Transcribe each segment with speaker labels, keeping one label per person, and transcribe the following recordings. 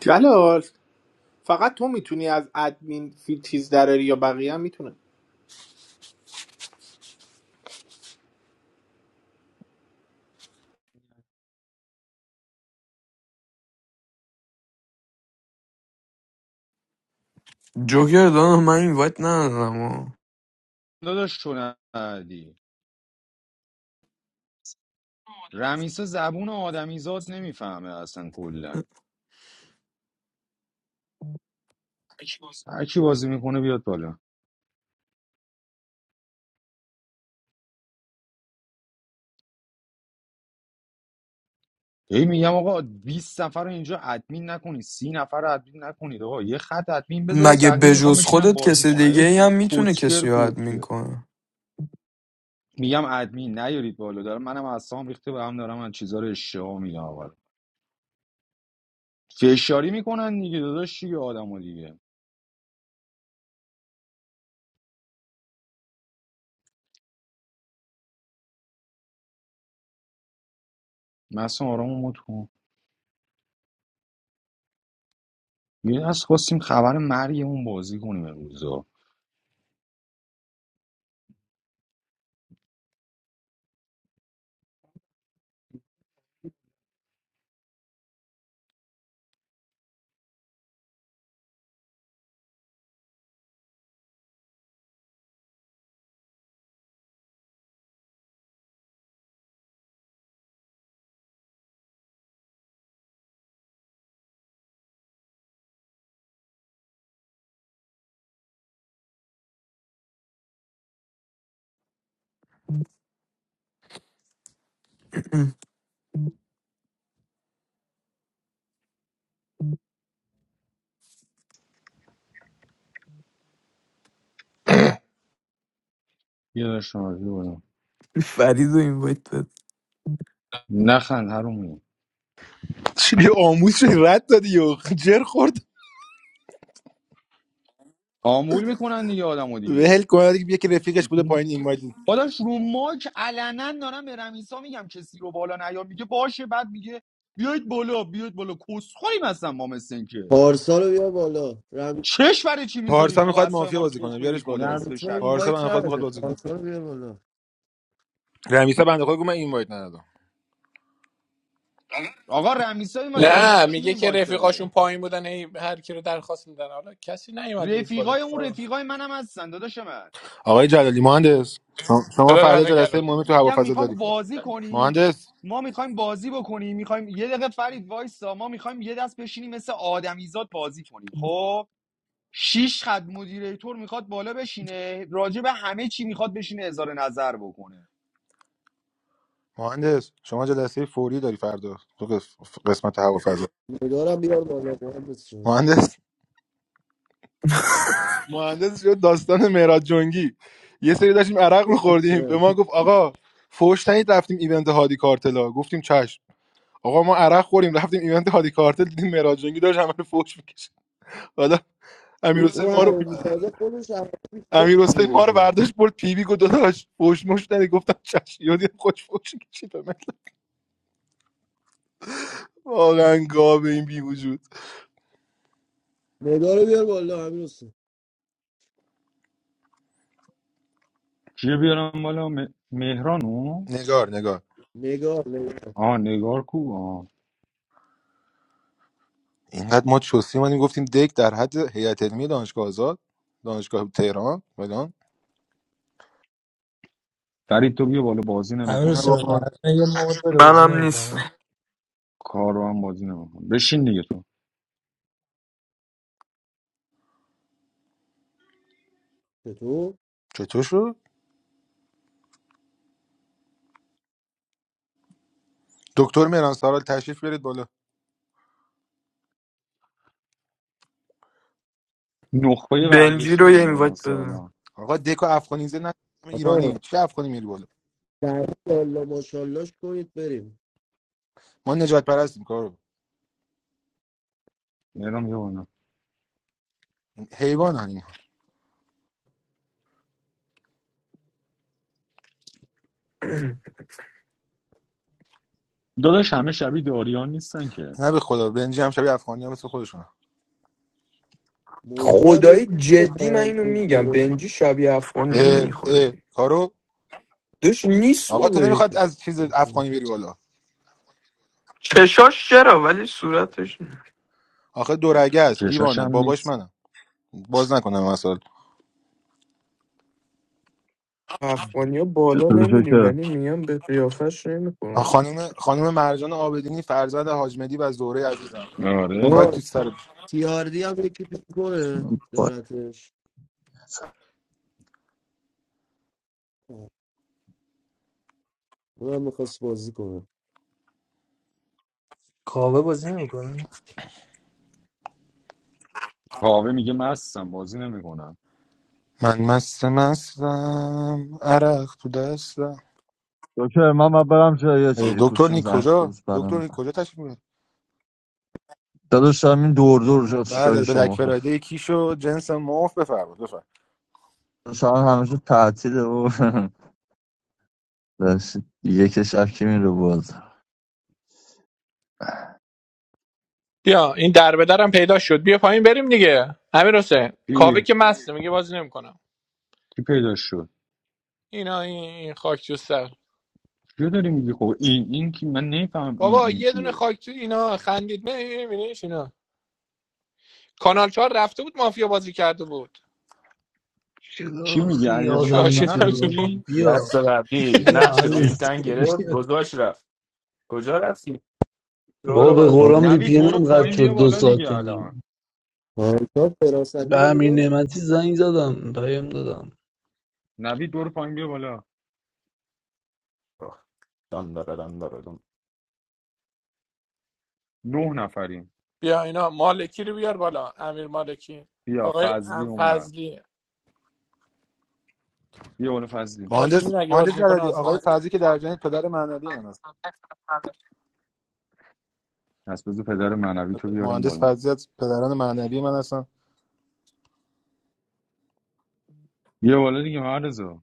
Speaker 1: جلال فقط تو میتونی از ادمین فی چیز دراری یا بقیه هم میتونه
Speaker 2: جوکر داداش من این وایت ندادم و.
Speaker 3: داداش تو ندی رمیسا زبون آدمیزاد نمیفهمه اصلا کلا هر کی بازی میکنه بیاد بالا هی میگم آقا 20 نفر رو اینجا ادمین نکنید 30 نفر رو ادمین نکنید آقا یه خط ادمین بذارید
Speaker 2: مگه
Speaker 3: بقیه میخوام
Speaker 2: بجز
Speaker 3: بشینم
Speaker 2: خودت
Speaker 3: بازی
Speaker 2: کسی
Speaker 3: کنم
Speaker 2: دیگه
Speaker 3: یه
Speaker 2: ای هم میتونه
Speaker 3: کوسچر
Speaker 2: کسی رو ادمین
Speaker 3: کوسچر
Speaker 2: کنه
Speaker 3: میگم ادمین نیارید بالا دارم منم اعصابم ریخته به هم دارم از چیزا رو اشتباه میگم اول فشاری میکنن دیگه داداش دیگه آدمو دیگه مثلا آرامو مت کن یه از خواستیم خبر مرگمون بازی کنیم امروز یه داشتم
Speaker 2: فرید رو این وایت بده
Speaker 3: نخند حرومی
Speaker 4: چی آموز شدی رد دادی یو جر خورد
Speaker 3: آمول میکنن دیگه آدمو دیگه
Speaker 4: ول کن دیگه یکی رفیقش بوده پایین این
Speaker 3: داداش رو ماک علنا دارم به رمیسا میگم کسی رو بالا نیا میگه باشه بعد میگه بیاید بالا بیاید بالا کسخوریم هستن ما مثل این که
Speaker 5: پارسا رو بیار بالا رم...
Speaker 3: چش برای چی میذاری
Speaker 4: پارسا
Speaker 3: خب
Speaker 4: میخواد
Speaker 3: اصلا
Speaker 4: مافیا
Speaker 3: ما رو
Speaker 4: بازی کنه
Speaker 3: تخمی
Speaker 4: بیارش
Speaker 3: میکنی
Speaker 4: بالا
Speaker 3: نصف
Speaker 5: رمیسا این
Speaker 4: پارسا
Speaker 3: شبیه
Speaker 5: وایت
Speaker 4: بنده خود میخواد
Speaker 5: نداره
Speaker 4: بازی کنه
Speaker 5: پارسا رو بیار بالا
Speaker 4: رمیسا بنده خود گفت من این وایت ندادم
Speaker 3: آقا رمیسا این داده من
Speaker 6: نه
Speaker 3: کی
Speaker 6: میگه
Speaker 3: این
Speaker 6: که
Speaker 3: وایت
Speaker 6: رفیقاشون
Speaker 3: داده
Speaker 6: پایین بودن هی هر کی رو درخواست میدن حالا کسی نیومد بود بالا
Speaker 3: رفیقای اون
Speaker 6: آه.
Speaker 3: رفیقای منم هستن داداش من
Speaker 4: آقای جلالی مهندس شما شما
Speaker 6: خدا
Speaker 4: فردا
Speaker 6: لعنت
Speaker 4: جلسه
Speaker 6: گلوت
Speaker 4: مهمی تو
Speaker 3: میگم
Speaker 4: هوافضا
Speaker 3: میخوام
Speaker 4: داری
Speaker 3: بازی کنیم
Speaker 4: مهندس
Speaker 3: ما میخوایم بازی بکنیم میخوایم یه دقیقه فرید وایسا ما میخوایم یه دست بشینیم مثل آدمیزاد بازی کنیم خب شیش خط مدیریتور میخواد بالا بشینه راجع به همه چی میخواد بشینه اظهار نظر بکنه
Speaker 4: مهندس شما جلسه فوری داری فردا تو قس- قسمت هوافضا
Speaker 5: نگارم بیار بالا مهندس شد
Speaker 4: مهندس مهندس شد داستان مهراد جنگی یه سری داشتیم عرق میخوردیم به
Speaker 5: اه.
Speaker 4: ما گفت آقا فوش تنید رفتیم ایونت هادی کارتلا گفتیم چشم آقا ما عرق خوریم رفتیم ایونت هادی کارتل دیدیم مهراد جنگی داشت همه رو فوش میکشه حالا امیر حسین
Speaker 5: اون
Speaker 4: ما رو
Speaker 5: حرومی سازه خودش عربی فکر
Speaker 4: امیر حسین
Speaker 5: میده
Speaker 4: ما رو
Speaker 5: که
Speaker 4: برداشت برد پی وی گفت داداش فوش مش ندی گفتم چش یادی خوش فوش کشید به واقعا گاو این بی وجود
Speaker 5: نگار رو بیار بالا همین حسین.
Speaker 3: چیه بیارم بالا م- مهرانو
Speaker 4: نگار نگار
Speaker 5: نگار نگار
Speaker 3: آه نگار کو آه
Speaker 4: اینقدر ما چوسی مانیم گفتیم دک در حد هیئت علمی دانشگاه آزاد دانشگاه تهران فلان
Speaker 3: فرید تو بیا بالا بازی
Speaker 7: امیر
Speaker 4: نه
Speaker 3: نمیکنی
Speaker 7: حسین
Speaker 4: بابا
Speaker 7: مردان یه مود بده بازی
Speaker 2: منم نیست
Speaker 7: نمیکنه
Speaker 3: کار رو هم بازی نمیکنی بشین دیگه تو
Speaker 5: چطور
Speaker 4: چطور شد دکتر مهران سارال تشریف بیارید بالا
Speaker 3: نخبه
Speaker 2: بنجی
Speaker 3: ورزشی
Speaker 2: رو یه
Speaker 3: مونه
Speaker 2: این وایت
Speaker 3: مهران
Speaker 2: بده
Speaker 3: سالان
Speaker 4: آقا دک و افغانیزه نه
Speaker 5: آقا
Speaker 4: ایرانیم چه افغانی میری بالا
Speaker 5: در بالا ماشاءالله کنید بریم
Speaker 4: ما نجات پرستیم کارو
Speaker 3: مهران بیا بالا
Speaker 4: حیوان
Speaker 3: داداش همه شبیه داریان نیستن که
Speaker 4: نه به خدا بنجی هم شبیه افغانی ها مثل خودشون
Speaker 5: موجی هم یه
Speaker 2: خدایی جدی من اینو میگم بنجی شبیه افغانی
Speaker 4: اه اه
Speaker 2: میخوری
Speaker 4: کارو
Speaker 2: دوش نیست
Speaker 4: آقا تو
Speaker 2: خدایی
Speaker 4: نمیخواد از چیز افغانی بری بالا
Speaker 2: چشاش چرا ولی صورتش نه.
Speaker 4: آخه دورگه است
Speaker 3: چشاش
Speaker 4: دیوانه
Speaker 3: هم
Speaker 4: باباش
Speaker 3: نیست
Speaker 4: منم باز نکنم مثلا
Speaker 2: افغانی ها بالا
Speaker 8: چطوری
Speaker 2: نمیریم
Speaker 8: جوکر
Speaker 2: ولی میگم به قیافش نمیکنم
Speaker 4: خانم خانم مرجان آبدینی فرزند حاج مدی و زهره عزیزم خاک
Speaker 3: آره
Speaker 5: آقا
Speaker 4: تو سر
Speaker 5: تیاردی هم یکی پیش کنه دارتش اونم میخواست بازی کنه
Speaker 7: کاوه بازی نمیکنه
Speaker 3: کاوه میگه مستم بازی نمیکنم
Speaker 4: من مست مستم عرق تو دستم
Speaker 8: جوکر من باید برم جای یه
Speaker 4: اه،
Speaker 8: چی
Speaker 4: دکتر
Speaker 8: گوشیم
Speaker 4: نی
Speaker 8: زنگ
Speaker 4: کجا
Speaker 8: خورد بعدم
Speaker 4: دکتر نی
Speaker 8: می‌زنم.
Speaker 4: کجا تشریف می‌بری؟
Speaker 8: داداش هم دور دور جات شای
Speaker 4: بله به دک
Speaker 8: شما خواست
Speaker 4: فرایده کیشو جنس معاف بفرمایید بفرمایید
Speaker 8: شما همیشه تعطیله و داشت یک شب که میره باز
Speaker 6: بیا این در به درم پیدا شد بیا پایین بریم دیگه امیر حسین کاوه
Speaker 3: کی
Speaker 6: که مسته میگه بازی نمیکنم
Speaker 3: کی پیدا شد
Speaker 6: اینا این این خاک تو سر
Speaker 3: کیو داری میگی خب این این کی من نمیفهمم این
Speaker 6: بابا
Speaker 3: این
Speaker 6: یه دونه
Speaker 3: کیه
Speaker 6: خاک تو اینا خندید نه میبینیش اینا کانال چهار رفته بود مافیا بازی کرده بود
Speaker 3: کی
Speaker 9: چرا
Speaker 3: میگی
Speaker 6: من
Speaker 3: علیرضا
Speaker 9: آدم
Speaker 3: فرزانه رو
Speaker 9: میتونه
Speaker 6: شاشیدم تو
Speaker 9: واقعا
Speaker 3: میگی
Speaker 9: بیا
Speaker 10: دست قبلی
Speaker 9: بیا
Speaker 10: نقش رو
Speaker 9: امیر
Speaker 10: این تن گرفت
Speaker 9: بیا
Speaker 10: گذاشت رفت کجا رفتی؟
Speaker 9: بابا به
Speaker 10: شورور
Speaker 5: آه.
Speaker 9: قرآن وی
Speaker 3: نوید
Speaker 9: پی
Speaker 3: برو
Speaker 9: هم قد
Speaker 3: پایین بیا
Speaker 9: شد دو
Speaker 3: بالا دیگه
Speaker 9: ساعت و
Speaker 3: الان
Speaker 9: نیم
Speaker 5: آه. فراستی
Speaker 9: به امیر
Speaker 5: بگیم
Speaker 9: نعمتی زنگ زدم پیام دادم
Speaker 3: نوید برو پایین بیا بالا
Speaker 10: دان داره، دان داره، دان.
Speaker 3: نه نفریم
Speaker 6: بیا اینا مالکی رو بیار بالا امیر مالکی
Speaker 3: بیا
Speaker 6: آقای
Speaker 3: فضلی اومد
Speaker 6: فضلی
Speaker 3: بیا بالا فضلی
Speaker 4: مهندس
Speaker 6: آزمین اگه
Speaker 4: مهندس
Speaker 6: بازی میکنه
Speaker 4: جلالی
Speaker 6: آزمین
Speaker 4: آقای فرضی که در جنگ پدر معنوی من
Speaker 3: پس بذار پدر معنوی تو بیارم
Speaker 4: مهندس
Speaker 3: بالا
Speaker 4: فضلی از پدران معنوی من هستن
Speaker 3: بیا بالا دیگه معرضا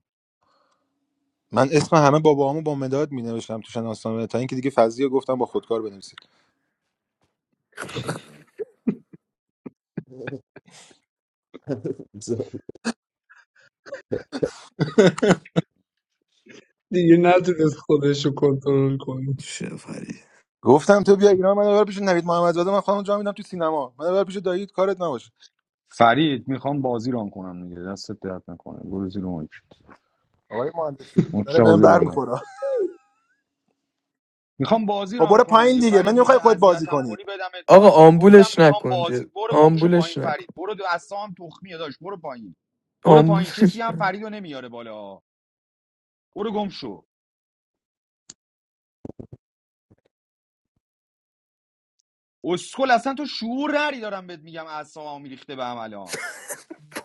Speaker 4: من اسم همه باباهامو با مداد می نوشتم تو شناسنامه تا اینکه دیگه فضلی گفتم با خودکار بنویسید
Speaker 9: دیگه نتونست خودش رو کنترل کنه
Speaker 2: چه فرید
Speaker 4: گفتم تو بیا ایران من ببر پیش نوید محمدزاده من خودم جا میدم تو سینما من ببر پیش دایید کارت نباشه
Speaker 3: فرید میخوام بازی ران کنم دیگه دستت درد نکنه برو زیر مایک
Speaker 4: آقای مهندس داره
Speaker 3: مجتبی
Speaker 4: بهم
Speaker 3: بیا
Speaker 4: بر
Speaker 3: بالا
Speaker 4: میخوره
Speaker 3: میخوام بازی
Speaker 4: خب
Speaker 3: ران
Speaker 4: برو
Speaker 3: کنم
Speaker 4: پایین
Speaker 3: دیگه
Speaker 4: دیگه من
Speaker 3: فرید
Speaker 4: نمیخوای
Speaker 3: میخوای
Speaker 4: خودت بازی
Speaker 3: اذیتم
Speaker 4: کنی
Speaker 3: کنی بدمت
Speaker 2: آقا
Speaker 3: پایین گفتم
Speaker 2: آمبولش
Speaker 3: میخوام
Speaker 2: نکن
Speaker 3: بازی
Speaker 2: جد
Speaker 3: برو گمشو
Speaker 2: آمبولش
Speaker 3: پایین فرید
Speaker 2: نکن
Speaker 3: برو دو اصلا هم تخمیه داشت برو پایین برو پایین کسی
Speaker 2: آمبولش
Speaker 3: هم فریدو نمیاره بالا برو گمشو اسکل اصلا تو شعور نری دارم بهت میگم اعصابم ریخته به هم الان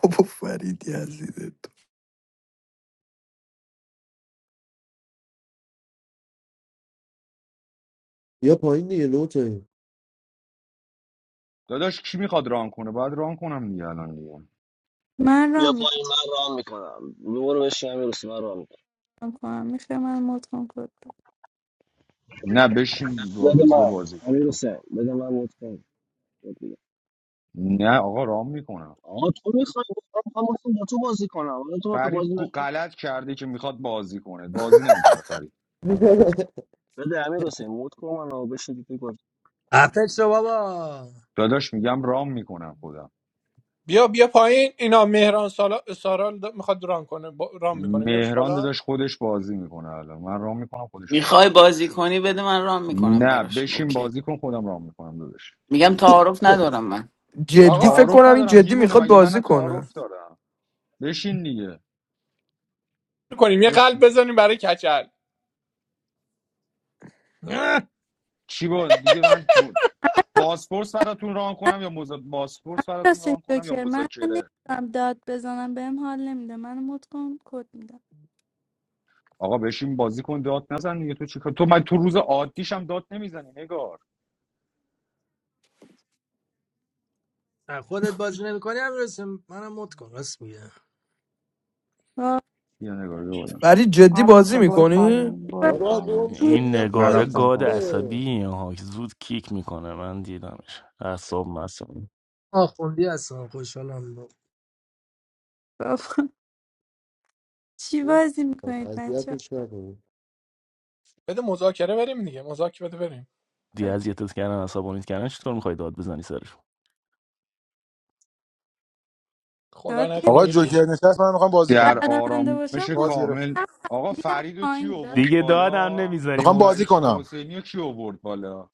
Speaker 2: بابا فرید یزیده تو
Speaker 5: بیا پایین دیگه لوته
Speaker 3: داداش کی میخواد ران کنه باید ران کنم دیگه الان دیگه
Speaker 11: من
Speaker 12: بیا
Speaker 11: رام میکنم
Speaker 12: پایین من رام میکنم برو بشین امیر حسین من رام میکنم
Speaker 11: کنم میشه من مود کن کد بده.
Speaker 3: نه بشین با
Speaker 12: بده
Speaker 3: روزبه
Speaker 12: من
Speaker 3: بازی کن
Speaker 12: امیر
Speaker 3: تو
Speaker 12: حسین بده من مت کن بهت میگم.
Speaker 3: نه آقا ران میکنم
Speaker 12: آقا تو میخوای من میخوام باهاتون با تو بازی کنم حالا تو بخوای
Speaker 3: فرید
Speaker 12: بازی
Speaker 3: کو-
Speaker 12: نکن
Speaker 3: غلط کرده که میخواد بازی کنه بازی نمیکنه فرید
Speaker 12: بده امیر حسین مت کن منو بشین دیگه بازی
Speaker 7: عفت شو بابا
Speaker 3: داداش میگم رام میکنم خودم
Speaker 6: بیا بیا پایین اینا مهران سالا سارا د- میخواد ران کنه با... ران میکنه بیارش
Speaker 3: مهران
Speaker 6: بالا
Speaker 3: داداش خودش بازی میکنه الان من رام میکنم خودش بازی
Speaker 13: میخوای
Speaker 3: میکنه
Speaker 13: بازی کنی بده من رام میکنم
Speaker 3: نه
Speaker 13: براشون
Speaker 3: بشین
Speaker 13: اوکی
Speaker 3: بازی کن خودم رام میکنم داداش
Speaker 13: میگم تعارف ندارم من
Speaker 2: جدی
Speaker 6: آقا
Speaker 2: فکر
Speaker 3: تعارف
Speaker 2: کنم این
Speaker 3: ندارم
Speaker 2: جدی
Speaker 3: دیوونه
Speaker 2: میخواد
Speaker 3: مگه
Speaker 2: بازی
Speaker 3: من
Speaker 2: کنه
Speaker 3: تعارف دارم بشین دیگه
Speaker 6: کنیم یه قلب
Speaker 3: بشین
Speaker 6: بزنیم برای کچل
Speaker 3: چی با دیگه من م- بازپرس براتون ران کنم یا مز... بازپرس براتون
Speaker 11: راستین
Speaker 3: ران کنم یا
Speaker 11: جوکر من
Speaker 3: مذاکره
Speaker 11: نمیتونم داد بزنم بهم حال نمیده من مد کن کد میدم
Speaker 3: آقا بشین بازی کن داد نزن دیگه تو چیکار تو من تو روز عادیشم داد نمیزنی نگار
Speaker 7: اه، خودت بازی نمیکنی امیر حسین منم مد کن راست میگه
Speaker 11: وای،
Speaker 3: بیا نگار بیا بالا.
Speaker 2: فرید جدی
Speaker 14: امیر
Speaker 2: بازی
Speaker 14: حسین برو
Speaker 2: میکنی
Speaker 14: پایین برو
Speaker 11: بد
Speaker 5: بابا گم
Speaker 14: پایین
Speaker 5: شو
Speaker 11: نیست
Speaker 10: این
Speaker 5: بیا
Speaker 3: من
Speaker 10: نگاره
Speaker 5: پایین
Speaker 3: رفتم
Speaker 10: گاد
Speaker 3: پایین
Speaker 5: دیگه.
Speaker 10: عصبی ها زود کیک میکنه من دیدمش اعصاب مصابون
Speaker 7: آخوندی هستم خوشحالم
Speaker 11: بابا. چی
Speaker 5: گل
Speaker 11: بازی
Speaker 5: کن.
Speaker 11: میکنید بچه
Speaker 5: اذیتش نکن
Speaker 6: بده مذاکره بریم دیگه مذاکره بده بریم
Speaker 10: دی
Speaker 11: اوکی
Speaker 10: اذیتت کردن عصبانیت کردن چطور میخوای داد بزنی سرشون
Speaker 11: داد
Speaker 6: خدا نکنه
Speaker 4: آقا
Speaker 6: بکش
Speaker 4: جوکر نشست من میخوام بازی
Speaker 3: در
Speaker 4: کنم
Speaker 11: نمیدونده باشم
Speaker 3: آرامش
Speaker 11: خب
Speaker 4: باز گرفت
Speaker 3: کامل آقا
Speaker 11: میدم
Speaker 3: فرید رو کی
Speaker 11: پایین داد
Speaker 3: آورد
Speaker 10: دیگه
Speaker 11: نزن.
Speaker 10: دادم
Speaker 3: بالا
Speaker 4: میخوام
Speaker 10: نمیذاریم
Speaker 4: بازی
Speaker 3: فرید شاه
Speaker 4: کنم
Speaker 3: حسینی رو کی آورد بالا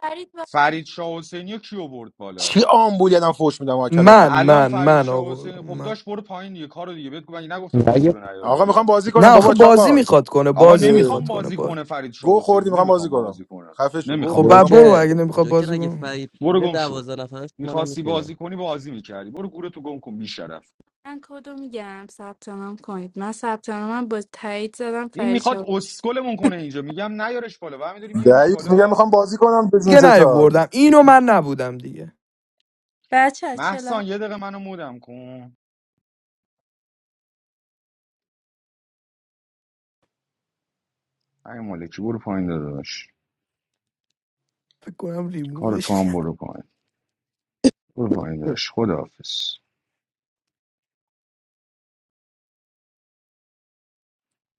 Speaker 11: فرید با
Speaker 3: فرید شاه حسینی رو کی آورد بالا
Speaker 4: چی آمبولیدم فوش میدم آقا کلمه خراب
Speaker 2: من
Speaker 3: الان
Speaker 4: میکنم
Speaker 2: من
Speaker 3: فرید
Speaker 2: من
Speaker 3: شاه
Speaker 2: آقا
Speaker 3: حسینی خب
Speaker 2: من
Speaker 3: داشت برو پایین دیگه کارو دیگه بهت گفتم من نگفتم کسی
Speaker 15: Joche,
Speaker 3: رو نیار
Speaker 4: آقا میخوام
Speaker 3: بالا
Speaker 4: بازی
Speaker 2: نه
Speaker 4: کنم
Speaker 2: آخه
Speaker 4: بابا
Speaker 2: بازی
Speaker 4: چاقال
Speaker 2: میخواد کنه
Speaker 3: آقا
Speaker 2: بازی
Speaker 4: اه،
Speaker 3: نمیخوام
Speaker 2: میخواد کنه
Speaker 3: بازی
Speaker 2: با...
Speaker 3: کنه فرید شاه
Speaker 4: گو خوردی
Speaker 3: حسینی
Speaker 4: میخوام بازی
Speaker 3: نمیخوام
Speaker 4: کنم
Speaker 3: بازی کنه
Speaker 4: خفه شو گو
Speaker 2: خب
Speaker 3: نمیخوام
Speaker 4: خوردی
Speaker 2: بعد
Speaker 4: میخوام
Speaker 3: بازی
Speaker 4: بازی
Speaker 2: برو
Speaker 4: کنم
Speaker 3: کنه
Speaker 2: اگه نمیخواد
Speaker 15: Joche,
Speaker 2: بازی کنه
Speaker 15: Raghefai,
Speaker 3: برو
Speaker 15: please don't
Speaker 3: گم شو
Speaker 15: bother us. We don't want to
Speaker 3: میخواستی
Speaker 15: see you.
Speaker 3: بازی کنی بازی میکردی برو گوره تو گم کن بی شرف.
Speaker 11: من کدو میگم ثبت نام کنید من ثبت نامم با تایید زدم
Speaker 3: این
Speaker 11: فرید
Speaker 3: میخواد
Speaker 11: شد
Speaker 3: اسکلمون کنه اینجا میگم نیارش بالا و همینطوری میاریش
Speaker 4: دعیوس میگم
Speaker 3: بالا
Speaker 4: میخوام بازی کنم بدون
Speaker 2: دیگه
Speaker 4: چشات
Speaker 2: نیاوردم اینو من نبودم دیگه
Speaker 11: بچه چلا هم
Speaker 3: محسان یه دقیقه منو مودم کن ای مالکی برو پایین داداش
Speaker 2: فکر کنم
Speaker 3: کار
Speaker 2: ریمووش
Speaker 3: تو هم برو پایین برو پایین داداش خداحافظ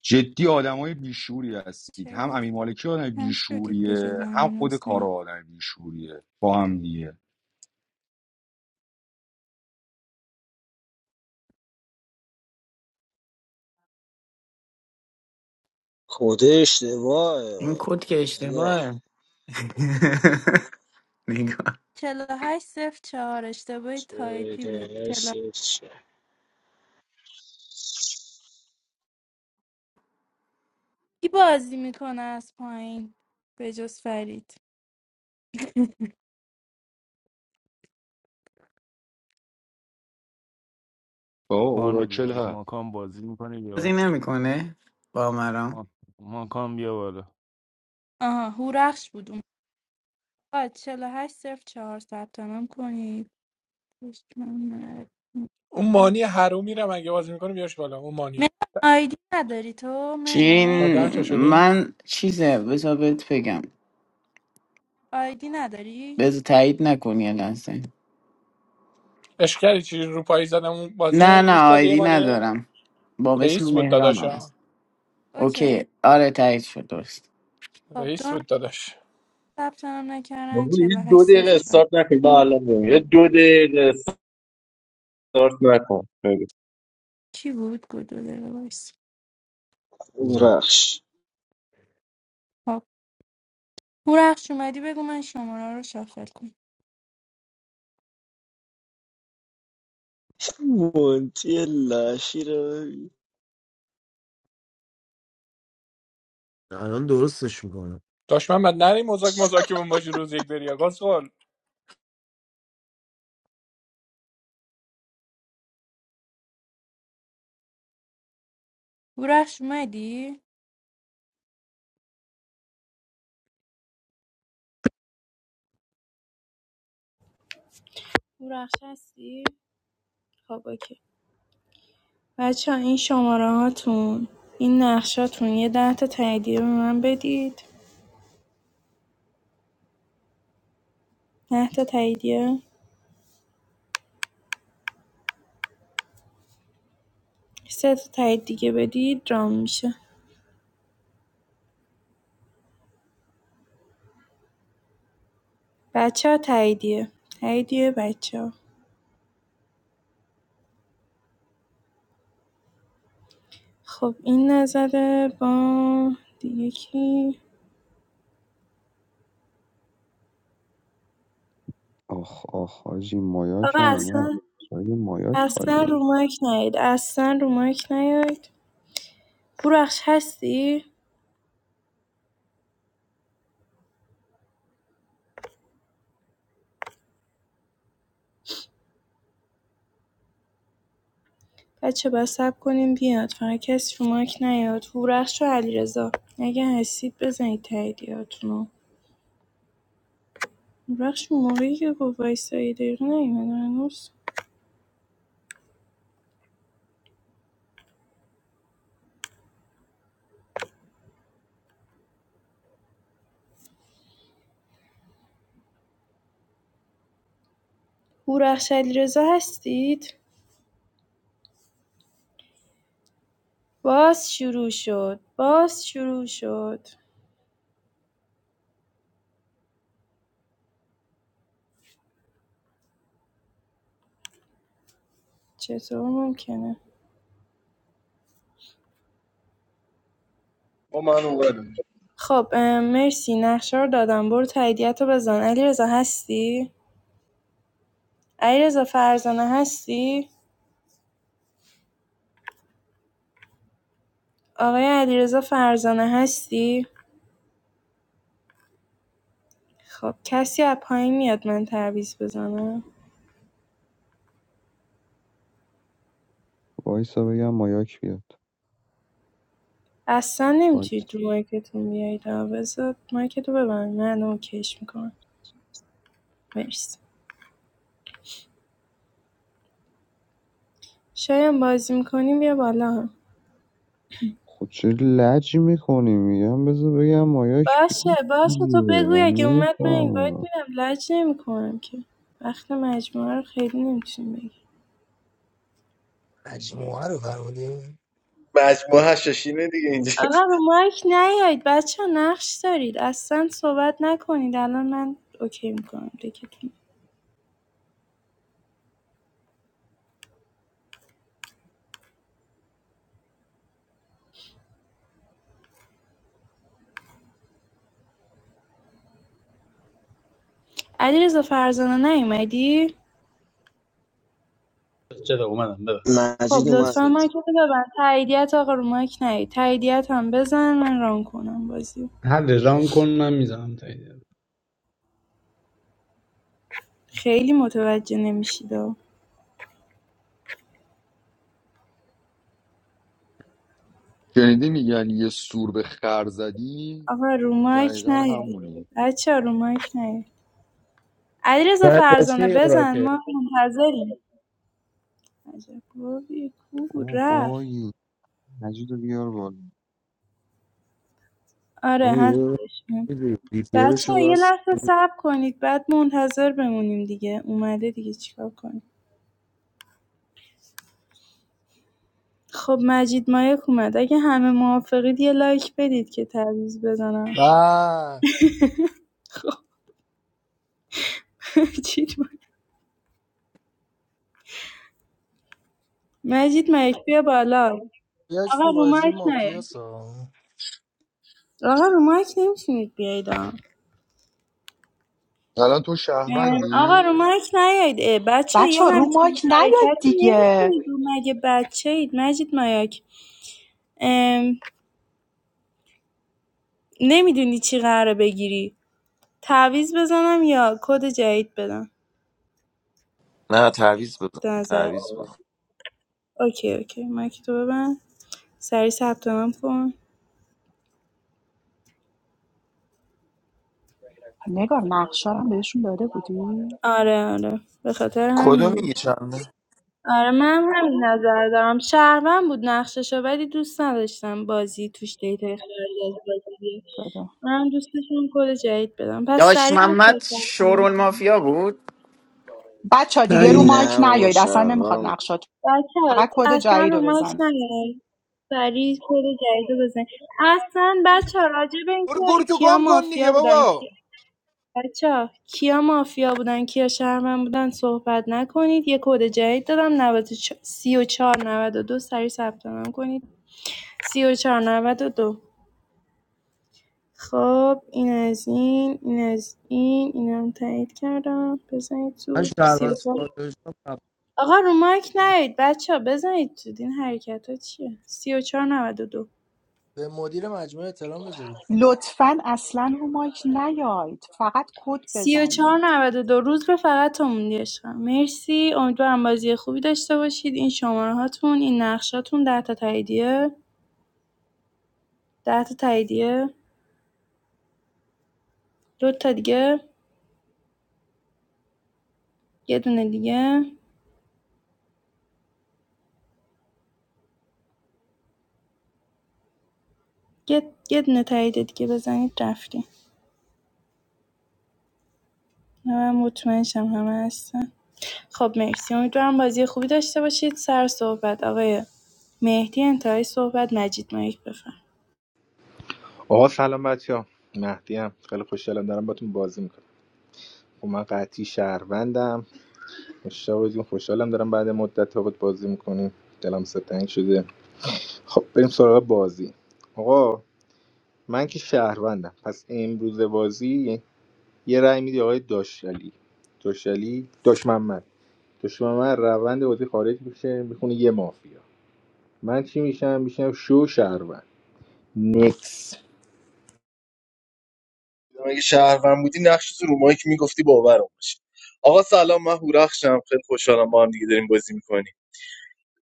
Speaker 3: جدی آدمای بیشوری هستید
Speaker 11: چرا
Speaker 3: هم امین
Speaker 11: یکی
Speaker 3: مالکی آدم
Speaker 11: کم شدید به
Speaker 3: بیشوریه
Speaker 11: جز
Speaker 3: هم
Speaker 11: امیر
Speaker 3: خود کارا
Speaker 11: حسین؟
Speaker 3: آدم بیشوریه با هم دیگه
Speaker 12: خود اشتباهه
Speaker 13: این
Speaker 12: آه.
Speaker 13: کد که
Speaker 12: نگار
Speaker 13: اشتباهه نگاه
Speaker 11: 48 صفر چهار اشتباه
Speaker 12: چه
Speaker 11: تایپی بود
Speaker 12: دونه
Speaker 11: 48
Speaker 12: سه چه.
Speaker 11: کی بازی میکنه از پایین به جز فرید
Speaker 3: با
Speaker 10: ماکانو
Speaker 3: اوراکل
Speaker 10: بیارید
Speaker 3: هست
Speaker 10: ماکان بازی میکنه بیا
Speaker 13: بازی نمیکنه با مرام
Speaker 10: ماکان بیا بالا
Speaker 11: آها هورخش بود اون آقا 48 صفر چهار ثبت نام کنید
Speaker 6: اون مانی حرومی رو مگه بازی میکنه بیارش بالا اون مانی
Speaker 11: مهران آیدی نداری تو
Speaker 13: چین
Speaker 6: ها
Speaker 11: مهران
Speaker 6: ده تا شدی
Speaker 13: من چیزه بذار بهت بگم
Speaker 11: آیدی نداری
Speaker 13: بذار تایید نکنی یه لحظه
Speaker 6: اشکری چی رو پای زدم اون
Speaker 13: نه
Speaker 6: بازی گوش
Speaker 13: نه
Speaker 6: دادی یه
Speaker 13: آیدی
Speaker 6: مانی
Speaker 13: ندارم با اسم
Speaker 6: رئیس بود
Speaker 13: مهران هم
Speaker 6: داداشا
Speaker 13: هست
Speaker 11: اوکی
Speaker 13: اوکی آره تایید شد درست
Speaker 11: خب دو
Speaker 6: رئیس
Speaker 11: نفر
Speaker 6: بود داداش
Speaker 11: ثبت نام نکردن
Speaker 16: بابا یه دو
Speaker 11: 48
Speaker 16: دقیقه
Speaker 11: صفر چهار
Speaker 16: استارت نکن من الان میام. یه دو دقیقه استارت نکن بگو.
Speaker 11: کی بود گدو داره وایس
Speaker 5: بورم
Speaker 12: رخش
Speaker 11: خب هورخش اومدی بگو من شماره رو شافل کنم
Speaker 12: مونتی لاشی رو ببین.
Speaker 5: الان درستش میکنم
Speaker 6: داش محمد نری مذاک مذاکره باشی روز یک بری آقا سوال
Speaker 11: هورخش اومدی رو نقشه هستی؟ خب اوکی بچه ها این شماره هاتون این نقشاتون یه ده تا تاییدیه به من بدید ده تا تاییدیه سه تا تایید دیگه بدید رام میشه بچه ها تاییدیه تاییدیه بچه ها خب این نظره با دیگه کی
Speaker 17: آخ آخ حاجی مایاک
Speaker 11: آقا
Speaker 17: هم اومد
Speaker 11: اصلا
Speaker 17: جای مایاک
Speaker 11: اصلا
Speaker 17: خالیه
Speaker 11: رو مایک نیاید اصلا رو مایک نیاید بورخش هستی؟ بچه‌ها صبر کنیم بیاد فقط کسی رو مایک نیاد هورخش و علیرضا اگه هستید بزنید تاییدیاتونو هورخش اون موقعی که گفت وایسایی دقیقه نیومد هنوز هورخش علیرضا هستید باز شروع شد باز شروع شد چطور ممکنه
Speaker 16: با من اومدم
Speaker 11: خب اه، مرسی نقشه رو دادم برو تاییدیت رو بزن علیرضا هستی علیرضا فرزانه هستی آقای علیرضا فرزانه هستی خب کسی از پایین میاد من تعویض بزنم
Speaker 17: وایسا بگم مایاک بیاد
Speaker 11: اصلا نمیتونید
Speaker 17: وایس
Speaker 11: رو مایکتون بیایید ها. بذار مایکتو ببند من اوکیش میکنم مرسی شایم بازی میکنیم بیا بالا
Speaker 17: خود چه لج میکنی میگم بذار بگم مایاک
Speaker 11: باشه
Speaker 17: بیاد
Speaker 11: باشه تو
Speaker 17: دیگه. من
Speaker 11: بگوی اگه اومد من اینوایت
Speaker 17: نمیفهمم
Speaker 11: میدم لج نمیکنم که وقت مجموعه رو خیلی نمیتونیم بگیر
Speaker 7: مجموعه رو فرمودی
Speaker 16: مجموعه هشاشینه دیگه اینجا
Speaker 11: آقا به مایک نیایید بچه ها، نقش دارید اصلا صحبت نکنید الان من اوکی میکنم دکتون علیرضا فرزانه نیومدی
Speaker 9: چرا اومدم ببخش
Speaker 11: خب
Speaker 12: مجید اومد
Speaker 11: لطفا مایک رو ببند تاییدیت آقا رو مایک نیاد تاییدیت هم بزن من ران کنم بازی
Speaker 9: حل ران کن من میزنم تایید
Speaker 11: خیلی متوجه نمیشید
Speaker 3: شنیدی میگن یه سور به خر زدی
Speaker 11: آقا رو مایک
Speaker 3: دقیقا
Speaker 11: نیاد
Speaker 3: همونی
Speaker 11: بچه ها، رو مایک نیاد علیرضا فرزانه
Speaker 18: Badachi or
Speaker 11: بزن
Speaker 18: what?
Speaker 11: ما منتظریم عجب گاوی، کو
Speaker 17: او
Speaker 11: رفت
Speaker 17: بایی مجید رو بیار بالا
Speaker 11: آره
Speaker 5: اما یه بار
Speaker 11: هستش
Speaker 5: دیپیرش
Speaker 11: بچه ها
Speaker 5: رو
Speaker 11: یه
Speaker 5: بس
Speaker 11: لحظه صبر کنید بعد منتظر بمونیم دیگه اومده دیگه چیکار کنیم خب مجید مایک اومد اگه همه موافقید یه لایک بدید که تعویض بزنم
Speaker 7: و
Speaker 11: مجید مجید مایک بیا بالا
Speaker 7: بیاش
Speaker 11: آقا
Speaker 7: تو
Speaker 11: رو
Speaker 7: بازی
Speaker 11: مایک نیاید
Speaker 7: مافیاسا
Speaker 11: آقا رو مایک نمیتونید بیاید آقا
Speaker 3: الان تو شهروندی
Speaker 11: آقا رو مایک نیاید اه، بچه یه
Speaker 14: بچه ها رو مایک
Speaker 11: همچین
Speaker 14: نیاد
Speaker 11: حرکتی
Speaker 14: دیگه
Speaker 11: نمیتونید رو مگه بچه اید مجید مایک نمیدونی چی قراره بگیری تعویض بزنم یا کد جدید بدم
Speaker 19: نه تعویض بزن
Speaker 11: به نظر
Speaker 19: تعویض بزن
Speaker 11: اوکی اوکی مایک تو ببند سریع ثبت نام کن
Speaker 14: نگار نقشه رو هم بهشون داده بودی
Speaker 11: آره آره به خاطر همین
Speaker 19: کدو
Speaker 11: بود.
Speaker 19: میگی چنده
Speaker 11: آره منم همین نظر دارم شهروند بود نقششو ولی دوست نداشتم بازی توش دیتای خیلی از بازی بیاد.
Speaker 14: داده.
Speaker 11: من دوست داشتم کد جدید بدم پس
Speaker 13: داش
Speaker 11: سریع بچه‌ها
Speaker 13: محمد
Speaker 11: ثبت نام
Speaker 13: شورول
Speaker 11: کنیم
Speaker 13: مافیا بود
Speaker 14: بچه ها
Speaker 6: نه
Speaker 14: دیگه رو
Speaker 6: این
Speaker 14: مایک
Speaker 12: نه بابا
Speaker 14: نیاید اصلا نمیخواد
Speaker 12: شهرم
Speaker 14: نقشات
Speaker 11: بچه‌ها
Speaker 14: فقط کد
Speaker 11: اصلا
Speaker 14: جدید
Speaker 11: رو
Speaker 14: رو
Speaker 11: مایک
Speaker 14: بزن
Speaker 11: نیاین سریع کد جدید رو بزنید اصلا بچه‌ها راجع به
Speaker 6: برو
Speaker 11: اینکه
Speaker 6: گور تو
Speaker 11: کیا
Speaker 6: گم کن دیگه
Speaker 11: مافیا بودن
Speaker 6: بابا
Speaker 11: کی... بچه‌ها کیا مافیا بودن کیا شهروند بودن صحبت نکنید یه کد جدید دادم 94 92 سریع ثبت نام کنید سی و و چهار نود و دو. خب این از این این از این اینم تایید کردم بزنید
Speaker 5: من
Speaker 11: زود
Speaker 5: شهروند
Speaker 11: 34
Speaker 5: سادهش
Speaker 11: آقا رو مایک نیاید بچه ها بزنید زود این حرکت ها چیه سی سی و چهار نود و دو.
Speaker 7: به مدیر مجموعه احترام بذاریم
Speaker 14: لطفا اصلا رو مایک نیاید فقط کد
Speaker 11: سی و چهار
Speaker 14: بزنید
Speaker 11: چهار دو 3492 دو. روز به فقط تو موندی عشقم مرسی امیدوارم بازی خوبی داشته باشید این شماره هاتون این نقشاتون 10 تا تاییدیه 10 تا تاییدیه دو تا دیگه یه دونه دیگه یه, یه دونه تایید دیگه بزنید رفتیم منم مطمئن شم همه هستن خب مرسی امیدوارم بازی خوبی داشته باشید سر صحبت آقای مهدی انتهای صحبت مجید مایک بفرم
Speaker 1: آقا سلام بچه ها مهدیم خیلی خوشحالم دارم باتون بازی میکنم خب من قطعی شهروندم مشتاق جون خوشحالم دارم بعد مدت تا بود بازی میکنیم دلم ستنگ شده خب بریم سراغ بازی آقا من که شهروندم پس امروز بازی یه رأی میدی آقای داشتالی داشتالی داش محمد داش محمد روند بازی خارج میشه میخونه یه مافیا من چی میشم میشم شو شهروند نیکس
Speaker 16: اگه شهروند بودی نقش تو رو مایک میگفتی باورم باشه آقا سلام من هورخشم خیلی خوشحالم با هم دیگه داریم بازی میکنیم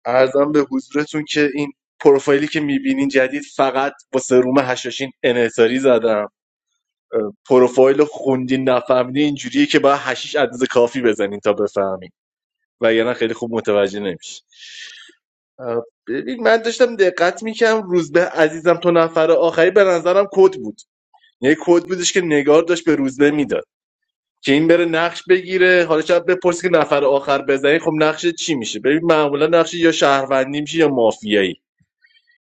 Speaker 16: ارزم به حضورتون که این پروفایلی که میبینین جدید فقط با سروم هشاشین انحصاری زدم اه، پروفایل خوندین نفهمیدین اینجوریه که باید هشیش عدد کافی بزنین تا بفهمین وگرنه خیلی خوب متوجه نمیشه اه، ببین من داشتم دقت میکنم روزبه عزیزم تو نفر آخری به نظرم کد بود یه کد بودش که نگار داشت به روزبه میداد که این بره نقش بگیره حالا شاید بپرسی که نفر آخر بزنی خب نقش چی میشه ببین معمولا نقش یا شهروندی میشه یا مافیایی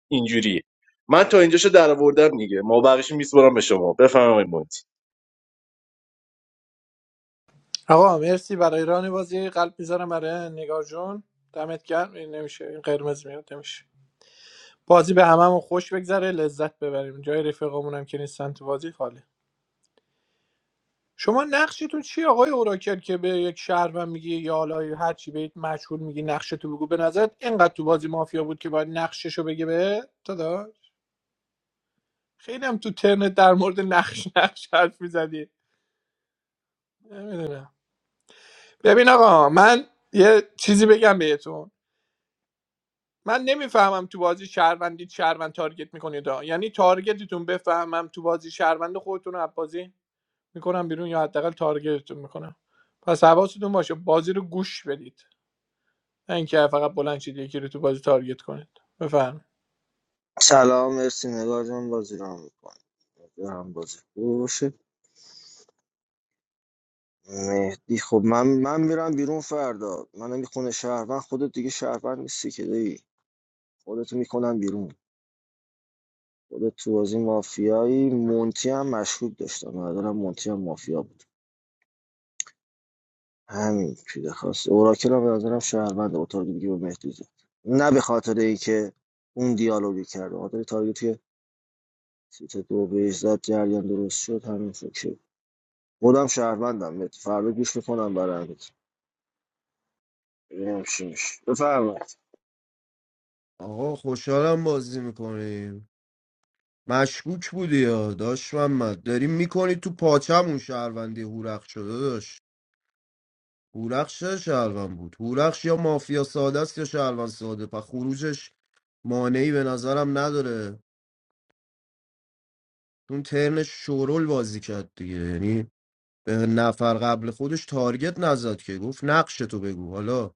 Speaker 16: اینجوریه من تا اینجاشو در آوردم دیگه ما بقیش میسپرم به شما بفرمایید
Speaker 6: آقا مرسی برای ران بازی قلب میذارم برای نگار جون دمت گرم این نمیشه این قرمز میاد نمیشه بازی به هممون خوش بگذره لذت ببریم جای رفقامون هم که نیستن تو بازی خاله شما نقشتون چی آقای اوراکل که به یک شهروند میگی یا حالا هر چی بهت مشهور میگی نقشتو بگو به نظرت اینقدر تو بازی مافیا بود که باید نقششو بگه به داداش خیلی هم تو ترنت در مورد نقش نقش حرف میزدی نمیدونم ببین آقا من یه چیزی بگم بهتون من نمیفهمم تو بازی شهروندی شهروند تارگت میکنید ها. یعنی تارگتتون بفهمم تو بازی شهروند خودتون رو بازی میکنم بیرون یا حداقل تارگتتون میکنم پس حواستون باشه بازی رو گوش بدید نه اینکه فقط بلند شید یکی رو تو بازی تارگت کنید بفهم
Speaker 12: سلام مرسی نگار جان بازی رو هم میکنم هم بازی خوب باشه مهدی خب من من میرم بیرون فردا من میخونه خونه شهروند خودت دیگه شهروند نیستی که دی خودتو میکنم بیرون خودت تو بازی مافیایی مونتی هم مشکوک داشتم به نظرم مونتی هم مافیا بود همین پیده خواست اوراکل هم به نظرم شهروند با تارگیت که به مهدی زد نه به خاطر اینکه اون دیالوگی کرد به خاطر تارگیتی که سیت دو بهش زد جریان درست شد همین شد خودم شهروندم مهدی. فردا گوش میکنم برندت ببینم چی میشه بفرمایید
Speaker 5: آقا خوشحالم بازی میکنیم مشکوک بودی یا داشت محمد داریم میکنی تو پاچمون شهروندی هورخ شده داشت هورخش چه شهروند بود هورخش یا مافیا ساده است یا شهروند ساده پس خروجش مانعی به نظرم نداره اون ترنش شورول بازی کرد دیگه یعنی به نفر قبل خودش تارگت نزد که گفت نقش تو بگو حالا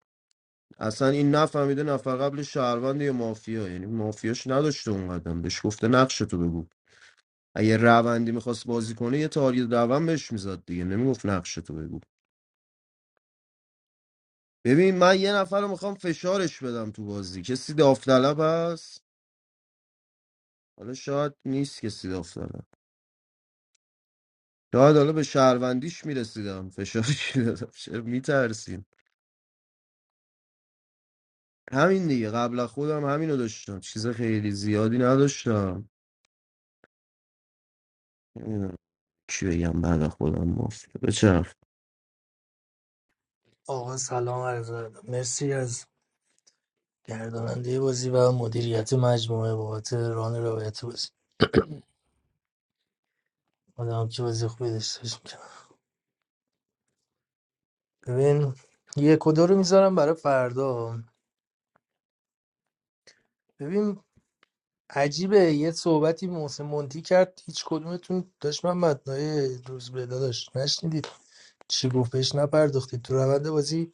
Speaker 5: اصلا این نفهمیده نفر قبل شهروند یا مافیا یعنی مافیاش نداشته اون قدم بهش گفته نقش تو بگو اگه روندی میخواست بازی کنه یه تارگت روند بهش میزد دیگه نمیگفت نقش تو بگو ببین من یه نفر رو میخوام فشارش بدم تو بازی کسی داوطلب هست حالا شاید نیست کسی دافتادم شاید حالا به شهروندیش میرسیدم فشارش دادم چرا میترسین همین دیگه قبل از خودم همینو داشتم چیز خیلی زیادی نداشتم نمیدونم چی بگم بعد از خودم مفت بچرخ
Speaker 7: آقا سلام عرض ادب. مرسی از گرداننده بازی و مدیریت مجموعه بابت ران روایت بازی آدم که بازی خوبی داشته باشیم ببین یک و دو رو میذارم برای فردا ببین عجیبه یه صحبتی محسن مونتی کرد هیچ کدومتون داشت من متنای روز به داداش نشنیدید چی گفت بهش نپرداختید تو روند بازی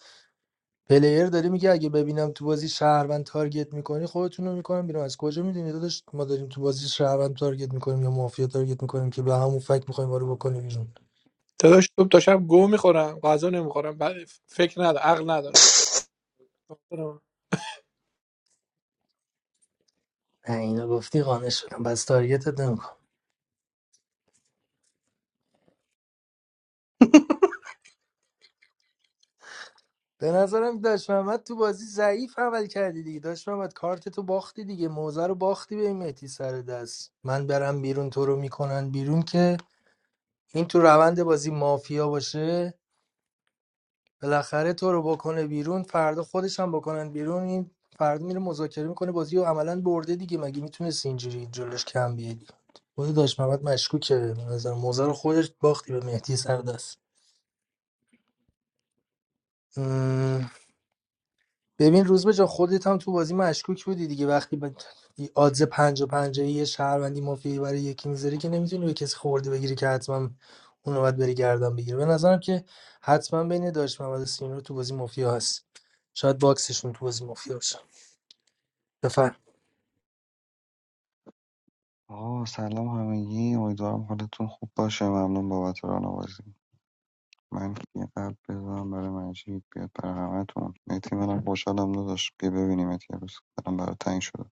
Speaker 7: پلیر داره میگه اگه ببینم تو بازی شهروند تارگت میکنی خودتون رو میکنم بیرون از کجا میدونی داداش ما داریم تو بازی شهروند تارگت میکنیم یا مافیا تارگت میکنیم که به همون فکر میخوایم ما رو بکنیم بیرون
Speaker 6: داداش صبح تا شب گو میخورم غذا نمیخورم بعد فکر ندارم عقل ندارم
Speaker 7: نه اینو گفتی قانع شدم بس تارگتت نمی‌کنم. به نظرم داشت محمد تو بازی ضعیف عمل کردی دیگه داشت محمد کارت تو باختی دیگه موزه رو باختی به این مهدی سر دست من برم بیرون تو رو میکنن بیرون که این تو روند بازی مافیا باشه بالاخره تو رو بکنه بیرون فردا خودش هم بکنن بیرون این فردا میره مذاکره میکنه بازی و عملا برده دیگه مگه میتونست اینجوری جلوش کم بیادی خود داشت محمد مشکوکه به نظر موزه رو خودش باختی به مهدی سر دست ببین روز به جا خودت هم تو بازی مشکوک بودی دیگه وقتی به آدز پنج و پنجه یه شهروندی مافیایی برای یکی میذاری که نمیتونی به کسی خورده بگیری که حتما اونو باید بری گردن بگیری به نظرم که حتما بین داشت محمد و سینو تو بازی مافیا هست شاید باکسشون تو بازی مافیا باشه بفر
Speaker 17: آه سلام همگی امیدوارم حالتون خوب باشه ممنون بابت راهنوازی من یه قلب بذارم برای مجید بیاد برای همتون نتی منم خوشحالم نداشت بیا ببینیم یه روز برم برای تنگ شده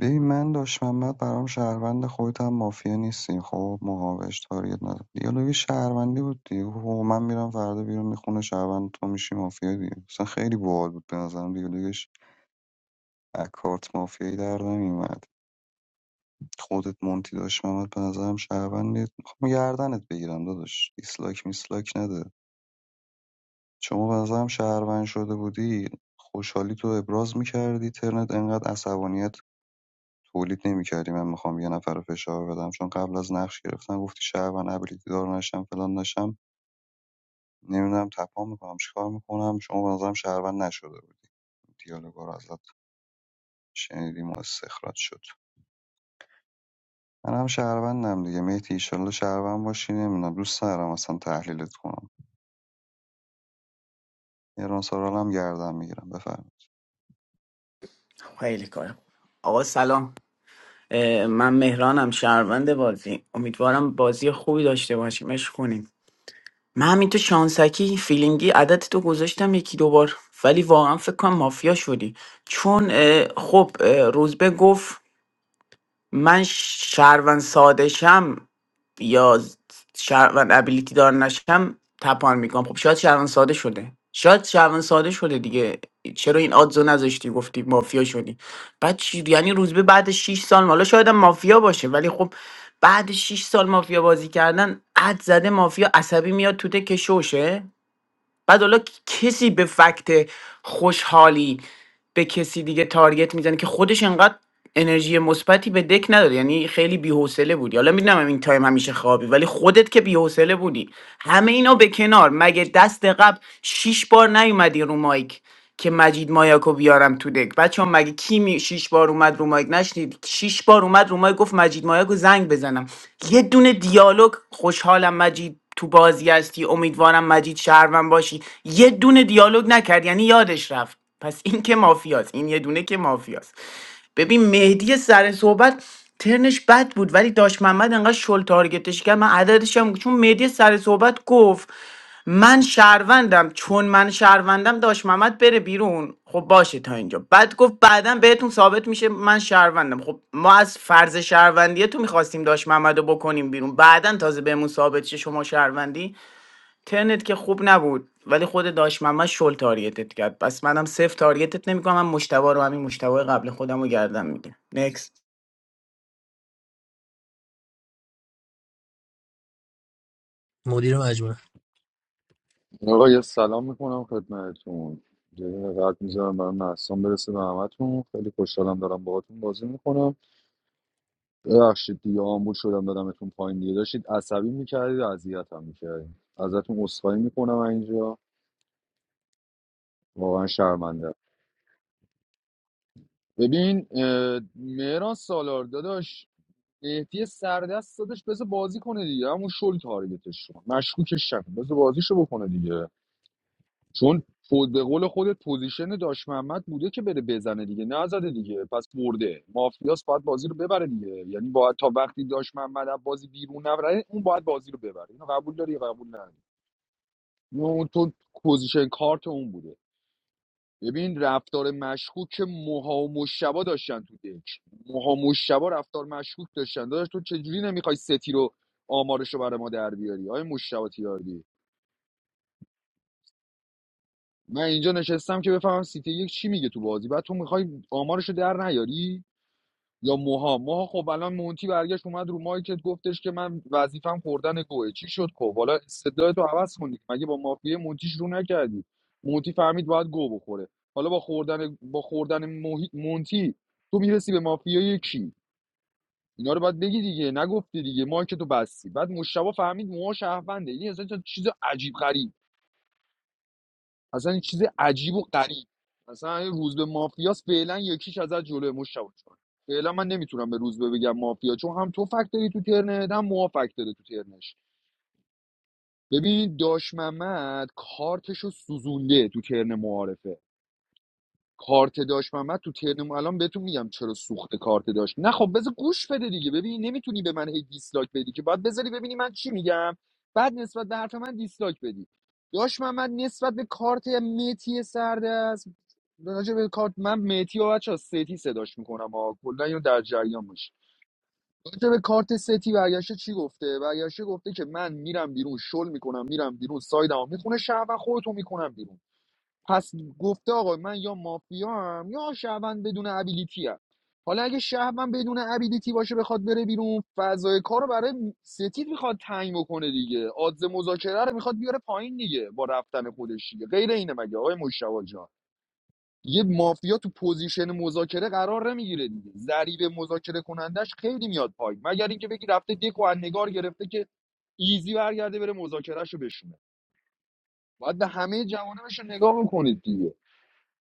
Speaker 17: ببین من داش محمد برام شهروند خودت هم مافیا نیستی خب مقابلش تاریت نداره دیالوگ شهروندی بود دیگه خب من میرم فردا بیرون میخونه شهروند تو میشی مافیا دیگه اصلا خیلی باحال بود به نظرم دیالوگش از مافیایی در نمیومد خودت مونتی داش محمد به نظرم شهروندی میخوام گردنت بگیرم داداش دیسلاک میسلاک نده شما به نظرم شهروند شده بودی خوشحالی تو ابراز میکردی ترنت انقدر عصبانیت تولید نمی‌کردی من میخوام یه نفر رو فشار بدم چون قبل از نقش گرفتن گفتی شهروند ابیلیتی دار نشم فلان نشم نمیدونم تپام میکنم چیکار میکنم شما به نظرم شهروند نشده بودی دیالوگا رو ازت شنیدیم و استخراج شد من هم شهروندم دیگه مهدی ایشالله شهروند باشی نمیدونم دوست دارم اصلا تحلیلت کنم ایران سارال هم گردم میگیرم بفرمایید
Speaker 13: خیلی کار. آقا سلام اه، من مهرانم شهروند بازی امیدوارم بازی خوبی داشته باشیم عشق کنیم من همین تو شانسکی فیلینگی عدد تو گذاشتم یکی دو بار ولی واقعا فکر کنم مافیا شدی چون اه، خب اه، روزبه گفت من شهروند ساده شم یا شهروند ابیلیتی دار نشم تپان میکنم خب شاید شهروند ساده شده شاید شهروند ساده شده دیگه چرا این آدزو نذاشتی گفتی مافیا شدی بعد چی یعنی روز به بعد 6 سال حالا شاید هم مافیا باشه ولی خب بعد 6 سال مافیا بازی کردن اد زده مافیا عصبی میاد تو دکه شوشه بعد حالا کسی به فکت خوشحالی به کسی دیگه تارگت میزنه که خودش انقدر انرژی مثبتی به دک نداره یعنی خیلی بی‌حوصله بودی حالا میدونم این تایم همیشه خوابی ولی خودت که بی‌حوصله بودی همه اینا به کنار مگه دست قبل شیش بار نیومدی رو مایک که مجید مایاکو بیارم تو دک بچه هم مگه کی می شیش بار اومد رو مایک نشنید شیش بار اومد رو مایک گفت مجید مایاکو زنگ بزنم یه دونه دیالوگ خوشحالم مجید تو بازی هستی امیدوارم مجید شهرون باشی یه دونه دیالوگ نکرد یعنی یادش رفت پس این که مافیاست این یه دونه که مافیاست ببین مهدی سر صحبت ترنش بد بود ولی داشت محمد انقدر شل تارگتش کرد من عددش هم چون مهدی سر صحبت گفت من شهروندم چون من شهروندم داشت محمد بره بیرون خب باشه تا اینجا بعد گفت بعدا بهتون ثابت میشه من شهروندم خب ما از فرض شهروندی تو میخواستیم داشت محمد رو بکنیم بیرون بعدا تازه بهمون ثابت شه شما شهروندی ترنت که خوب نبود ولی خود داش محمد شل تارگتت کرد پس منم صفر تارگتت نمیکنم من مشتبه رو همین مشتبه قبل خودم رو گردم میگه نکست
Speaker 7: مدیر مجموعه
Speaker 3: آقا یه سلام میکنم خدمتتون یه قد میذارم برای محسان برسه به همتون خیلی خوشحالم دارم باهاتون بازی میکنم ببخشید دیگه آمبول شدم دادمتون پایین دیگه داشتید عصبی میکردید و اذیت هم میکردید ازتون عذرخواهی میکنم اینجا واقعا شرمنده ببین اه، مهران سالار داداش مهدی سردست داداش بذار بازی کنه دیگه همون شل تارگتش کن مشکوکش شد بذار بازیشو بکنه دیگه چون خود به قول خودت پوزیشن داش محمد بوده که بره بزنه دیگه نزده دیگه پس برده مافیاس باید بازی رو ببره دیگه یعنی باید تا وقتی داش محمد از بازی بیرون نبره یعنی اون باید بازی رو ببره اینو قبول داری یا قبول نداری اون تو پوزیشن کارت اون بوده ببین رفتار مشکوک که موها و مشبا داشتن تو دک موها و مشبا رفتار مشکوک داشتن داداش تو چجوری نمیخوای ستی رو آمارش رو برای ما در بیاری آیا مشبا تیاردی من اینجا نشستم که بفهمم سیتی یک چی میگه تو بازی بعد تو میخوای آمارشو در نیاری یا موها موها خب الان مونتی برگشت اومد رو مایکت گفتش که من وظیفم خوردن گوه چی شد خب حالا استدلال تو عوض کنید مگه با مافیای مونتیش رو نکردی مونتی فهمید باید گو بخوره حالا با خوردن با خوردن موهی- مونتی تو میرسی به مافیای کی اینا رو باید بگی دیگه نگفتی دیگه مایک تو بستی بعد مشتبه فهمید موها شهرونده این اصلا چیز عجیب غریب اصلا این چیز عجیب و غریب اصلا این روز به مافیاس فعلا یکیش ازت جلوی مش شواد جان. فعلا من نمیتونم به روز به بگم مافیا چون هم تو فکت داری تو ترنت هم موها فکت داره تو ترنش ببین داش محمد کارتشو سوزونده تو ترن معارفه کارت داشت محمد تو ترنم الان بهتون میگم چرا سوخت کارت داشت نه خب بذار گوش بده دیگه ببین نمیتونی به من هی دیسلایک بدی که باید بذاری ببینی من چی میگم بعد نسبت به حرف من دیسلایک بدی داشت محمد نسبت به کارت متی سرده است راجع به کارت من متی و بچه ستی صداش میکنم ها کلا اینو در جریان باش راجع به کارت ستی برگشته چی گفته برگشته گفته که من میرم بیرون شل میکنم میرم بیرون سایدمو میخونه شهر و خودتو میکنم بیرون پس گفته آقا من یا مافیا هم یا شهروند بدون ابیلیتی هم. حالا اگه شهروند بدون ابیلیتی باشه بخواد بره بیرون فضای کار رو برای ستیت میخواد تنگ بکنه دیگه آدز مذاکره رو میخواد بیاره پایین دیگه با رفتن خودش دیگه غیر اینه مگه آقای مشتاق جان یه مافیا تو پوزیشن مذاکره قرار نمیگیره دیگه ضریب مذاکره کنندش خیلی میاد پایین مگر اینکه بگی رفته دک و از نگار گرفته که ایزی برگرده بره مذاکرهشو بشونه باید به همه جوانبش رو نگاه بکنید دیگه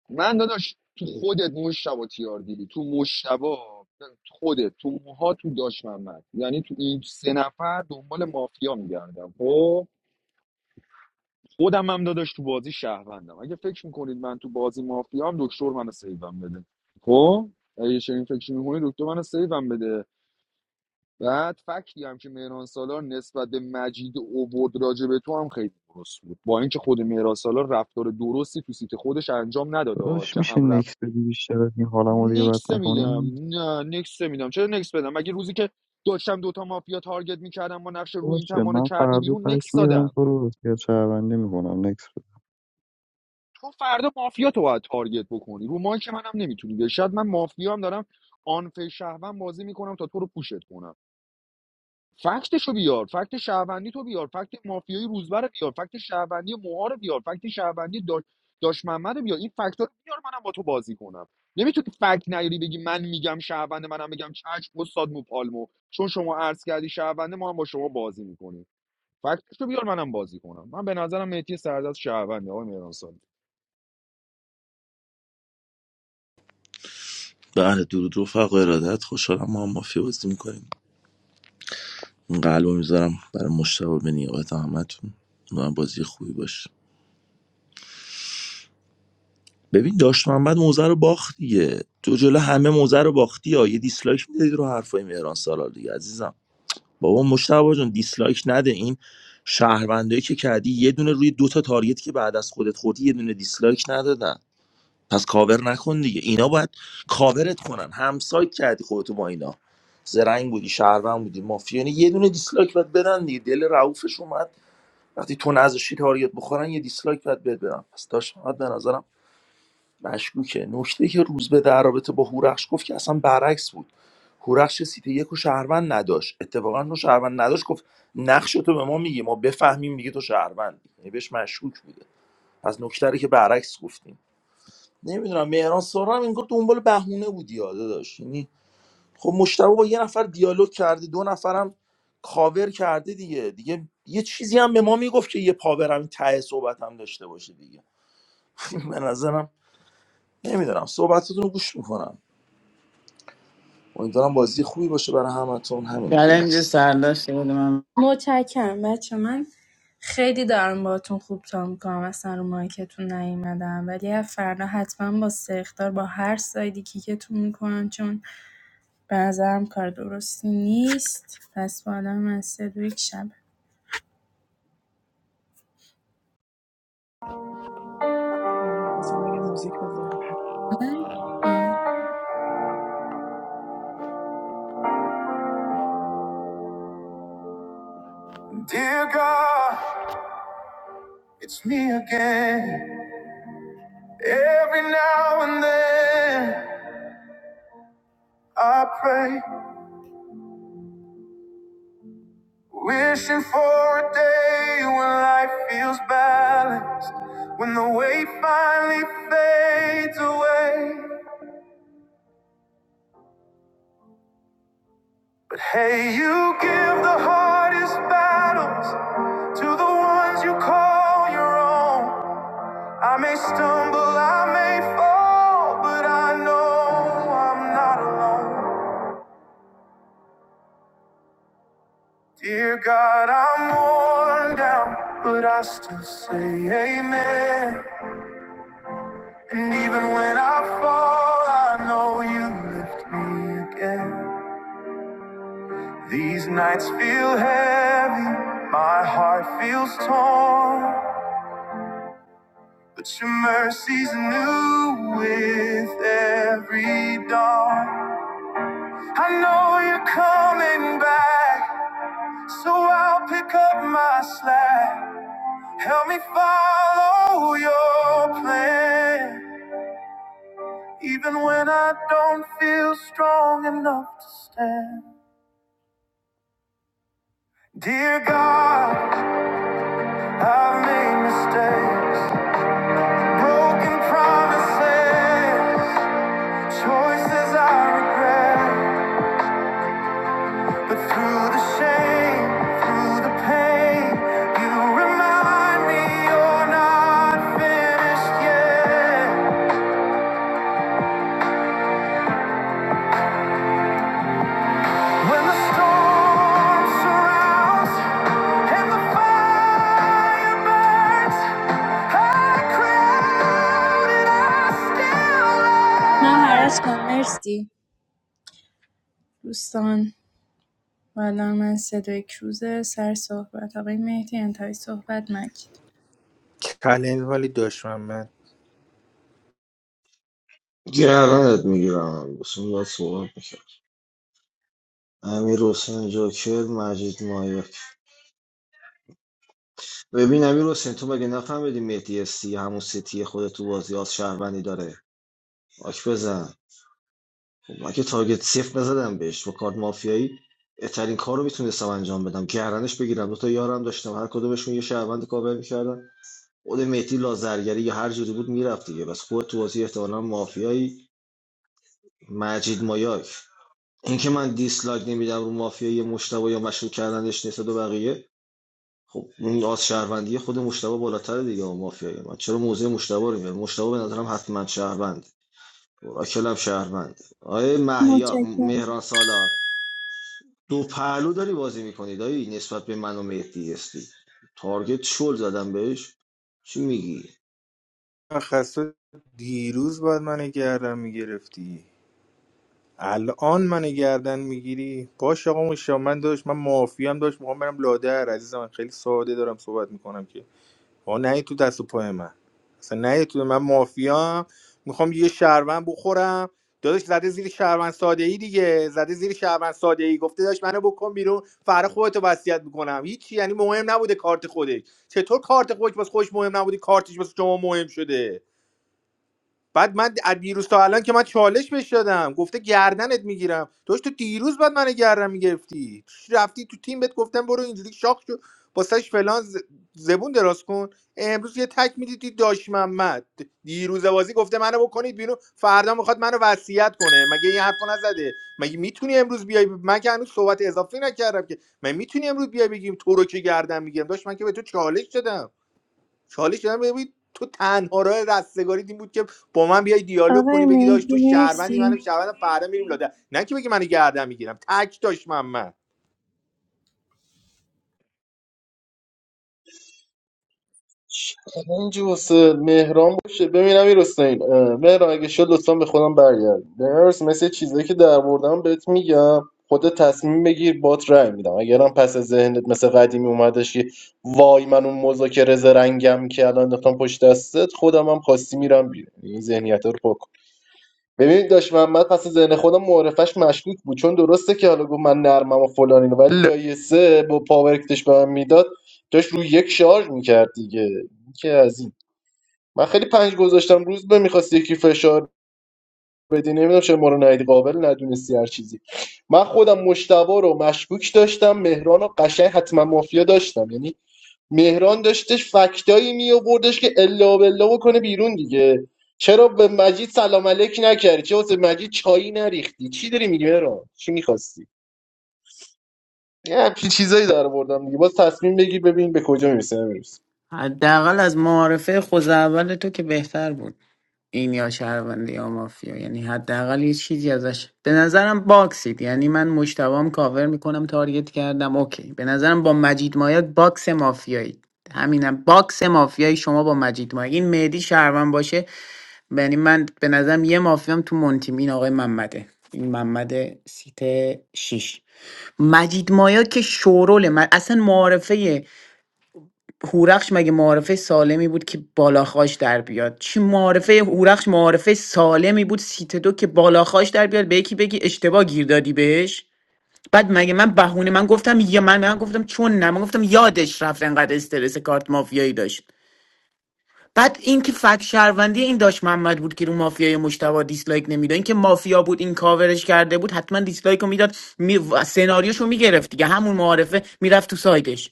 Speaker 3: من داداش تو خودت مشتبا تیار دیدی تو مشتبا خودت تو موها تو داش محمد یعنی تو این سه نفر دنبال مافیا میگردم خب خودم هم داداش تو بازی شهروندم اگه فکر میکنید من تو بازی مافیام دکتر منو سیوم بده خب اگه چنین فکر میکنید دکتر منو سیوم بده بعد فکتی هم که مهران سالار نسبت به مجید اوورد راجع به تو هم خیلی درست بود با اینکه خود مهران سالار رفتار درستی تو سیت خودش انجام نداده
Speaker 17: داداش
Speaker 3: که
Speaker 17: میشه
Speaker 3: هم
Speaker 17: نکس بدی بیشتر از این حالمو دیگه بد
Speaker 3: نکس میدم
Speaker 17: نکنیم
Speaker 3: نه نکس میدم چرا نکس بدم مگه روزی که داشتم دوتا مافیا تارگت میکردم با نقش رو این
Speaker 17: باشه
Speaker 3: تمام رو
Speaker 17: من
Speaker 3: کردی
Speaker 17: فردا
Speaker 3: بیرون نکس
Speaker 17: تک میرم
Speaker 3: دادم
Speaker 17: تو رو بسیار شهروندی میکنم نکس
Speaker 3: تو فردا مافیا تو باید تارگت بکنی رو مایی که منم نمیتونی بیای شاید من مافیا هم دارم آنفه شهوم بازی میکنم تا تو رو پوشت کنم فکتشو بیار فکت شهروندی تو بیار فکت مافیای روزبر رو بیار فکت شهروندی موها رو بیار فکت شهروندی داش داش محمد رو بیار این فکت رو بیار منم با تو بازی کنم نمیتونی فکت نیاری بگی من میگم شهرونده منم میگم چشم استاد مو پالمو چون شما عرض کردی شهرونده ما هم با شما بازی میکنیم فکتش رو بیار منم بازی کنم من به نظرم مهدی سردست شهرونده آقای مهرانسان
Speaker 19: بله درود رفقا ارادت خوشحالم ما هم مافیا بازی میکنیم این قلب میذارم برای مشتبه به نیابت همتون من بازی خوبی باشه ببین داشت محمد موزه رو باخت دیگه تو جلو همه موزه رو باختی یا یه دیسلایک میدادی رو حرفای مهران سالار دیگه عزیزم بابا مشتاق جون دیسلایک نده این شهروندایی که کردی یه دونه روی دو تا تارگت که بعد از خودت خوردی یه دونه دیسلایک ندادن پس کاور نکن دیگه اینا باید کاورت کنن همسایت کردی خودتو با اینا زرنگ بودی شهروند بودی مافیا یعنی یه دونه دیسلایک باید بدن دیگه دل رعوفش اومد وقتی تو نذاشتی تارگت بخورن یه دیسلایک باید بد بدن پس داشت محمد به نظرم مشکوکه نکته که روز به در رابطه با هورخش گفت که اصلا برعکس بود هورخش سیتی یک و شهروند نداشت اتفاقا تو شهروند نداشت گفت نقش تو به ما میگی ما بفهمیم دیگه تو شهروندی یعنی بهش مشکوک بوده از نکته رو که برعکس گفتیم نمیدونم مهران سارم انگار دنبال بهونه بودی یاده داشت یعنی خب مشتبه با یه نفر دیالوگ کرده دو نفرم کاور کرده دیگه دیگه یه چیزی هم به ما میگفت که یه پاورم این ته صحبت هم داشته باشه دیگه به نظرم نمیدونم صحبتتون رو گوش میکنم امیدوارم بازی خوبی باشه برای همتون همین دیگه
Speaker 13: چلنج
Speaker 19: نکست
Speaker 13: سرداشته بود من
Speaker 11: متشکرم بچه من خیلی دارم باهاتون خوب تا میکنم اصلا رو مایکتون نیومدم ولی از فردا حتما با سختار با هر سایدی کیکتون میکنم چون به نظرم کار درستی نیست پس با آدم از سه دو یک شب
Speaker 14: آره میخواستم بگم موزیک بذاریم
Speaker 20: Dear God, it's me again. Every now and then I pray, wishing for a day when life feels balanced, when the weight finally fades away. Hey, you give the hardest battles to the ones you call your own. I may stumble, I may fall, but I know I'm not alone. Dear God, I'm worn down, but I still say amen. And even when I fall, I know you lift me again. These nights feel heavy, my heart feels torn. But your mercy's new with every dawn. I know you're coming back, so I'll pick up my slack. Help me follow your plan, even when I don't feel strong enough to stand. Dear God, I've made mistakes, broken promises, choices I regret. But through the shame, through the pain, you remind me you're not finished yet. I crowd
Speaker 11: نه مرسی مرسی دوستان و الان من صدای کروز سر صحبت آقای مهدی انتهای صحبت مجید
Speaker 1: چلنج ولی دشمن
Speaker 12: گردنت میگیرم بسون باید صحبت میکرد امیر حسین جوکر مجید مایک ببین امیر حسین تو مگه نفهمیدی مهدی استی همون سیتی خود تو بازی از شهروندی داره آک بزن خب من که تارگت صفر نزدم بهش با کارت مافیایی بهترین کار رو میتونستم انجام بدم گردنش بگیرم دو تا یارم داشتم هر کدومشون یه شهروند کابل میکردن خود مهدی لازرگری یا هر جوری بود میرفت دیگه بس خود تو بازی احتمالاً مافیایی مجید مایاک اینکه من دیسلایک نمیدم رو مافیا یه مشتبه یا مشروع کردنش نسبت به بقیه خب اون آز شهروندی خود مشتبه بالاتر دیگه اون مافیای من چرا موزه مشتبه رو میارم مشتبه به نظرم حتما شهروند اوراکل هم شهروند آیه محیا
Speaker 11: متشکرم
Speaker 12: مهران سالار دو پهلو داری بازی میکنی دایی نسبت به من و مهدی هستی تارگت شل زدم بهش چی میگی
Speaker 1: من خسته دیروز باید منو گردن میگرفتی الان منو گردن میگیری باش آقا مشا من داشت من معافی هم داشت میخوام برم لادر عزیزم من خیلی ساده دارم صحبت میکنم که آقا نه تو دست و پای من اصلا نه تو من مافیام میخوام یه شهروند بخورم داداش زده زیر شهروند ساده ای دیگه زده زیر شهروند ساده ای گفته داش منو بکن بیرون فردا خودتو وصیت میکنم هیچی یعنی مهم نبوده کارت خودش چطور کارت خودش واسه خودش مهم نبوده کارتش واسه شما مهم شده بعد من از دیروز تا الان که من چالش بهش دادم گفته گردنت میگیرم داشت تو دیروز بعد من گردن میگرفتی رفتی تو تیم بهت گفتم برو اینجوری شاخ شو واسش فلان ز- زبون دراز کن امروز یه تک میدیدی داش محمد دیروز بازی گفته منو بکنید بیرون فردا میخواد منو وصیت کنه مگه این حرفو نزده مگه میتونی امروز بیای من که هنوز صحبت اضافی نکردم که من میتونی امروز بیای بگیم تو رو که گردن میگیرم داشت من که به تو چالش دادم چالش دادم ببین تو تنها راه رستگاری این بود که با من بیای دیالوگ کنی
Speaker 11: آقای
Speaker 1: بگی داش تو
Speaker 11: مهدی
Speaker 1: شهروندی منم
Speaker 11: مرسی
Speaker 1: شهروندم فردا میریم لاده نه که بگی منو گردن میگیرم تک داش محمد
Speaker 16: چلنج واسه مهران باشه ببینم امیر حسین اه، مهران اگه شد لطفا به خودم برگرد مهران حسین، مثل چیزایی که در بردم بهت میگم خودت تصمیم بگیر بات رای میدم اگرم پس از ذهنت مثل قدیمی اومدش که وای من اون مذاکره زرنگم که الان انداختم پشت دستت خودم هم خواستی میرم بیرون این ذهنیت رو ببینید داشت محمد پس ذهن خودم معرفش مشکوک بود چون درسته که حالا گفت من نرمم و فلان اینو ولی لایه سه با پاور کش به من میداد داشت روی یک شارژ میکرد دیگه این که از این من خیلی پنج گذاشتم روز به میخواست یکی فشار بدی نمیدونم چه ما رو ندیدی قابل ندونستی هر چیزی من خودم مشتبه رو مشکوک داشتم مهران و قشنگ حتما مافیا داشتم یعنی مهران داشتش فکتایی می آوردش که الا بلا بکنه بیرون دیگه چرا به مجید سلام علیک نکردی چرا واسه مجید چایی نریختی چی داری میگی مهران چی میخواستی یه همچین چیزایی در آوردم دیگه باز تصمیم بگیر ببین به کجا میرسه نمیرسه
Speaker 13: حداقل از معارفه خود اول تو که بهتر بود این یا شهروندی یا مافیا یعنی حداقل یه چیزی ازش به نظرم باکسید یعنی من مشتبام کاور میکنم تارگت کردم اوکی به نظرم با مجید مایاک باکس مافیایی همینم باکس مافیایی شما با مجید مایاک این مهدی شهروند باشه یعنی من به نظرم یه مافیام تو مونتیم این آقای محمده این محمد سیت 6 مجید مایا که شورول من اصلا معارفه هورخش مگه معارفه سالمی بود که بالاخاش در بیاد چی معارفه هورخش معارفه سالمی بود سیت دو که بالاخاش در بیاد به یکی بگی اشتباه گیر دادی بهش بعد مگه من بهونه من گفتم یا من من گفتم چون نه من گفتم یادش رفت انقدر استرس کارت مافیایی داشت بعد این که فک شهروندی این داشت محمد بود که رو مافیای مشتبه دیسلایک نمیداد این که مافیا بود این کاورش کرده بود حتما دیسلایک رو میداد می... و سناریوشو میگرفت دیگه همون معارفه میرفت تو سایدش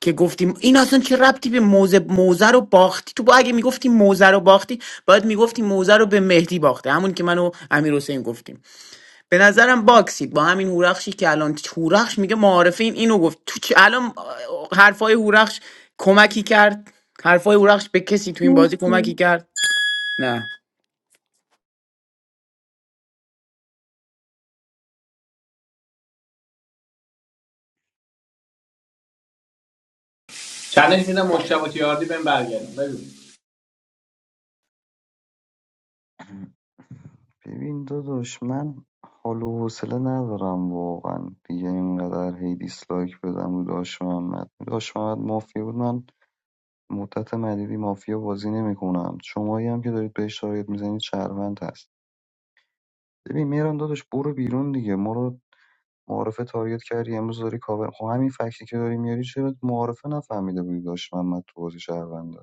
Speaker 13: که گفتیم این اصلا چه ربطی به موزه موزه رو باختی تو با اگه میگفتی موزه رو باختی باید میگفتی موزه رو به مهدی باخته همون که منو امیر حسین گفتیم به نظرم باکسید با همین هورخشی که الان هورخش میگه معارفه این اینو گفت تو چ... الان حرفای هورخش کمکی کرد حرفای هورخش به کسی تو این بازی
Speaker 11: مرسی
Speaker 13: کمکی کرد نه
Speaker 6: چالش میدم مشتبه تیاردی بهم برگردم ببین
Speaker 17: ببین داداش من حال و حوصله ندارم واقعا دیگه اینقدر هی دیسلایک بدم رو داش محمد داش محمد مافیا بود من مدت مدیدی مافیا بازی نمیکنم شمایی هم که دارید بهش تارگت میزنید شهروند هست ببین میران داداش برو بیرون دیگه ما رو معارفه تارگت کردی امروز داری کاور خب همین فکتی که داری میاری چرا معارفه نفهمیده بودی داش محمد تو بازی شهرونده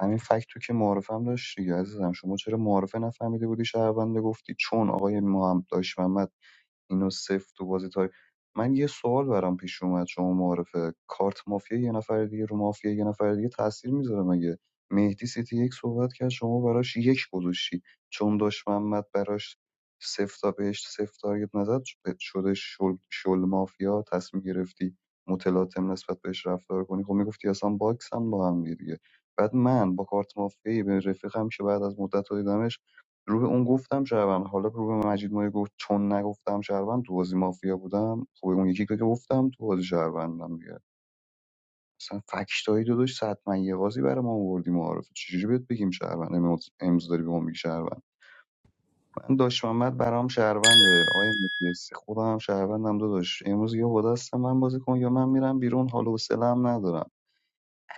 Speaker 17: همین فکت تو که معارفه هم داشت دیگه عزیزم شما چرا معارفه نفهمیده بودی شهرونده گفتی چون آقای محمد داشت محمد اینو سفت تو بازی تاریخ من یه سوال برام پیش اومد شما معارفه کارت مافیا یه نفر دیگه رو مافیا یه نفر دیگه تاثیر میذاره مگه مهدی سیتی یک صحبت کرد شما براش یک گذاشتی چون داشت محمد براش صفر تا بهش صفر تارگت نزد شده شل, شل مافیا تصمیم گرفتی متلاطم نسبت بهش رفتار کنی خب میگفتی اصلا باکس هم با هم دیگه بعد من با کارت مافیایی به رفیقم که بعد از مدت ها دیدمش روح اون گفتم شهروند حالا رو به مجید مایه گفت چون نگفتم شهروند تو بازی مافیا بودم خب اون یکی که گفتم تو بازی شهروندم دیگه مثلا فکشتایی داداش صد من یه بازی برای ما آوردی معارفه چجوری بهت بگیم شهروند امروز امروز داری به ما میگی شهروند من داش محمد برام شهرونده آقای مفلسی خودم هم شهروندم داداش امروز یا با دست من بازی کن یا من میرم بیرون حال و حوصله‌ام ندارم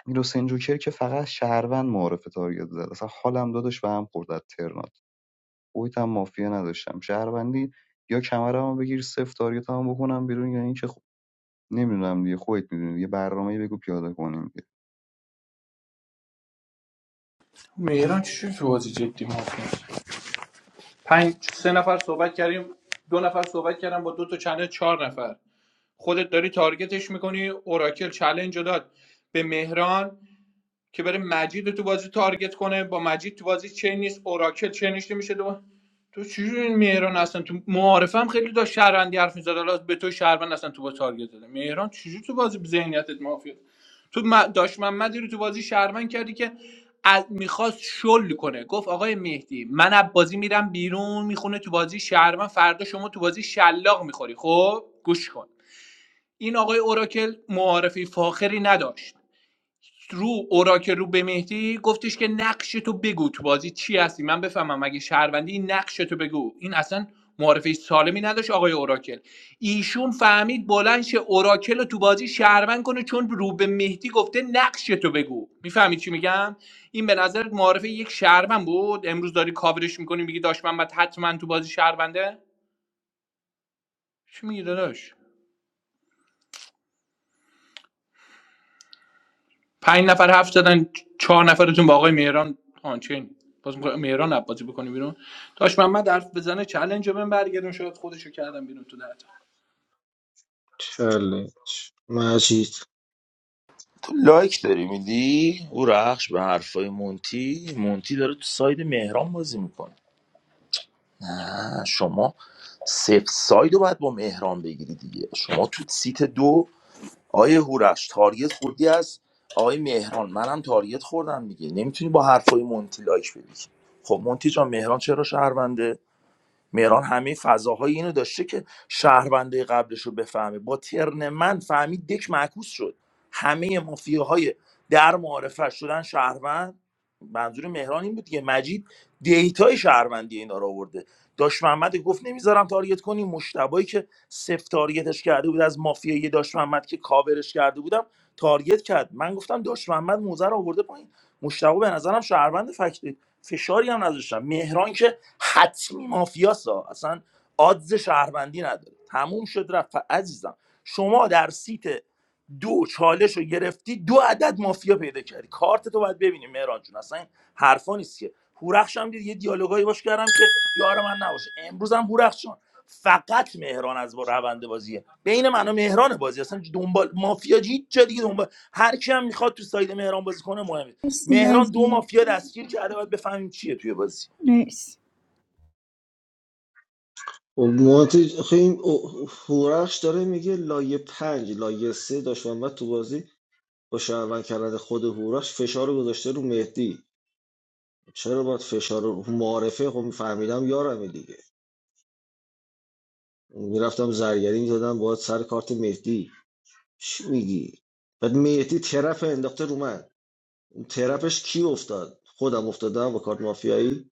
Speaker 17: میلوسن جوکر که فقط شهروند معارف تارگت زد اصلا حالم دادش به هم خورد از ترنات خودت هم مافیا نداشتم شهروندی یا کمرمو بگیر صفر تارگتمو بکنم بیرون یا اینکه خب نمیدونم دیگه خودت میدونی یه برنامه‌ای بگو پیاده کنیم دیگه
Speaker 6: مهران چی شد تو بازی جدی مافیا پنج سه نفر صحبت کردیم دو نفر صحبت کردن با دو تا چنل چهار نفر خودت داری تارگتش میکنی اوراکل چلنج رو داد به مهران که بره مجید رو تو بازی تارگت کنه با مجید تو بازی چین نیست اوراکل چینش نمیشه دو تو چجوری این مهران اصلا تو معارفه هم خیلی داشت شهروندی حرف میزد حالا به تو شهروند اصلا تو با تارگت داده مهران چجوری تو بازی ذهنیتت مافیا تو م- داش محمدی رو تو بازی شهروند کردی که از میخواست شل کنه گفت آقای مهدی من از بازی میرم بیرون میخونه تو بازی شهرمن فردا شما تو بازی شلاق میخوری خب گوش کن این آقای اوراکل معارفی فاخری نداشت رو اوراکل رو به مهدی گفتش که نقش تو بگو تو بازی چی هستی من بفهمم اگه شهروندی این نقش تو بگو این اصلا معارفه سالمی نداشت آقای اوراکل ایشون فهمید بلند شه اوراکل رو تو بازی شهروند کنه چون رو به مهدی گفته نقش تو بگو میفهمید چی میگم این به نظر معارفه یک شهروند بود امروز داری کاورش میکنی میگی داشت من حتما تو بازی شهرونده چی میگی داداش پنج نفر حرف زدن چهار نفرتون با آقای مهران آنچین باز می‌خوای مهران عباسی بکنی بیرون داش محمد حرف بزنه چلنج رو بهم برگردون شاید خودشو کردم بیرون تو درد
Speaker 12: چالش مجید
Speaker 19: تو لایک داری میدی او رخش به حرفای مونتی مونتی داره تو ساید مهران بازی میکنه نه، شما سف ساید رو باید با مهران بگیری دیگه شما تو سیت دو آیه هورش تارگت خوردی از آیه مهران منم تارگت خوردم دیگه نمیتونی با حرفای مونتی لایک بدی خب مونتی جان مهران چرا شهرونده مهران همه فضاهای اینو داشته که شهرونده قبلش رو بفهمه با ترن من فهمید دک معکوس شد همه مافیاهای در معارفه شدن شهروند منظور مهران این بود که مجید دیتای شهروندی اینا رو آورده داش محمد گفت نمیذارم تارگت کنی مشتبایی که سفت تارگتش کرده بود از مافیای داش محمد که کاورش کرده بودم تارگت کرد من گفتم داش محمد موزه رو آورده پایین مشتبا به نظرم شهروند فکت فشاری هم نذاشتم مهران که حتمی مافیاسا اصلا آدز شهروندی نداره تموم شد رفت عزیزم شما در سیت دو چالش رو گرفتی دو عدد مافیا پیدا کردی کارت تو باید ببینیم مهران جون اصلا این حرفا نیست که هورخش هم دید یه دیالوگایی باش کردم که یار من نباشه امروز هم هورخش جان فقط مهران از با روند بازیه بین من و مهران بازی اصلا دنبال مافیا هیچ جا دیگه دنبال هر کی هم میخواد تو ساید مهران بازی کنه مهمه
Speaker 11: مرسی
Speaker 19: مهران دو
Speaker 11: مجید
Speaker 19: مافیا دستگیر کرده باید بفهمیم چیه توی بازی
Speaker 11: مرسی
Speaker 12: خب مونتی آخه این هورخش داره میگه لایه پنج لایه سه داشت محمد تو بازی با شهروند کردن خود هورخش فشار رو گذاشته رو مهدی چرا باید فشار رو معارفه خب فهمیدم یارمه دیگه میرفتم زرگری میزدم باید سر کارت مهدی چی میگی بعد مهدی ترپ انداخته رو من اون ترپش کی افتاد خودم افتادم با کارت مافیایی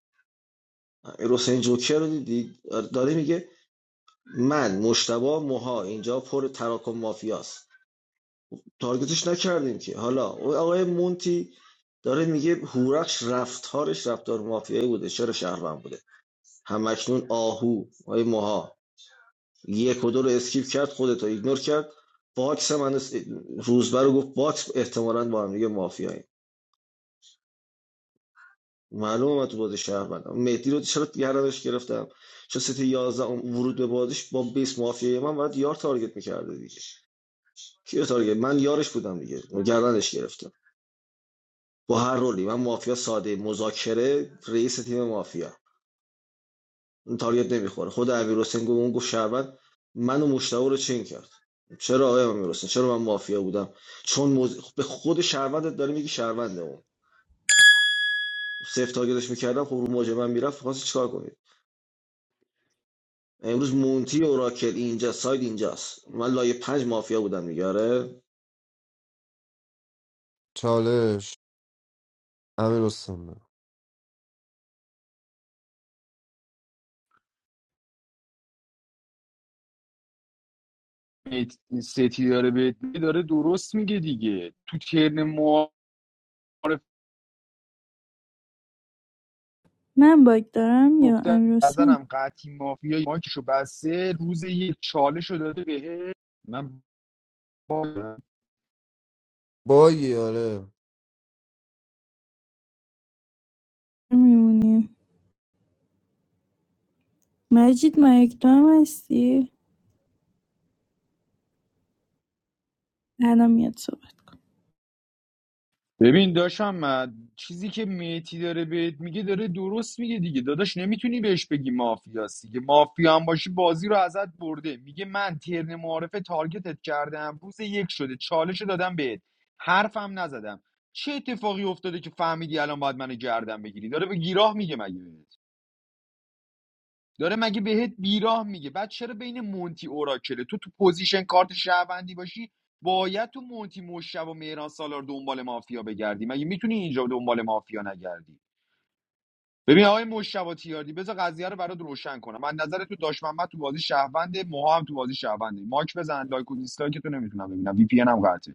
Speaker 12: امیر حسین جوکر رو دیدی آره، داره میگه من مشتبه ماها اینجا پر تراکم مافیاست تارگتش نکردیم که حالا اون آقای مونتی داره میگه هورخش رفتارش رفتار مافیایی بوده چرا شهروند بوده همکنون آهو آقای موها یک و دو رو اسکیپ کرد خودت رو ایگنور کرد باکس من اس- روزبر رو گفت باکس احتمالاً با هم دیگه مافیایی معلومه من تو بازی شهروندم مهدی رو چرا گردنش گرفتم چون سیتی 11 اون ورود به بازیش با بیس مافیایی من باید یار تارگت میکرده دیگه کیو تارگت من یارش بودم دیگه گردنش گرفته با هر رولی من مافیا ساده مذاکره رئیس تیم مافیا اون تاریت نمیخوره خود امیر حسین گفت اون گفت شهروند من مشتاق رو چین کرد چرا آقای امیر حسین چرا من مافیا بودم چون موز... به خود شهروندت داره میگی شهرونده اون سفت تارگتش میکردم خب رو موج من میرفت خواستی چیکار کنید امروز مونتی اوراکل اینجا ساید اینجاست من لایه پنج مافیا بودم دیگه آره
Speaker 5: چالش امیر حسین بگو.
Speaker 3: ستیاره به داره درست میگه دیگه تو ترن معارفه
Speaker 11: من باگ دارم یا
Speaker 3: گفته از
Speaker 11: امیر حسین
Speaker 3: نظرم قطعی مافیا مایکشو بسته روز یک چالش داده بهه من با-
Speaker 5: بایی آره
Speaker 11: میمونیم مجید مایک دارم هستی الان میاد صحبت کن
Speaker 3: ببین داشتم من چیزی که میتی داره بهت میگه داره درست میگه دیگه داداش نمیتونی بهش بگی مافیاست دیگه مافیا هم باشی بازی رو ازت برده میگه من ترن معارفه تارگتت کردم روز یک شده چالش رو دادم بهت حرفم نزدم چه اتفاقی افتاده که فهمیدی الان باید منو گردن بگیری داره به گیراه میگه مگه بهت داره مگه بهت بیراه میگه بعد چرا بین مونتی اوراکله تو تو پوزیشن کارت شهروندی باشی باید تو مونتی مشب و مهران سالار دنبال مافیا بگردی مگه میتونی اینجا دنبال مافیا نگردی ببین آقای مشتبه تیاردی بذار قضیه رو برات روشن کنم من نظر تو داش محمد تو بازی شهرونده موها هم تو بازی شهرونده ماک بزن لایک و دیسلایک تو نمیتونم ببینم وی پی ان هم قطعه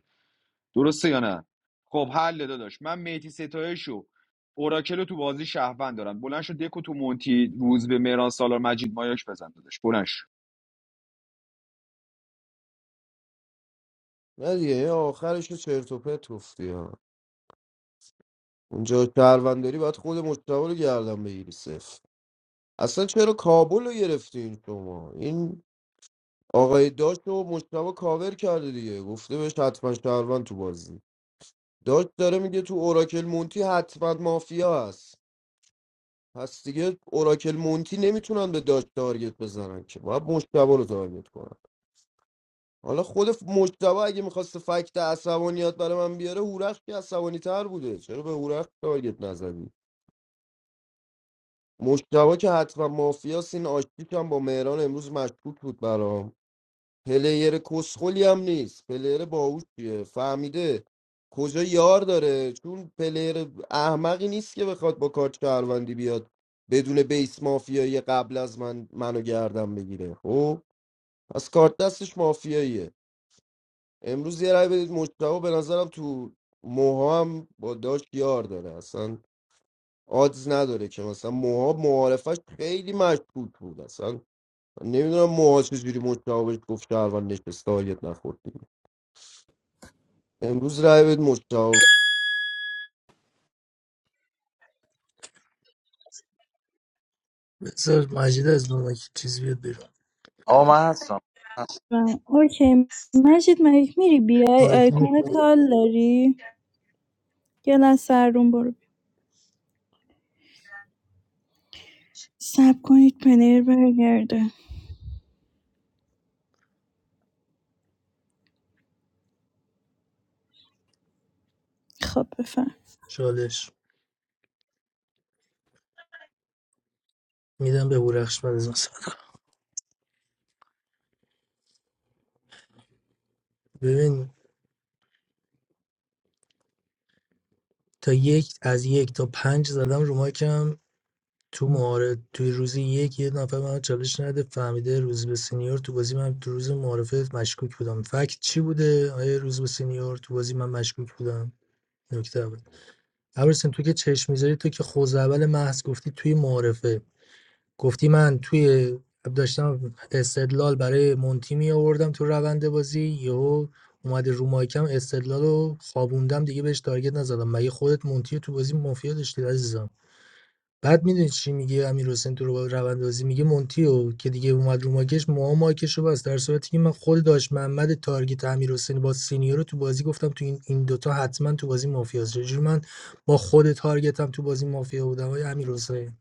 Speaker 3: درسته یا نه خب حل داداش من میتی ستایشو اوراکل تو بازی شهروند دارم بلند شو دکو تو مونتی روز به مهران سالار مجید مایاش بزن داداش بلند شو.
Speaker 5: نه دیگه این آخرش رو چرت و پرت گفتی ها اونجا شهرونداری باید خود مجتبی رو گردن بگیری صفر اصلا چرا کابل رو گرفتین شما این آقای داشت و مشتبه کاور کرده دیگه گفته بهش حتما شهروند تو بازی داشت داره میگه تو اوراکل مونتی حتما مافیا هست پس دیگه اوراکل مونتی نمیتونن به داشت تارگت بزنن که باید مشتبه رو تارگت کنن حالا خود ف- مشتبه اگه میخواست فکت عصبانیت برای من بیاره هورخ که عصبانی تر بوده چرا به هورخ تارگت نزدی مشتبه که حتما مافیاست این آشتیش هم با مهران امروز مشکوک بود برام پلیر کسخلی هم نیست پلیر باهوشیه فهمیده کجا یار داره چون پلیر احمقی نیست که بخواد با کارت شهروندی بیاد بدون بیس مافیایی قبل از من منو گردم بگیره خب پس کارت دستش مافیاییه امروز یه رای بدید مجتبا به نظرم تو موها هم با داشت یار داره اصلا آدز نداره که مثلا موها معارفش خیلی مشکوک بود اصلا نمیدونم موها چجوری مجتبا بهش گفت شهروند نشست تارگت نخورد امروز رای بدید مجتبی
Speaker 7: بذار مجید از نمک چیز بیاد بیرون
Speaker 19: آقا من هستم
Speaker 11: و- اوکی مجید مایک میری بیای
Speaker 7: آیکون
Speaker 11: آیکون
Speaker 7: کاله.
Speaker 11: کال داری گلا سر روم برو بیا. سب کنید پنیر برگرده خب بفرم
Speaker 7: چالش میدم به هورخش بعد از مثلا ببین تا یک از یک تا پنج زدم رو مایکم تو معارف توی روزی یک یه نفر به من چالش نده فهمیده روز به سینیور تو بازی من تو روز معارفه مشکوک بودم فکت چی بوده آیا روز به سینیور تو بازی من مشکوک بودم نکته اول ابرسن تو که چشم میذاری تو که خوزعبل محض گفتی توی معارفه گفتی من توی داشتم استدلال برای مونتی می آوردم تو روند بازی یهو اومده رو مایکم استدلال رو خوابوندم دیگه بهش تارگت نزدم مگه خودت مونتی رو تو بازی مافیا داشتی عزیزم بعد می‌دونی چی میگه امیرحسین تو رو- روند بازی میگه مونتیو که دیگه اومد رو ماکش موها ماکش رو بست در صورتی که من خود داشت محمد تارگت امیرحسین با سینیور رو تو بازی گفتم تو این این دوتا حتما تو بازی مافیاست چجوری من با خود تارگتم تو بازی مافیا بودم های امیرحسین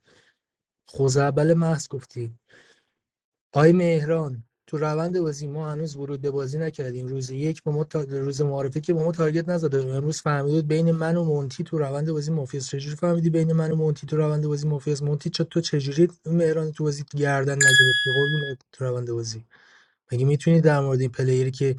Speaker 7: خوزعبل محض گفتی آقای مهران تو روند بازی ما هنوز ورود به بازی نکردیم روز یک به ما تا... روز معارفه که به ما تارگت نزده امروز فهمیدید بین من و مونتی تو روند بازی مافیاس چجوری فهمیدی بین من و مونتی تو روند بازی مافیاس مونتی چه تو چجوری مهران تو بازی گردن نگرفتی قربون تو روند بازی مگه میتونی در مورد این پلیری که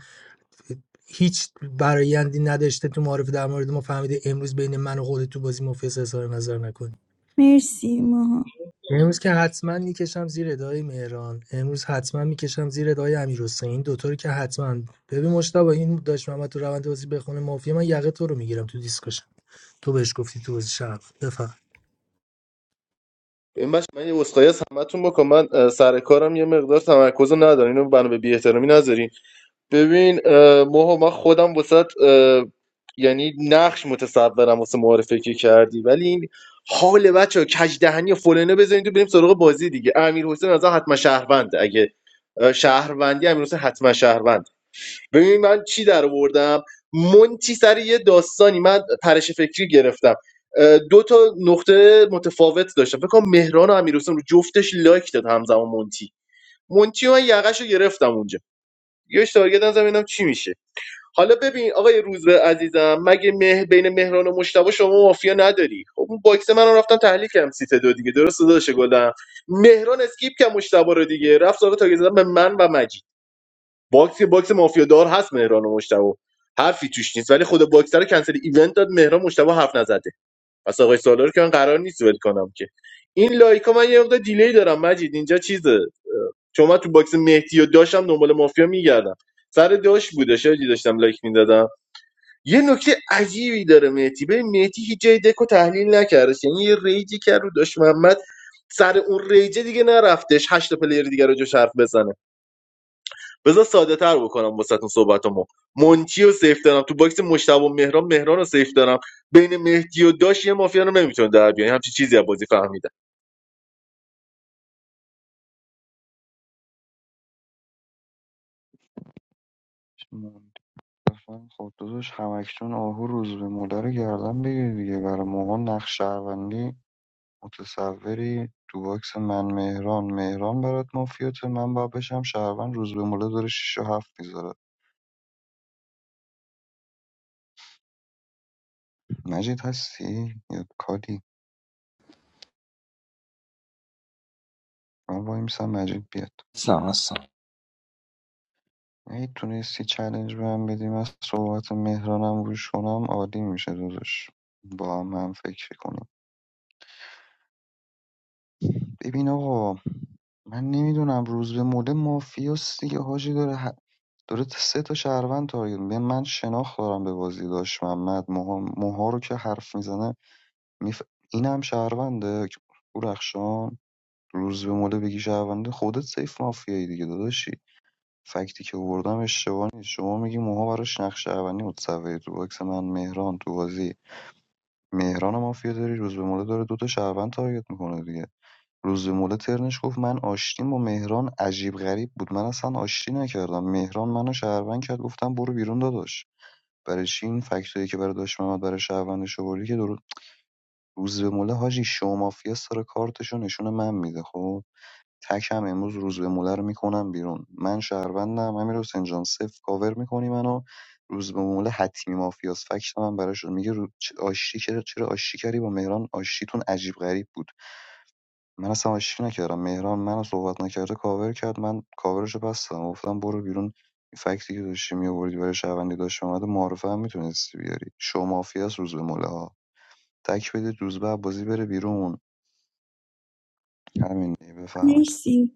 Speaker 7: هیچ برایندی نداشته تو معارف در مورد ما فهمیده امروز بین من و خودت تو بازی مافیاس اظهار نظر نکنی
Speaker 11: مرسی ماها
Speaker 7: امروز که حتما میکشم زیر ادای مهران امروز حتما میکشم زیر ادای امیرحسین این دوتا رو که حتما ببین مشتاق این داشت محمد تو روند بازی بخونه مافیا من یقه تو رو میگیرم تو دیسکشن تو بهش گفتی تو بازی شب بفهم
Speaker 16: این بچه من یه اسخای از همتون بکنم من اه، سر کارم یه مقدار تمرکز رو ندارم اینو بنا به بی‌احترامی نذارین ببین اه، موها من خودم واسط یعنی نقش متصورم واسه معارفه که کردی ولی این حال بچه ها کجدهنی و فلانه بزنید و بریم سراغ بازی دیگه امیر حسین از حتما شهروند اگه اه، شهروندی امیر حسین حتما شهروند ببین من چی در آوردم مونتی سر یه داستانی من پرش فکری گرفتم اه، دو تا نقطه متفاوت داشتم فکر کنم مهران و امیر حسین رو جفتش لایک داد همزمان مونتی مونتی و من یقش رو گرفتم اونجا یه تارگت نزدم ببینم چی میشه حالا ببین آقای روزبه عزیزم مگه مه بین مهران و مشتبه شما مافیا نداری خب اون باکس من رو رفتم تحلیل کردم سیت دو دیگه درست داداش گلم مهران اسکیپ که مشتبه رو دیگه رفت سراغ تاگه زدن به من و مجید باکس باکس مافیا دار هست مهران و مشتبه حرفی توش نیست ولی خود باکسر رو کنسل ایونت داد مهران مشتبه حرف نزده پس آقای سالار که من قرار نیست ول کنم که این لایکا من یه مقدار دیلی دارم مجید اینجا چیزه چون من تو باکس مهدی و داشتم دنبال مافیا میگردم سر داش بودش آجی داشتم لایک میدادم یه نکته عجیبی داره مهدی به مهدی هیچ جای دکو تحلیل نکردش یعنی یه ریجی کرد رو داشت محمد سر اون ریجه دیگه نرفتش هشت تا پلیر دیگه رو جوش حرف بزنه بذار ساده تر بکنم واسهتون صحبتامو مونتی رو سیف دارم تو باکس مشتبه و مهران مهران رو سیف دارم بین مهدی و داش یه مافیا رو نمیتونه در بیان همچی چیزی از بازی فهمیدم
Speaker 17: منتفن خب داداش همکشون آهو روز به مادر گردن بگیر دیگه برای موقع نقش شهروندی متصوری تو باکس من مهران مهران برات مافیات من باید بشم شهروند روز به موله داره 6 و هفت میذاره مجید هستی یا کادی من وایمیسم مجید بیاد
Speaker 19: هستم هستم
Speaker 17: اگه تونستی چالش به هم بدی من صحبت مهرانم روش کنم عالی میشه دوزش با هم هم فکر کنیم ببین آقا من نمیدونم روز به مله مافیاس دیگه حاجی داره ه- داره سه تا شهروند تارگت می‌کنه. من شناخت دارم به بازی داشت محمد موها, موها رو که حرف میزنه میف... اینم شهرونده او رخشان روز به مله بگی شهرونده خودت سیف مافیایی دیگه داداشی فکتی که آوردم اشتباه نیست شما میگی موها براش نقش شهروندی متصوره تو باکس من مهران تو بازی مهران مافیا داری روز به موله داره دوتا شهروند تارگت میکنه دیگه روز به موله ترنش گفت من آشتیم با مهران عجیب غریب بود من اصلا آشتی نکردم مهران منو شهروند کرد گفتم برو بیرون داداش برای چی این فکتایی که برای داشت محمد برای شهروندش آوردی که درست روز به موله حاجی شما مافیا سر کارتشو نشون من میده خب تکم امروز روز روزبهموله رو میکنم بیرون من شهروندم امیرحسین جان صفر کاور میکنی منو روز به روزبهموله حتمی مافیاس فکت من براش رو- میگه رو... چ- آشتی کرد چرا آشتی کردی با مهران آشتیتون عجیب غریب بود من اصلا آشتی نکردم مهران منو صحبت نکرده کاور کرد من کاورش رو بستم گفتم برو بیرون این فکتی که داشتی میآوردی برای شهروندی داشت اومده معرفه هم میتونستی بیاری شو مافیاس روز به روزبهموله ها تک بدید روزبه بازی بره بیرون همین دیگه، بفهمید
Speaker 11: مرسی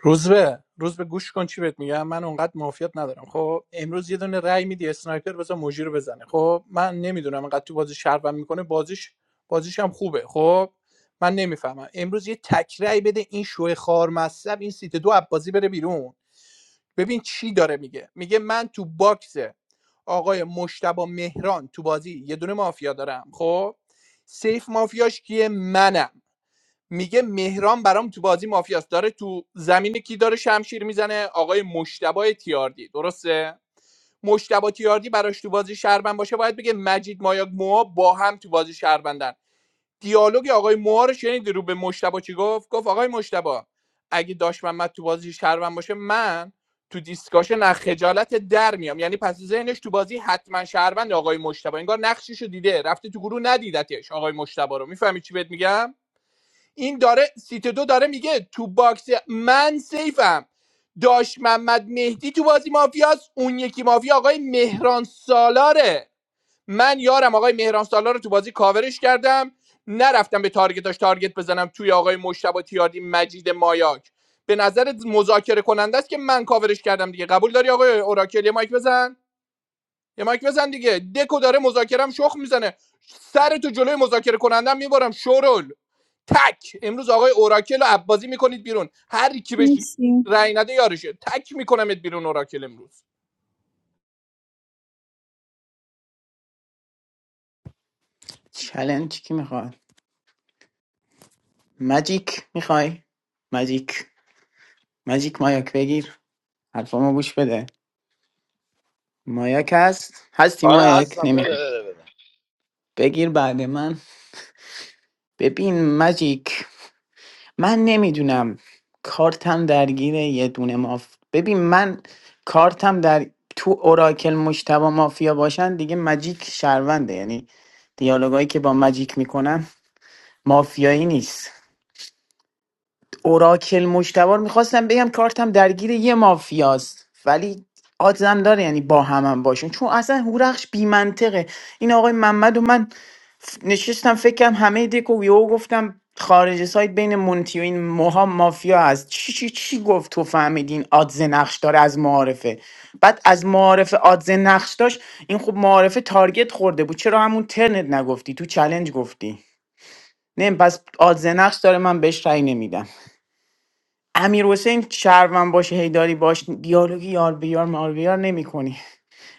Speaker 6: روز به روز به گوش کن چی بهت میگم من اونقدر معافیت ندارم خب امروز یه دونه رای میدی اسنایپر بذار موجی رو بزنه خب من نمیدونم انقدر تو بازی شربم میکنه بازیش بازیش هم خوبه خب من نمیفهمم امروز یه تک رای بده این شوه خار مصب این سیت دو عبازی بره بیرون ببین چی داره میگه میگه من تو باکس آقای مشتبا مهران تو بازی یه دونه مافیا دارم خب سیف مافیاش کیه منم میگه مهران برام تو بازی مافیاست داره تو زمین کی داره شمشیر میزنه آقای مشتبا تیاردی درسته مشتبا تیاردی براش تو بازی شهروند باشه باید بگه مجید مایاگ موها با هم تو بازی شهروندن دیالوگ آقای موها رو شنیدی رو به مشتبا چی گفت گفت آقای مشتبا اگه داشت محمد تو بازی شهروند باشه من تو دیسکاشن از خجالت در میام یعنی پس ذهنش تو بازی حتما شهروند آقای مشتبا انگار نقشش رو دیده رفته تو گروه ندیدتش آقای مشتبا رو میفهمی چی بهت میگم این داره سیت دو داره میگه تو باکس من سیفم داش محمد مهدی تو بازی مافیاست اون یکی مافیا آقای مهران سالاره من یارم آقای مهران سالار رو تو بازی کاورش کردم نرفتم به تارگتاش تارگت بزنم توی آقای مشتبه تیاردی مجید مایاک به نظر مذاکره کننده است که من کاورش کردم دیگه قبول داری آقای اوراکل یه مایک بزن یه مایک بزن دیگه دکو داره مذاکرم شخ میزنه سر تو جلوی مذاکره کنندم میبرم شورل تک امروز آقای اوراکل رو عبازی میکنید بیرون هر کی بهش
Speaker 11: مرسی
Speaker 6: رأی نده یارشه تک میکنمت بیرون اوراکل امروز
Speaker 13: چلنج کی میخواد ماجیک میخوای ماجیک ماجیک مایاک بگیر حرفامو گوش بده مایاک هست هستی
Speaker 19: آره
Speaker 13: مایاک
Speaker 19: هستم بده
Speaker 13: نمیخواد
Speaker 19: بده بده
Speaker 13: بگیر بعد من ببین ماجیک من نمیدونم کارتم درگیر یه دونه ماف ببین من کارتم در تو اوراکل مشتبه مافیا باشن دیگه مجیک شهرونده یعنی دیالوگایی که با مجیک میکنم مافیایی نیست اوراکل مشتبه رو میخواستم بگم کارتم درگیر یه مافیاست ولی آدزم داره یعنی با هم باشون چون اصلا هورخش بیمنطقه این آقای محمد و من نشستم فکر فکرم همه دکو یهو گفتم خارج سایت بین مونتی و این موها مافیا هست چی چی چی گفت تو فهمیدین آدز نقش داره از معارفه بعد از معارفه آدز نقش داشت این خب معارفه تارگت خورده بود چرا همون ترنت نگفتی تو چلنج گفتی نه پس آدز نقش داره من بهش رأی نمیدم امیر حسین شهروند باشه هیداری باش دیالوگی یار بیار مار بیار نمی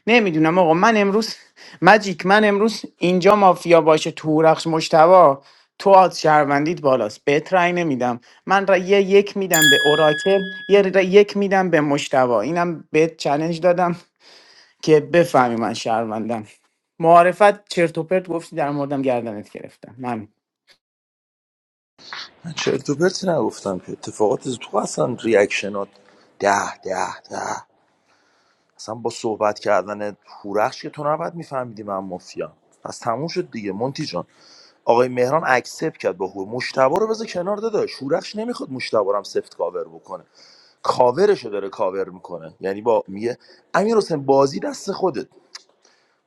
Speaker 13: نمیدونم آقا من امروز مجیک من امروز اینجا مافیا باشه تو هورخش مشتبا تو آز شهروندیت بالاست بهت رأی نمیدم من را یه یک میدم به اوراکل یه را یک میدم به مشتبا اینم بهت چلنج دادم که بفهمی من شهروندم معارفت چرت و پرت گفتی در موردم گردنت گرفتم من
Speaker 19: من چرت و پرتی نگفتم که اتفاقات تو اصلا ریاکشنات ده ده ده اصلا با صحبت کردن هورخش که تو نباید میفهمیدی من مافیام پس تموم شد دیگه مونتی جان آقای مهران اکسپ کرد با هور مشتبه رو بذار کنار داده شورخش نمیخواد مشتبه رو هم سفت کاور بکنه کاورشو داره کاور میکنه یعنی با میگه امیر حسین بازی دست خودت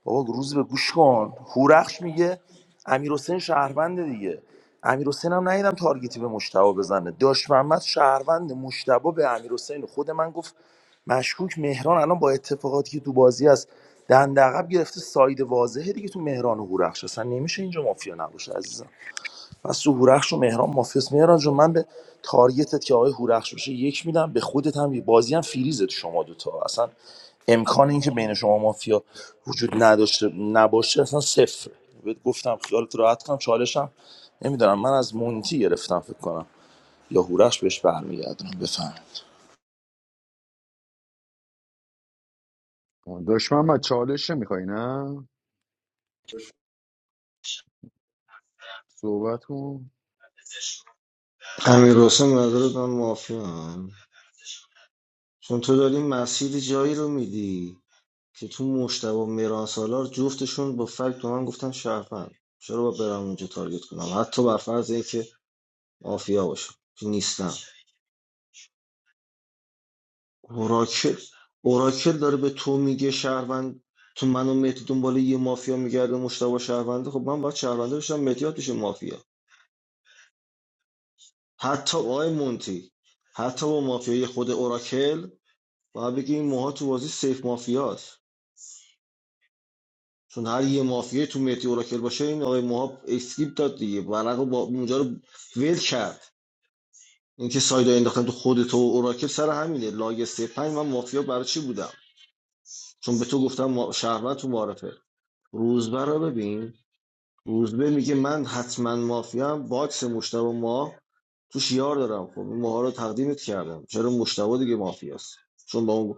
Speaker 19: بابا روز به گوش کن هورخش میگه امیر حسین شهرونده دیگه امیر حسین هم ندیدم تارگتی به مشتبه بزنه داش محمد شهروند مشتبه به امیر خود من گفت مشکوک مهران الان با اتفاقاتی که تو بازی هست دندقب گرفته ساید واضحه دیگه تو مهران و هورخش اصلا نمیشه اینجا مافیا نباشه عزیزم پس تو هورخش و مهران مافیاس مهران جون من به تارگتت که آقای هورخش باشه یک میدم به خودت هم یه- بازی هم فریزه تو شما دوتا اصلا امکان اینکه بین شما مافیا وجود نداشته نباشه اصلا صفر بهت گفتم خیالت راحت کنم چالشم نمیدونم من از مونتی گرفتم فکر کنم یا هورخش بهش برمیگردونم بفهمید
Speaker 3: دشمن و چالش نمیخوای نه صحبت کن
Speaker 12: امیر حسین نظرت من مافیا هم. چون تو داری مسیر جایی رو میدی که تو مشتبه و مهران سالار جفتشون با فکت به من گفتن شرفن چرا با برم اونجا تارگت کنم حتی بر فرض که مافیا باشم که نیستم اوراکل اوراکل داره به تو میگه شهروند تو منو و مهدی دنبال یه مافیا میگرده مشتبه شهرونده خب من باید شهرونده بشم مهدی بشه مافیا حتی آقای مونتی حتی با مافیای خود اوراکل باید بگی این موها تو بازی سیف مافیاست چون هر یه مافیای تو مهدی اوراکل باشه این آقای موها اسکیپ داد دیگه ورق رو با اونجا رو ول کرد اینکه سایدا انداختن تو خودت و اوراکل سر همینه لاگ 35 من مافیا برای چی بودم چون به تو گفتم ما... شهروند تو معرفه روزبه رو ببین روزبه میگه من حتما مافیا باکس مشتبه ما تو شیار دارم خب این ماها رو تقدیمت کردم چرا مشتبه دیگه مافیاست چون با اون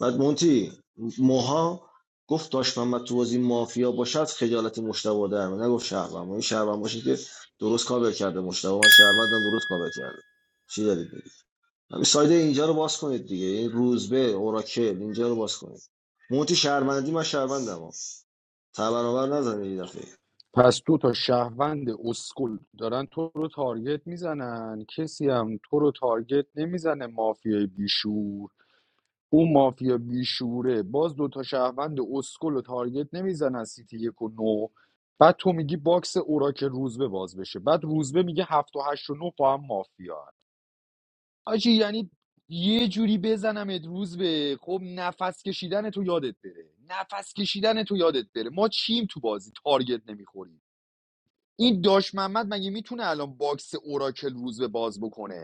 Speaker 12: بعد مونتی موها گفت داشت محمد تو بازی مافیا باشد خجالت مشتبه در میاد نگفت شهروند این شهروند باشه که درست کاور کرده مشتبه من شهروندم درست کاور کرده چی دارید میگید همین سایده اینجا رو باز کنید دیگه این روزبه اوراکل اینجا رو باز کنید مونتی شهروندی من شهروندم تبرابر نزنید این دفعه
Speaker 3: پس دو تا شهروند اسکول دارن تو رو تارگت میزنن کسی هم تو رو تارگت نمیزنه مافیای بیشور اون مافیا بیشوره باز دوتا شهروند اسکل و تارگت نمیزنن سیتی یک و نو بعد تو میگی باکس اوراکل روزبه باز بشه بعد روزبه میگه هفت و هشت و نه با هم مافیا هن. آجی یعنی یه جوری بزنمت روزبه خب نفس کشیدن تو یادت بره نفس کشیدن تو یادت بره ما چیم تو بازی تارگت نمیخوریم این داش محمد مگه میتونه الان باکس اوراکل روزبه باز بکنه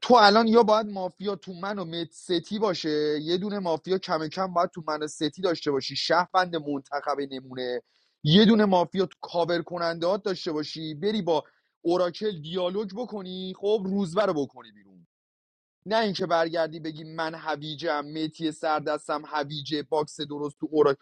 Speaker 3: تو الان یا باید مافیا تو من و مت ستی باشه یه دونه مافیا کم کم باید تو من و ستی داشته باشی شهروند منتخب نمونه یه دونه مافیا تو کاور کننده داشته باشی بری با اوراکل دیالوگ بکنی خب روزبر رو بکنی بیرون نه اینکه برگردی بگی من هویجم میتی سردستم هویجه باکس درست تو اورا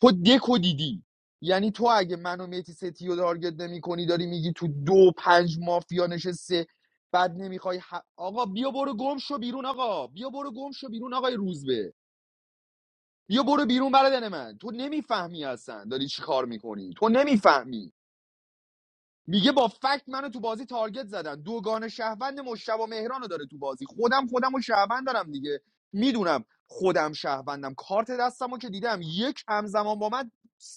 Speaker 3: تو دکو دیدی یعنی تو اگه منو میتی ستی رو تارگت نمی داری میگی تو دو پنج مافیا نشسته بعد نمیخوای ح- آقا بیا برو گم شو بیرون آقا بیا برو گم شو بیرون آقای روزبه بیا برو بیرون برادر من تو نمیفهمی اصلا داری چی کار میکنی تو نمیفهمی میگه با فکت منو تو بازی تارگت زدن دوگان شهروند مشتبه مهران رو داره تو بازی خودم خودم و شهروند دارم دیگه میدونم خودم شهروندم کارت دستم رو که دیدم یک همزمان با من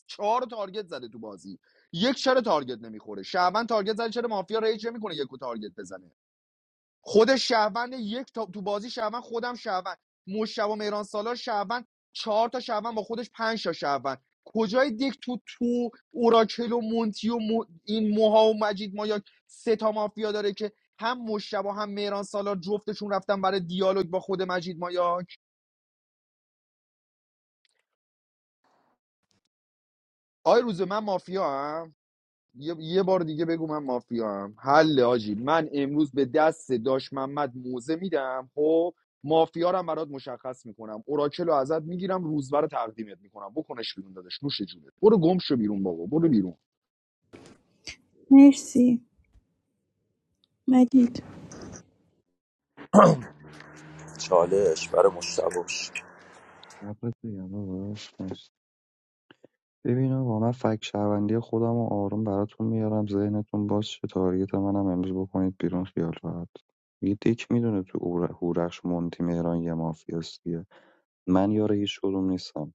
Speaker 3: چهار تارگت زده تو بازی یک چرا تارگت نمیخوره شهروند تارگت زده چرا مافیا ریج نمیکنه یکو تارگت بزنه خود شهروند یک تا تو بازی شهروند خودم شهروند مشتبه مهران سالار شهروند چهار تا شهروند با خودش پنج تا شهروند کجای دک تو تو اوراکل و مونتی و مو- این موها و مجید مایا سه تا مافیا داره که هم مشتبه هم مهران سالار جفتشون رفتن برای دیالوگ با خود مجید مایا آی روز من مافیا یه, یه بار دیگه بگو من مافیا هم حل آجی من امروز به دست داش محمد موزه میدم خب مافیا رو هم برات مشخص میکنم اوراکل رو ازت میگیرم روزبر رو تقدیمت میکنم بکنش بیرون داداش نوش جونت برو گم شو بیرون بابا برو بیرون
Speaker 11: مرسی مجید
Speaker 19: چالش برای مشتباش
Speaker 17: قبلت بگم داداش؟ ببین آقا من فک شهروندی خودم و آروم براتون میارم ذهنتون باز شه تارگت منم امروز بکنید بیرون خیال راحت یه دیک میدونه تو اور- هورخش مونتی مهران یه مافیاست دیگه من یار هیچ کدوم نیستم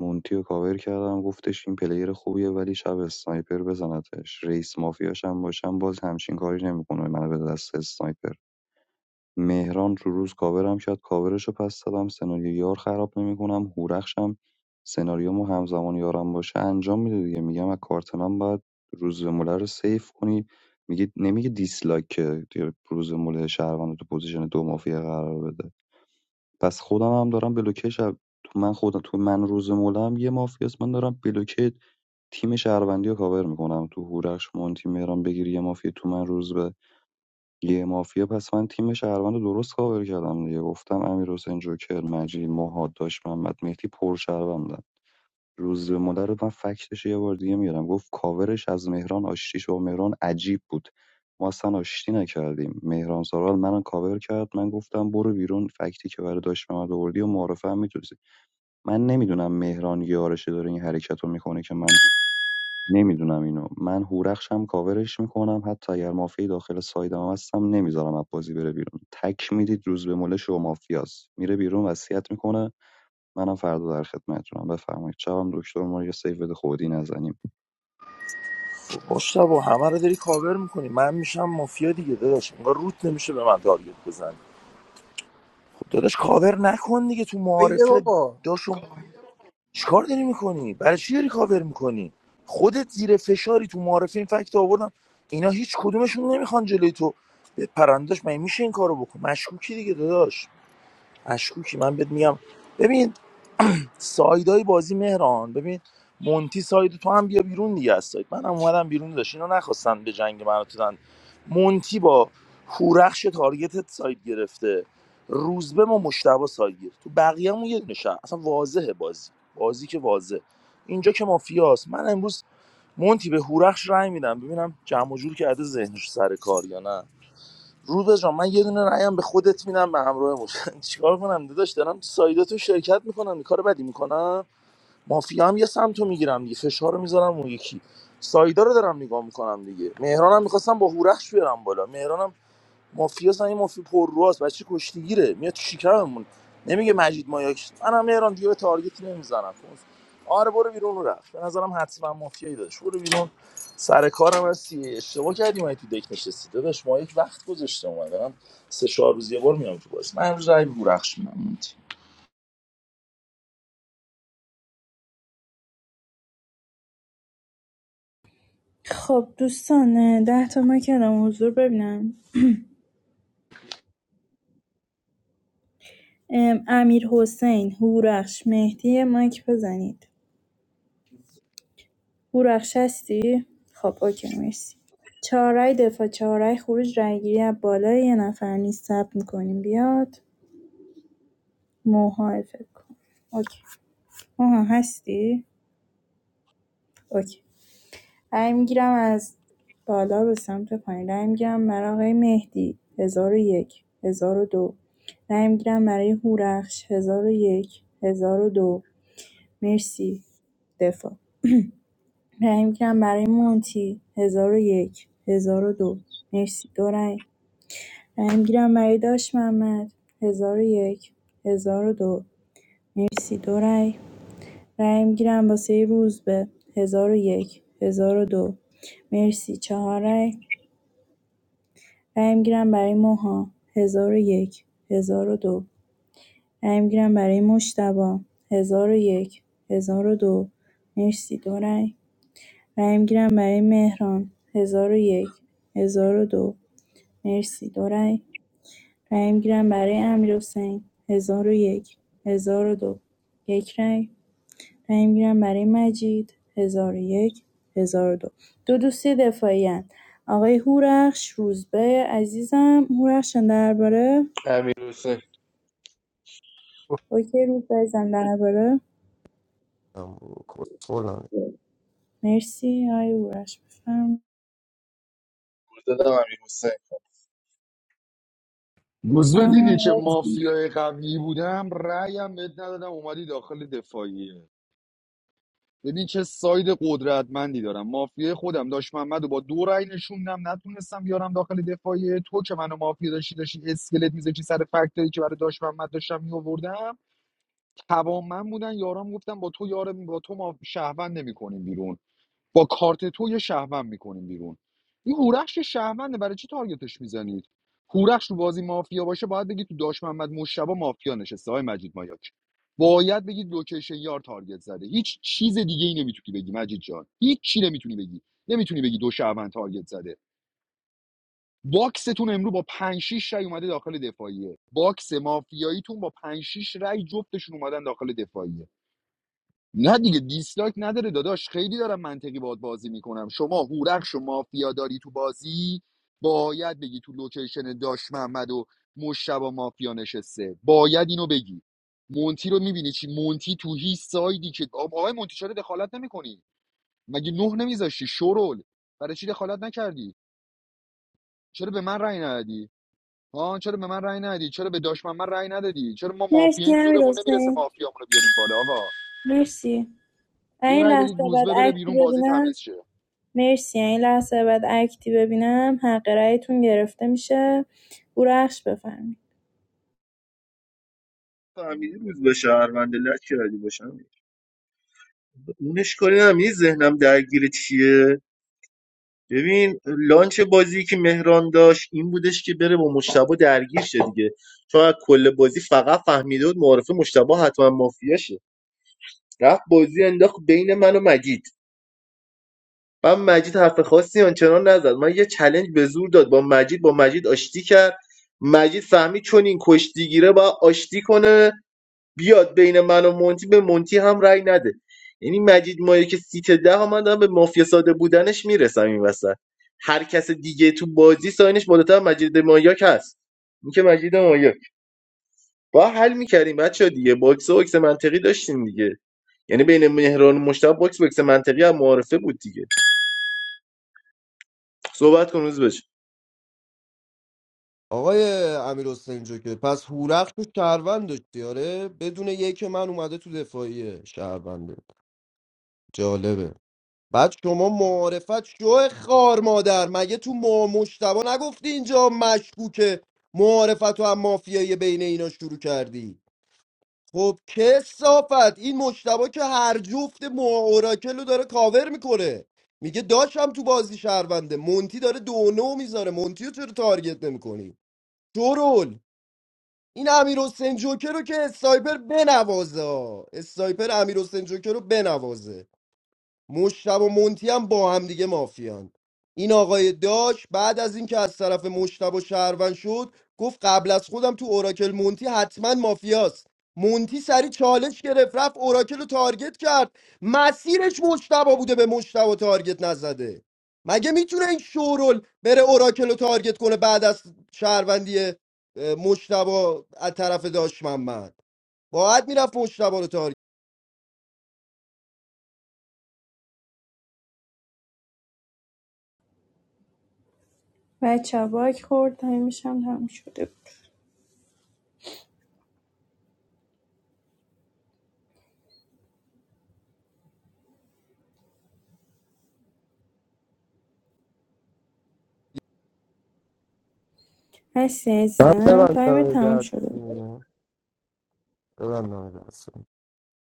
Speaker 17: مونتی رو کاور کردم گفتش این پلیر خوبیه ولی شب اسنایپر بزنتش رئیس مافیاش هم باشم باز همچین کاری نمیکنه منو به دست اسنایپر مهران تو روز کاورم کرد کاورشو پس دادم سناریو یار خراب نمیکنم هورخشم سناریومو همزمان یارم باشه انجام میده دیگه میگم از کارت من باید روز موله رو سیف کنی میگه نمیگه دیسلایک که دیگه روز موله شهروند رو تو پوزیشن دو مافیا قرار بده پس خودم هم دارم بلوکه شب تو من خودم تو من روز موله هم یه مافیاست من دارم بلوکه تیم شهروندی رو کاور میکنم تو هورخش مونتی مهران بگیری یه مافیا تو من روز به یه مافیا پس من تیم شهروند رو درست کاور کردم دیگه گفتم امیر حسین جوکر مجید مهاد داشت محمد مهدی پر شهروندن روز به مدر رو من فکتش یه بار دیگه میارم گفت کاورش از مهران آشتیش با مهران عجیب بود ما اصلا آشتی نکردیم مهران سارال منو کاور کرد من گفتم برو بیرون فکتی که برای داشت محمد آوردی و معرفه هم میتونستی من نمیدونم مهران یارشه داره این حرکت رو میکنه که من نمیدونم اینو من هورخشم کاورش میکنم حتی اگر مافیای داخل سایدم هم هستم نمیذارم از بازی بره بیرون تک میدید روز به مله شو مافیاست میره بیرون وصیت میکنه منم فردا در خدمتتونم بفرمایید شبم دکتر ما رو یه سیو بده خودی نزنیم
Speaker 19: مشتبا همه رو داری کاور میکنی من میشم مافیا دیگه داداش انگار روت نمیشه به من تارگت بزنی داداش کاور نکن دیگه تو
Speaker 6: بایده
Speaker 19: معارفه
Speaker 6: بابا
Speaker 19: داشو چیکار داری میکنی برای چی داری کاور میکنی خودت زیر فشاری تو معارفه این فکت رو آوردم اینا هیچ کدومشون نمیخوان جلوی تو پرنداش من میشه این کارو بکن مشکوکی دیگه داداش مشکوکی من بهت میگم ببین سایدای بازی مهران ببین مونتی ساید تو هم بیا بیرون دیگه از ساید منم اومدم بیرون داشت اینا نخواستن به جنگ من رو دادن مونتی با هورخش تارگتت ساید گرفته روزبه ما مشتبه ساید گرفت تو بقیه همون یه دونه شهر. اصلا واضحه بازی بازی که واضح اینجا که مافیاست من امروز مونتی به هورخش رای میدم ببینم جمع و جور کرده ذهنش سر کار یا نه روزبه جان من یه دونه رأیم به خودت میدم به همراه مش چیکار کنم داداش دارم سایداتو شرکت میکنم این کار بدی میکنم مافیا هم یه سمت میگیرم دیگه فشار رو میذارم اون یکی سایدا رو دارم نگاه میکنم دیگه مهرانم هم میخواستم با هورخش بیارم بالا مهرانم هم مافیا سن این مافیا پرروست بچه کشتیگیره میاد تو شکممون نمیگه مجید مایاک منم مهران دیگه به تارگت نمیزنم آره برو بیرون رو رفت به نظرم حتما مافیایی داشت برو بیرون سر کارم هستی اشتباه کردیم من تو دک نشستی داداش ما یک وقت گذاشته اومدم سه چهار روز یه بار میام تو بازی من امروز رای به هورخش میدم
Speaker 11: خب دوستان ده تا ما کلام حضور ببینم ام، امیر حسین هورخش مهدی مایک بزنید هورخش هستی؟ خب اوکی مرسی چهارای دفاع چهارای خروج رایگیری از بالا یه نفر نیست ثبت میکنیم بیاد موها فکر کن اوکی موها هستی؟ اوکی رای می‌گیرم از بالا به سمت پایین رای می‌گیرم برای آقای مهدی ۱۰۰۱ ۱۰۰۲ رای می‌گیرم برای هورخش ۱۰۰۱ ۱۰۰۲ مرسی دفاع رای می‌گیرم برای مونتی ۱۰۰۱ ۱۰۰۲ مرسی دو رای رای می‌گیرم برای داش محمد ۱۰۰۱ ۱۰۰۲ مرسی دو رای رای می‌گیرم واسه روزبه ۱۰۰۱ ۱۰۰۲ مرسی چهار رای رای می‌گیرم برای موها ۱۰۰۱ ۱۰۰۲ رای می‌گیرم برای مجتبی ۱۰۰۱ ۱۰۰۲ مرسی دو رای رای می‌گیرم برای مهران ۱۰۰۱ ۱۰۰۲ مرسی دو رای رای می‌گیرم برای امیرحسین ۱۰۰۱ ۱۰۰۲ یک هزار و دو. یک رای رای می‌گیرم برای مجید ۱۰۰۱ ۱۰۰۲ دو دو دوستی دفاعی هستند. آقای هورخش روزبه عزیزم هورخش درباره
Speaker 16: امیر حسین
Speaker 11: اوکی رو بزن درباره
Speaker 5: بدم کسخولم
Speaker 11: مرسی آی اورش بفرم
Speaker 16: دادم امیر حسین
Speaker 3: روزبه
Speaker 11: آها.
Speaker 3: دیدی چه مافیای قوی بودم رأیم بهت ندادم اومدی داخل دفاعیه ببین چه ساید قدرتمندی دارم مافیای خودم داشت محمد و با دو رای نشوندم نتونستم بیارم داخل دفاعی تو که منو مافیا داشتی داشتی اسکلت میذاشتی سر فکتایی که برای داشت محمد داشتم میآوردم توام من بودن یارام گفتم با تو یار با تو ما شهروند نمیکنیم بیرون با کارت تو یه شهروند میکنیم بیرون این هورش که شهرونده برای چی تارگتش میزنید هورش رو بازی مافیا باشه باید بگید تو داش محمد مشتبه مافیا نشسته های مجید مایاک باید بگید لوکیشن یار تارگت زده هیچ چیز دیگه ای نمیتونی بگی مجید جان هیچ چی نمیتونی بگی نمیتونی بگی دو شهروند تارگت زده باکستون امرو با 5 6 رای اومده داخل دفاعیه باکس مافیاییتون با 5 6 رای جفتشون اومدن داخل دفاعیه نه دیگه دیسلاک نداره داداش خیلی دارم منطقی باهات بازی میکنم شما هورخش و مافیا داری تو بازی باید بگی تو لوکیشن داش محمد و مشتبه مافیا نشسته باید اینو بگی مونتی رو میبینی چی مونتی تو هیچ سایدی که آب- آقای مونتی چرا دخالت نمیکنی مگه نه نمیذاشتی شرول برای چی دخالت نکردی چرا به من رأی ندادی ها چرا به من رأی ندادی چرا به داش محمد رأی ندادی چرا ما
Speaker 11: مرسی
Speaker 3: مافیاییم
Speaker 11: امیر
Speaker 3: زورمون نمیرسه
Speaker 11: حسین
Speaker 3: مافیامون رو بیاریم بالا آقا
Speaker 11: مرسی
Speaker 3: یه
Speaker 11: این
Speaker 3: رأی بدید
Speaker 11: لحظه بعد
Speaker 3: روزبه بره
Speaker 11: اکتی
Speaker 3: بیرون بازی
Speaker 11: ببینم
Speaker 3: تمیز شه
Speaker 11: مرسی این لحظه بعد اکتی ببینم حق رأیتون گرفته میشه اورخش بفرمایید
Speaker 16: فهمیدی روز به شهرونده لک کردی باشم اونش کاری نمیدی ذهنم درگیر چیه ببین لانچ بازی که مهران داشت این بودش که بره با مشتبه درگیر شه دیگه چون از کل بازی فقط فهمیده بود معرفه مشتبه حتما مافیاشه رفت بازی انداخت بین من و مجید من مجید حرف خاصی آنچنان نزد من یه چلنج به زور داد با مجید با مجید آشتی کرد مجید فهمید چون این کشتیگیره باید آشتی کنه بیاد بین من و مونتی به مونتی هم رأی نده یعنی مجید مایه که سیت ده ها من دارم به مافیا ساده بودنش میرسم این وسط هر کس دیگه تو بازی ساینش بالاتر مجید مایاک هست این که مجید مایاک با حل میکردیم بچه دیگه باکس و باکس منطقی داشتیم دیگه یعنی بین مهران و مشتاق باکس باکس منطقی هم معارفه بود دیگه صحبت کن روز بشه
Speaker 5: آقای امیر حسین جوکر پس هورخش تو شهروند داشتی آره بدون یک من اومده تو دفاعیه شهرونده جالبه بعد شما معارفت شو خار مادر مگه تو ما مشتبه نگفتی اینجا مشکوکه معارفت و هم مافیایی بین اینا شروع کردی خب کسافت این مشتبه که هر جفت مو اوراکل رو داره کاور میکنه میگه داشم تو بازی شهرونده مونتی داره دو نو میذاره مونتی رو چرا تارگت نمیکنی شرول این امیر حسین جوکر رو که استایپر بنوازه ها. استایپر امیر حسین جوکر رو بنوازه مشتب و مونتی هم با هم دیگه مافیان این آقای داش بعد از اینکه از طرف مشتب و شهروند شد گفت قبل از خودم تو اوراکل مونتی حتما مافیاست مونتی سری چالش گرفت رفت اوراکل رو تارگت کرد مسیرش مشتبا بوده به مشتبا تارگت نزده مگه میتونه این شورل بره اوراکل رو تارگت کنه بعد از شهروندی اه، مشتبا از طرف داش محمد باید میرفت مشتبا رو تارگت
Speaker 11: بچه باک خورد تایمش هم تموم شده بود هستی
Speaker 5: من
Speaker 11: عزیزم
Speaker 5: ببندم
Speaker 11: تایم تموم شده بود
Speaker 5: دست ببندم دست.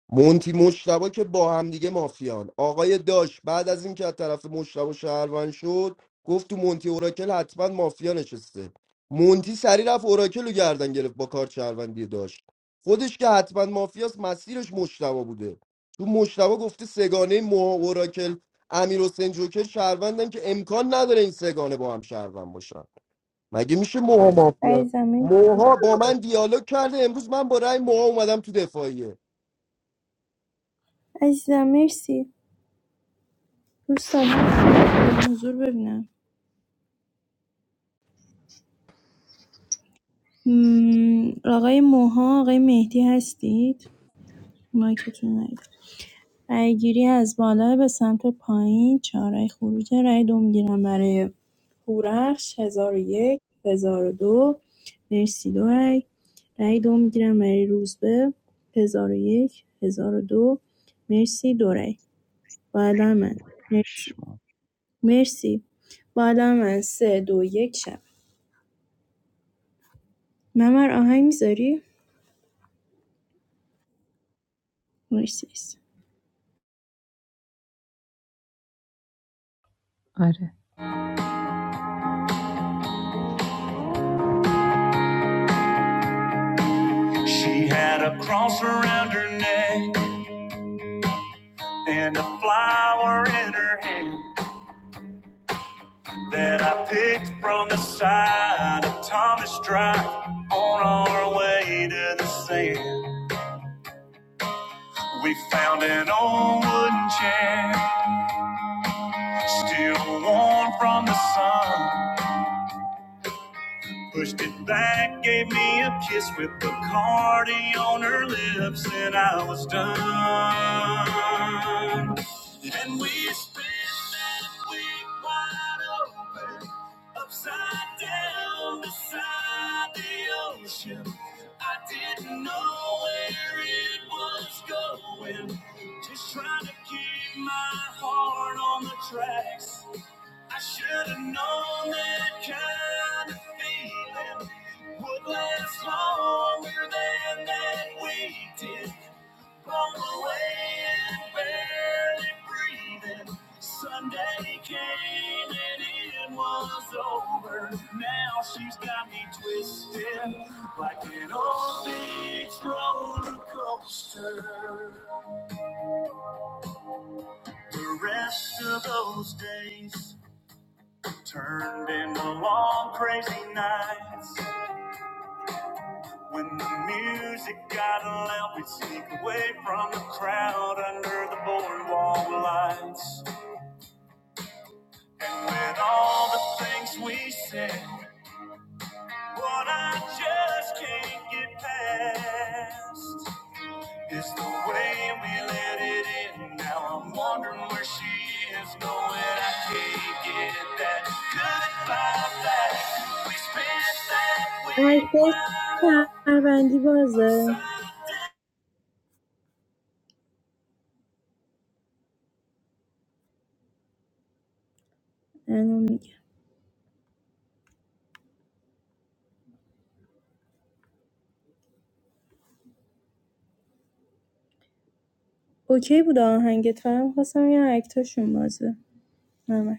Speaker 5: مونتی مشتبا که با هم دیگه مافیان آقای داش بعد از اینکه از طرف مشتبا شهروند شد گفت تو مونتی اوراکل حتما مافیا نشسته مونتی سری رفت اوراکل رو گردن گرفت با کار شهروندی داشت خودش که حتما مافیاست مسیرش مشتبا بوده تو مشتبا گفته سگانه موها اوراکل امیر حسین جوکر شهروندن که امکان نداره این سگانه با هم شهروند باشن مگه میشه موها مافیا
Speaker 11: عزیزم مرسی
Speaker 5: موها با من دیالوگ کرده امروز من با رأی موها اومدم تو دفاعیه
Speaker 11: عزیزم مرسی دوستان حضور ببینم مم، آقای موها آقای مهدی هستید مایکتون رو نگید. رأی‌گیری از بالا به سمت پایین چهار چهارای خروج رای دو میگیرم برای هورخش 1001 1002 مرسی دو رأی رأی دو میگیرم برای روزبه 1001 1002 مرسی دو رأی بالا من مرسی
Speaker 17: پشمام.
Speaker 11: مرسی بالا من سه دو یک شب ممر آهنگ میذاری؟ مرسی
Speaker 20: She had a cross around her neck and a flower in her hand that I picked from the side of Thomas Drive on our way to the sand. We found an old wooden chair Still warm from the sun. Pushed it back, gave me a kiss with Bacardi on her lips, and I was done. And we spent that week wide open, upside down beside the ocean. I didn't know it like an old beach roller coaster. The rest of those days. Turned into long crazy nights when the music got loud. We'd sneak away from the crowd under the boardwalk lights. And with all the things we said, what I just can't get past is the way we let it in. Now I'm wondering where she is going. I can't get that goodbye back. We spent that week
Speaker 11: عکس
Speaker 20: wide open.
Speaker 11: شهروندی بازه الان میگم. اوکی بود آهنگت فقط می‌خواستم یه اکتاشون بازه ممر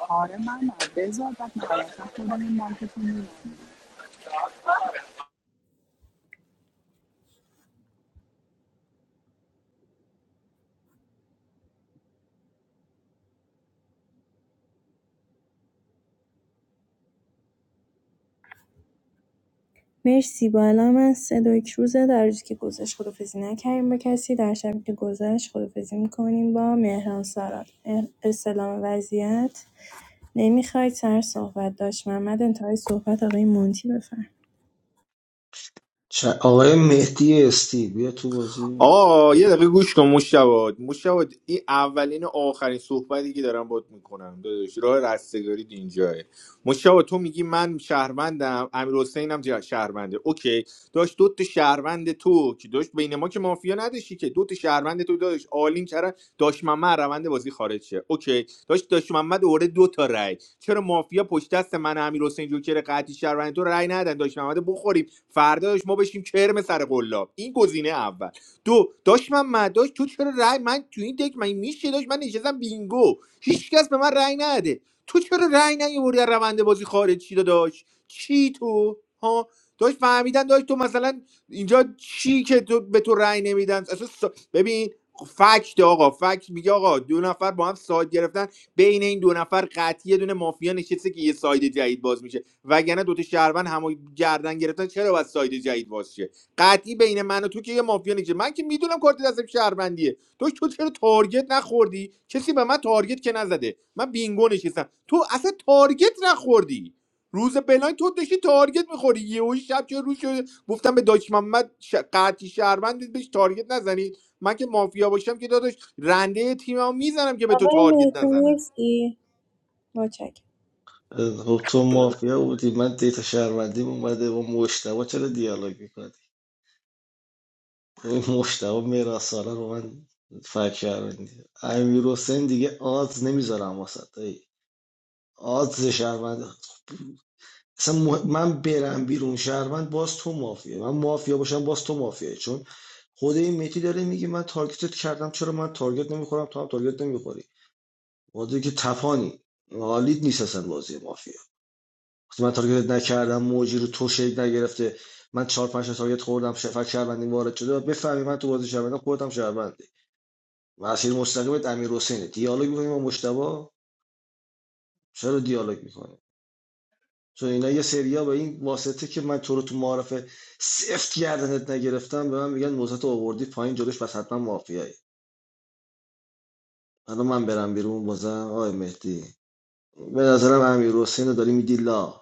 Speaker 14: آره من بذار بعد نهایتا خودم این مایکتون می‌زنم.
Speaker 11: مرسی با الان من سه روزه در روزی که گذشت خدافزی نکردیم با کسی در شبی که گذشت خدافزی میکنیم با مهران سارال اه، وضعیت نمیخواید سر صحبت داشت محمد انتهای صحبت آقای مونتی بفرم
Speaker 12: چ- آقای مهدی استی بیا تو بازی
Speaker 1: آقا یه دقیقه گوش کن مشتبه مشتبه این اولین و آخرین صحبتی که دارم بات میکنم داداش راه رستگاری اینجاه مشتبه تو میگی من شهروندم امیر حسینم جه- شهرونده اوکی داشت دوت شهروند تو که داشت بین ما که مافیا نداشتی که دوت شهروند تو داشت آلین چرا داش محمد روند بازی خارج شه اوکی داشت داش محمد دوره دو تا رای چرا مافیا پشت دست من امیر حسین جوکر قطعی شهروند تو رای ندن داش محمد بخوریم فردا داشت ما بشیم کرم سر قلاب این گزینه اول دو داشت من مداش تو چرا رای من تو این دک من میشه داش من نشستم بینگو هیچکس به من رای نده تو چرا رای نیوردی از روند بازی خارج چی داشت چی تو ها داش فهمیدن داش تو مثلا اینجا چی که تو به تو رأی نمیدن اصلا سا- ببین فکت آقا فکت میگه آقا دو نفر با هم ساید گرفتن بین این دو نفر قطعی یه دونه مافیا نشسته که یه ساید جدید باز میشه وگرنه دوتا شهروند همو گردن گرفتن چرا باید ساید جدید باز شه؟ قطعی بین من و تو که یه مافیا نیست من که میدونم کارت دستم شهروندیه تو تو چرا تارگت نخوردی کسی به من تارگت که نزده من بینگو نشستم تو اصلا تارگت نخوردی روز بلاین تو داشتی تارگت میخوری یهو شب چه روز شده گفتم به داش محمد ش... قطعی شهروندت بهش تارگت نزنید من که مافیا باشم که داداش رنده تیممو میزنم که به تو
Speaker 11: آقای
Speaker 1: تارگت
Speaker 11: مهدی
Speaker 1: نزنم
Speaker 11: مرسی مچک
Speaker 12: خب تو مافیا بودی من دیتا شهروندیم اومده با مشتبه چرا دیالوگ میکنی این مشتبه میراساله رو من فکر شهروندی امیر حسین دیگه آز نمیذارم واسه دایی آز شهروند اصلا مه- من برم بیرون شهروند باز تو مافیا من مافیا باشم باز تو مافیایی چون خود این میتی داره میگه من تارگتت کردم چرا من تارگت نمیخورم تو هم تارگت نمیخوری بازی که تفانی حالیت نیست اصلا بازی مافیا وقتی من تارگت نکردم موجی رو تو شیک نگرفته من چهار پنج تا تارگت خوردم شفک شهروندی وارد شده و بفهمی من تو بازی شهروندی خودت هم شهروندی مسیر مستقیمت امیر حسینه دیالوگ می‌کنی با مشتبا چرا دیالوگ می‌کنی چون اینا یه سریا به این واسطه که من تو رو تو معارفه سفت گردنت نگرفتم به من میگن موزت آوردی پایین جلوش پس حتما مافیایی حالا من برم بیرون بازم آقای مهدی به نظرم امیر حسین داری میدی لا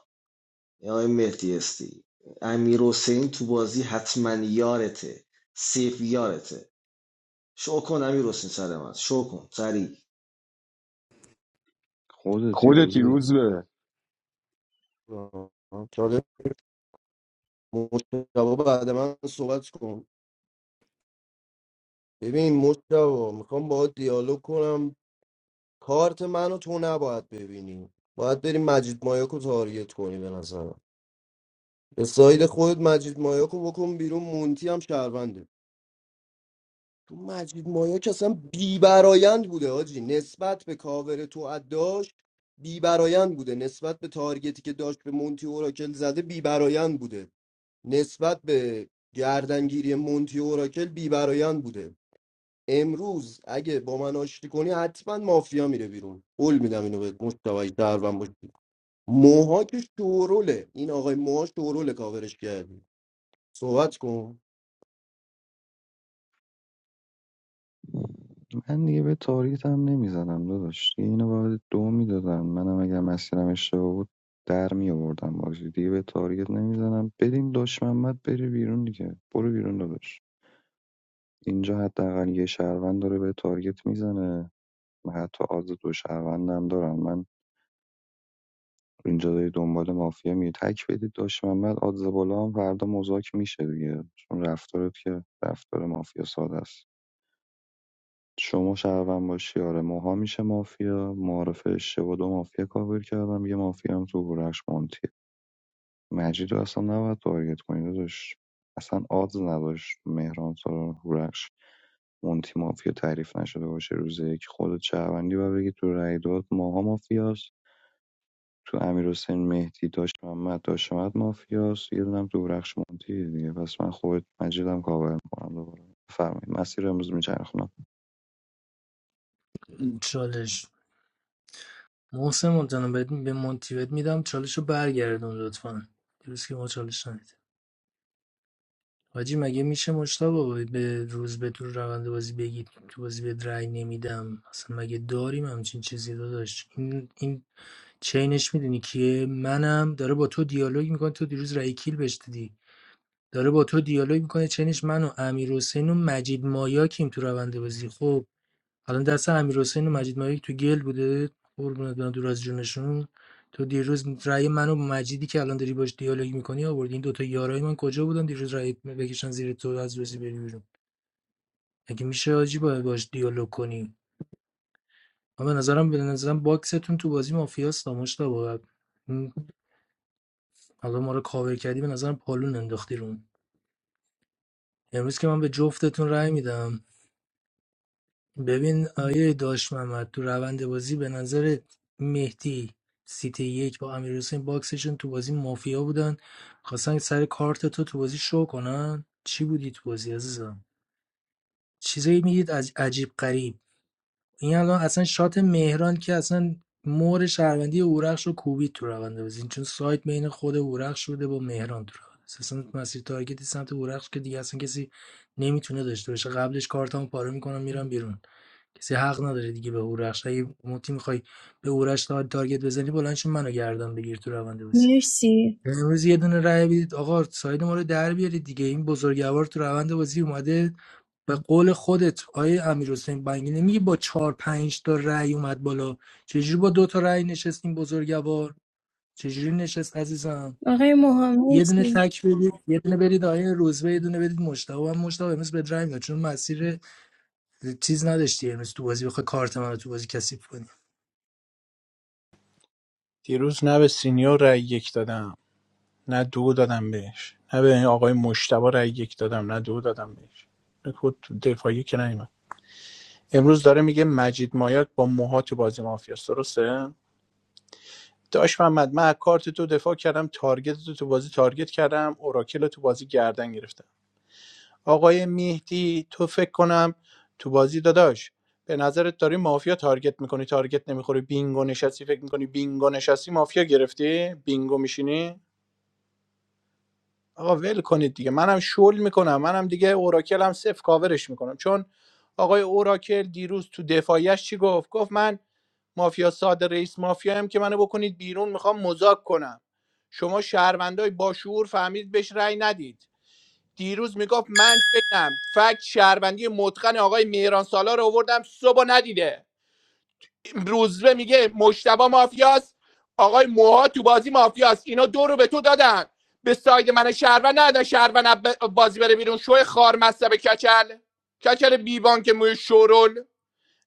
Speaker 12: آقای مهدی استی امیر حسین تو بازی حتما یارته سیف یارته شو کن امیر حسین سر من شو کن سریع
Speaker 17: خودتی روز
Speaker 3: خودتی
Speaker 17: به
Speaker 3: روز به
Speaker 5: آه، چاره مشتبه بعد من صحبت کن ببین مشتبه میخوام با دیالوگ کنم کارت منو تو نباید ببینی باید بریم مجید مایاکو تاریت کنی به نظرم به ساید خودت مجید مایاکو بکن بیرون مونتی هم شهرونده تو مجید مایا که اصلا بیبرایند بوده آجی نسبت به کاور تو داشت بیبرایند بوده نسبت به تارگتی که داشت به مونتی اوراکل زده بیبرایند بوده نسبت به گردنگیری مونتی اوراکل بیبرایند بوده امروز اگه با من آشتی کنی حتما مافیا میره بیرون قول میدم اینو به مشتوی دروم باشی موها که شوروله این آقای موها شوروله کاورش کردی صحبت کن
Speaker 17: من دیگه به تاریت هم نمیزنم داداش دیگه اینو باید دو میدادم منم اگر مسیرم اشتباه بود در می آوردم بازی دیگه به تاریت نمیزنم بدیم داش محمد بره بیرون دیگه برو بیرون داداش اینجا حداقل یه شهروند داره به تارگت میزنه حتی آدز دو شهروندم دارن من اینجا داری دنبال مافیا میری تک بدید داشت محمد آدز بالا هم فردا مذاک میشه دیگه چون رفتارت که رفتار مافیا ساده است شما شهروند باشی آره موها میشه مافیا معارف اشتباه دو مافیا کاور کردم یه مافیا هم تو برش مونتیه مجید رو اصلا نباید تارگت کنی داداش اصلا آدز نداشت مهران سارار هورخش مونتی مافیا تعریف نشده باشه روز یک خودت شهروندی و بگی تو رای داد ماها مافیاست تو امیر حسین مهدی داشت محمد داشت محمد مافیاست یه دونم تو هورخش مونتی دیگه پس من خودت مجیدم کاور میکنم دوباره بفرمایید مسیر امروز میچرخونم
Speaker 7: چالش محسن مونتانا بهت به مونتی بهت میدم چالش رو برگردون لطفا دیروز که ما چالش ندید حاجی مگه میشه مجتبی به روز به تو روند بازی بگید تو بازی به رأی نمیدم اصلا مگه داریم همچین چیزی داداش این این چینش میدونی کیه منم داره با تو دیالوگ میکنه تو دیروز رای کیل بهش دیدی داره با تو دیالوگ میکنه چینش من و امیر حسین و مجید مایا کیم تو روند بازی خب الان دست امیرحسین و مجید مایک تو گل بوده قربونت برم دور از جونشون تو دیروز رأی منو با مجیدی که الان داری باش دیالوگ میکنی آوردی این دوتا یارای من کجا بودن دیروز رأی بکشن زیر تو از روزی بری بیرون اگه میشه آجی باید باش دیالوگ کنی من به نظرم به نظرم باکستون تو بازی مافیاست مشتا باید حالا ما رو کاور کردی به نظرم پالون انداختی رو امروز که من به جفتتون رأی میدم ببین آیه داش محمد تو روند بازی به نظر مهدی سیتی یک با امیر حسین باکسشون تو بازی مافیا بودن خواستن سر کارت تو تو بازی شو کنن چی بودی تو بازی عزیزم چیزایی میگید از عجیب غریب این الان اصلا شات مهران که اصلا مور شهروندی اورخش رو کوبید تو روند بازی چون سایت بین خود اورخش شده با مهران تو روند بازی. اصلا مسیر تارگتی سمت اورخش که دیگه اصلا کسی نمیتونه داشته باشه قبلش کارتمو پاره میکنم میرم بیرون کسی حق نداره دیگه به هورخش اگه موتی میخوای به هورخش تارگت بزنی بلند شو منو گردن بگیر تو روند بازی
Speaker 11: مرسی
Speaker 7: امروز یه دونه رای بدید آقا ساید ما رو در بیارید دیگه این بزرگوار تو روند بازی اومده به قول خودت آیه امیر حسین بنگی نمیگه با چهار پنج تا رأی اومد بالا چجوری با دو تا رأی نشست این بزرگوار چجوری نشست عزیزم
Speaker 11: آقای موها
Speaker 7: یه دونه
Speaker 11: مرسی
Speaker 7: تک بدید یه دونه برید آیه روزبه یه دونه بدید مشتاق هم مشتاق امروز به درنگ چون مسیر چیز نداشتی امروز تو بازی بخوای کارت منو تو بازی کثیف کنی
Speaker 6: دیروز نه به سینیور رای یک دادم نه دو دادم بهش نه به این آقای مشتبه رای یک دادم نه دو دادم بهش نه خود دفاعی که نیومد امروز داره میگه مجید مایاک با موها تو بازی مافیاست درسته داش محمد من از کارت تو دفاع کردم تارگت تو تو بازی تارگت کردم اوراکل رو تو بازی گردن گرفتم آقای مهدی تو فکر کنم تو بازی داداش به نظرت داری مافیا تارگت میکنی تارگت نمیخوری بینگو نشستی فکر میکنی بینگو نشستی مافیا گرفتی بینگو میشینی آقا ول کنید دیگه منم شل میکنم منم دیگه اوراکل هم صفر کاورش میکنم چون آقای اوراکل دیروز تو دفاعیش چی گفت گفت من مافیا ساده رئیس مافیایم که منو بکنید بیرون میخوام مذاک کنم شما شهروندای باشعور فهمید بهش رأی ندید دیروز میگفت من چنم فکت شهروندی متقن آقای مهران سالار رو آوردم صبح ندیده روزبه میگه مشتبه مافیاست آقای موها تو بازی مافیاست اینا دو رو به تو دادن به ساید من شهروند ندادن شهروند از ب- بازی بره بیرون شوی خار مصب کچل کچل بیبان که موی شورول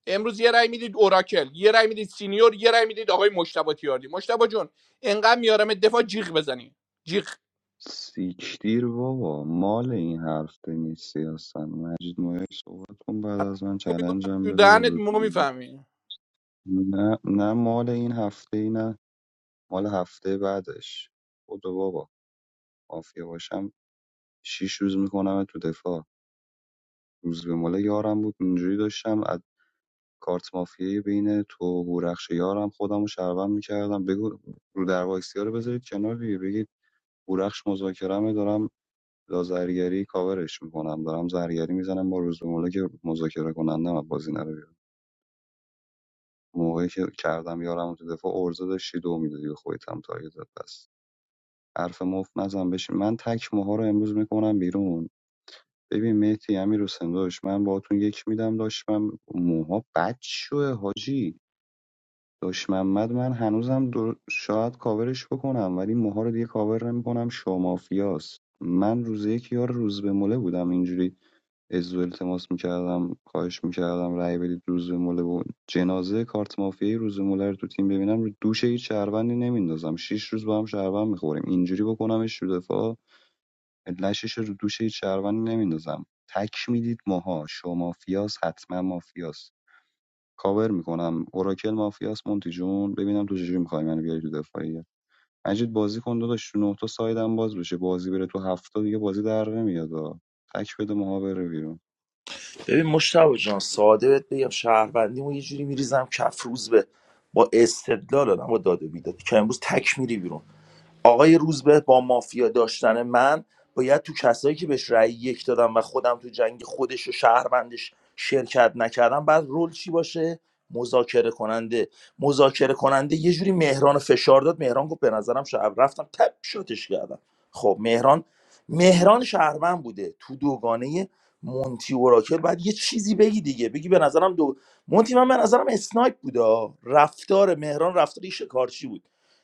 Speaker 6: امروز یه رای میدید اوراکل یه رای میدید سینیور یه رای میدید آقای مشتبه تیاردی مشتبه جون انقدر میارم دفاع جیغ بزنی جیغ
Speaker 17: سیکتیر بابا مال این حرف نیستی اصلا مجید مایک صحبت کن بعد از من
Speaker 6: تو می‌کنم
Speaker 17: چلنجم
Speaker 6: تو
Speaker 17: بده به
Speaker 6: دهنت
Speaker 17: روز
Speaker 6: موقع میفهمی
Speaker 17: نه نه مال این هفته ای نه مال هفته بعدش خدا بابا مافیا باشم شیش روز میکنم تو دفاع روز به مال یارم بود اینجوری داشتم از کارت مافیایی بین تو و هورخش یارم خودم رو شربم میکردم بگو رو در واکسیا رو بذارید کنار دیگه بگید هورخش مذاکرمه دارم لازرگری کاورش میکنم دارم زرگری میزنم با روز به مولا که مذاکره کنندم از بازی نره بیرون موقعی که کردم یارم رو تو دفاع ارزه داشتی دو میدادی به خودت هم تارگت زد حرف مفت نزن بشین من تک موها رو امروز میکنم بیرون ببین مهدی امیر حسین داداش من باهاتون یک میدم داشت من موها بد شوه حاجی داش محمد من هنوزم در... شاید کاورش بکنم ولی موها رو دیگه کاور نمیکنم شو مافیاست. من روز یک یار روز به مله بودم اینجوری ازو التماس میکردم خواهش میکردم رأی بدید روز به مله بود جنازه کارت مافیای روز به مله رو تو تیم ببینم رو دوش هیچ شهروندی نمیندازم شیش روز با هم شهروند میخوریم اینجوری بکنمش تو دفاع لشش رو دوش هیچ شهروند نمیندازم تک میدید ماها شو مافیاس حتما مافیاس کاور میکنم اوراکل مافیاس مونتی جون ببینم تو چجوری میخوای منو بیاری تو دفاعیه مجید بازی کن داداش تو نه تا سایدم باز بشه بازی بره تو هفته دیگه بازی در نمیاد آه. تک بده ماها بره بیرون
Speaker 19: ببین مشتاق جان ساده بهت بگم شهروندیمو یه جوری میریزم کف روز به با استدلال آدم با داد و بیداد که امروز تک میری بیرون آقای روزبه با مافیا داشتن من باید تو کسایی که بهش رأی یک دادم و خودم تو جنگ خودش و شهروندش شرکت نکردم بعد رول چی باشه مذاکره کننده مذاکره کننده یه جوری مهران فشار داد مهران گفت به نظرم شهر رفتم تپ شاتش کردم خب مهران مهران شهروند بوده تو دوگانه مونتی و بعد یه چیزی بگی دیگه بگی به نظرم دو مونتی من به نظرم اسنایپ بوده رفتار مهران رفتاری شکارچی بود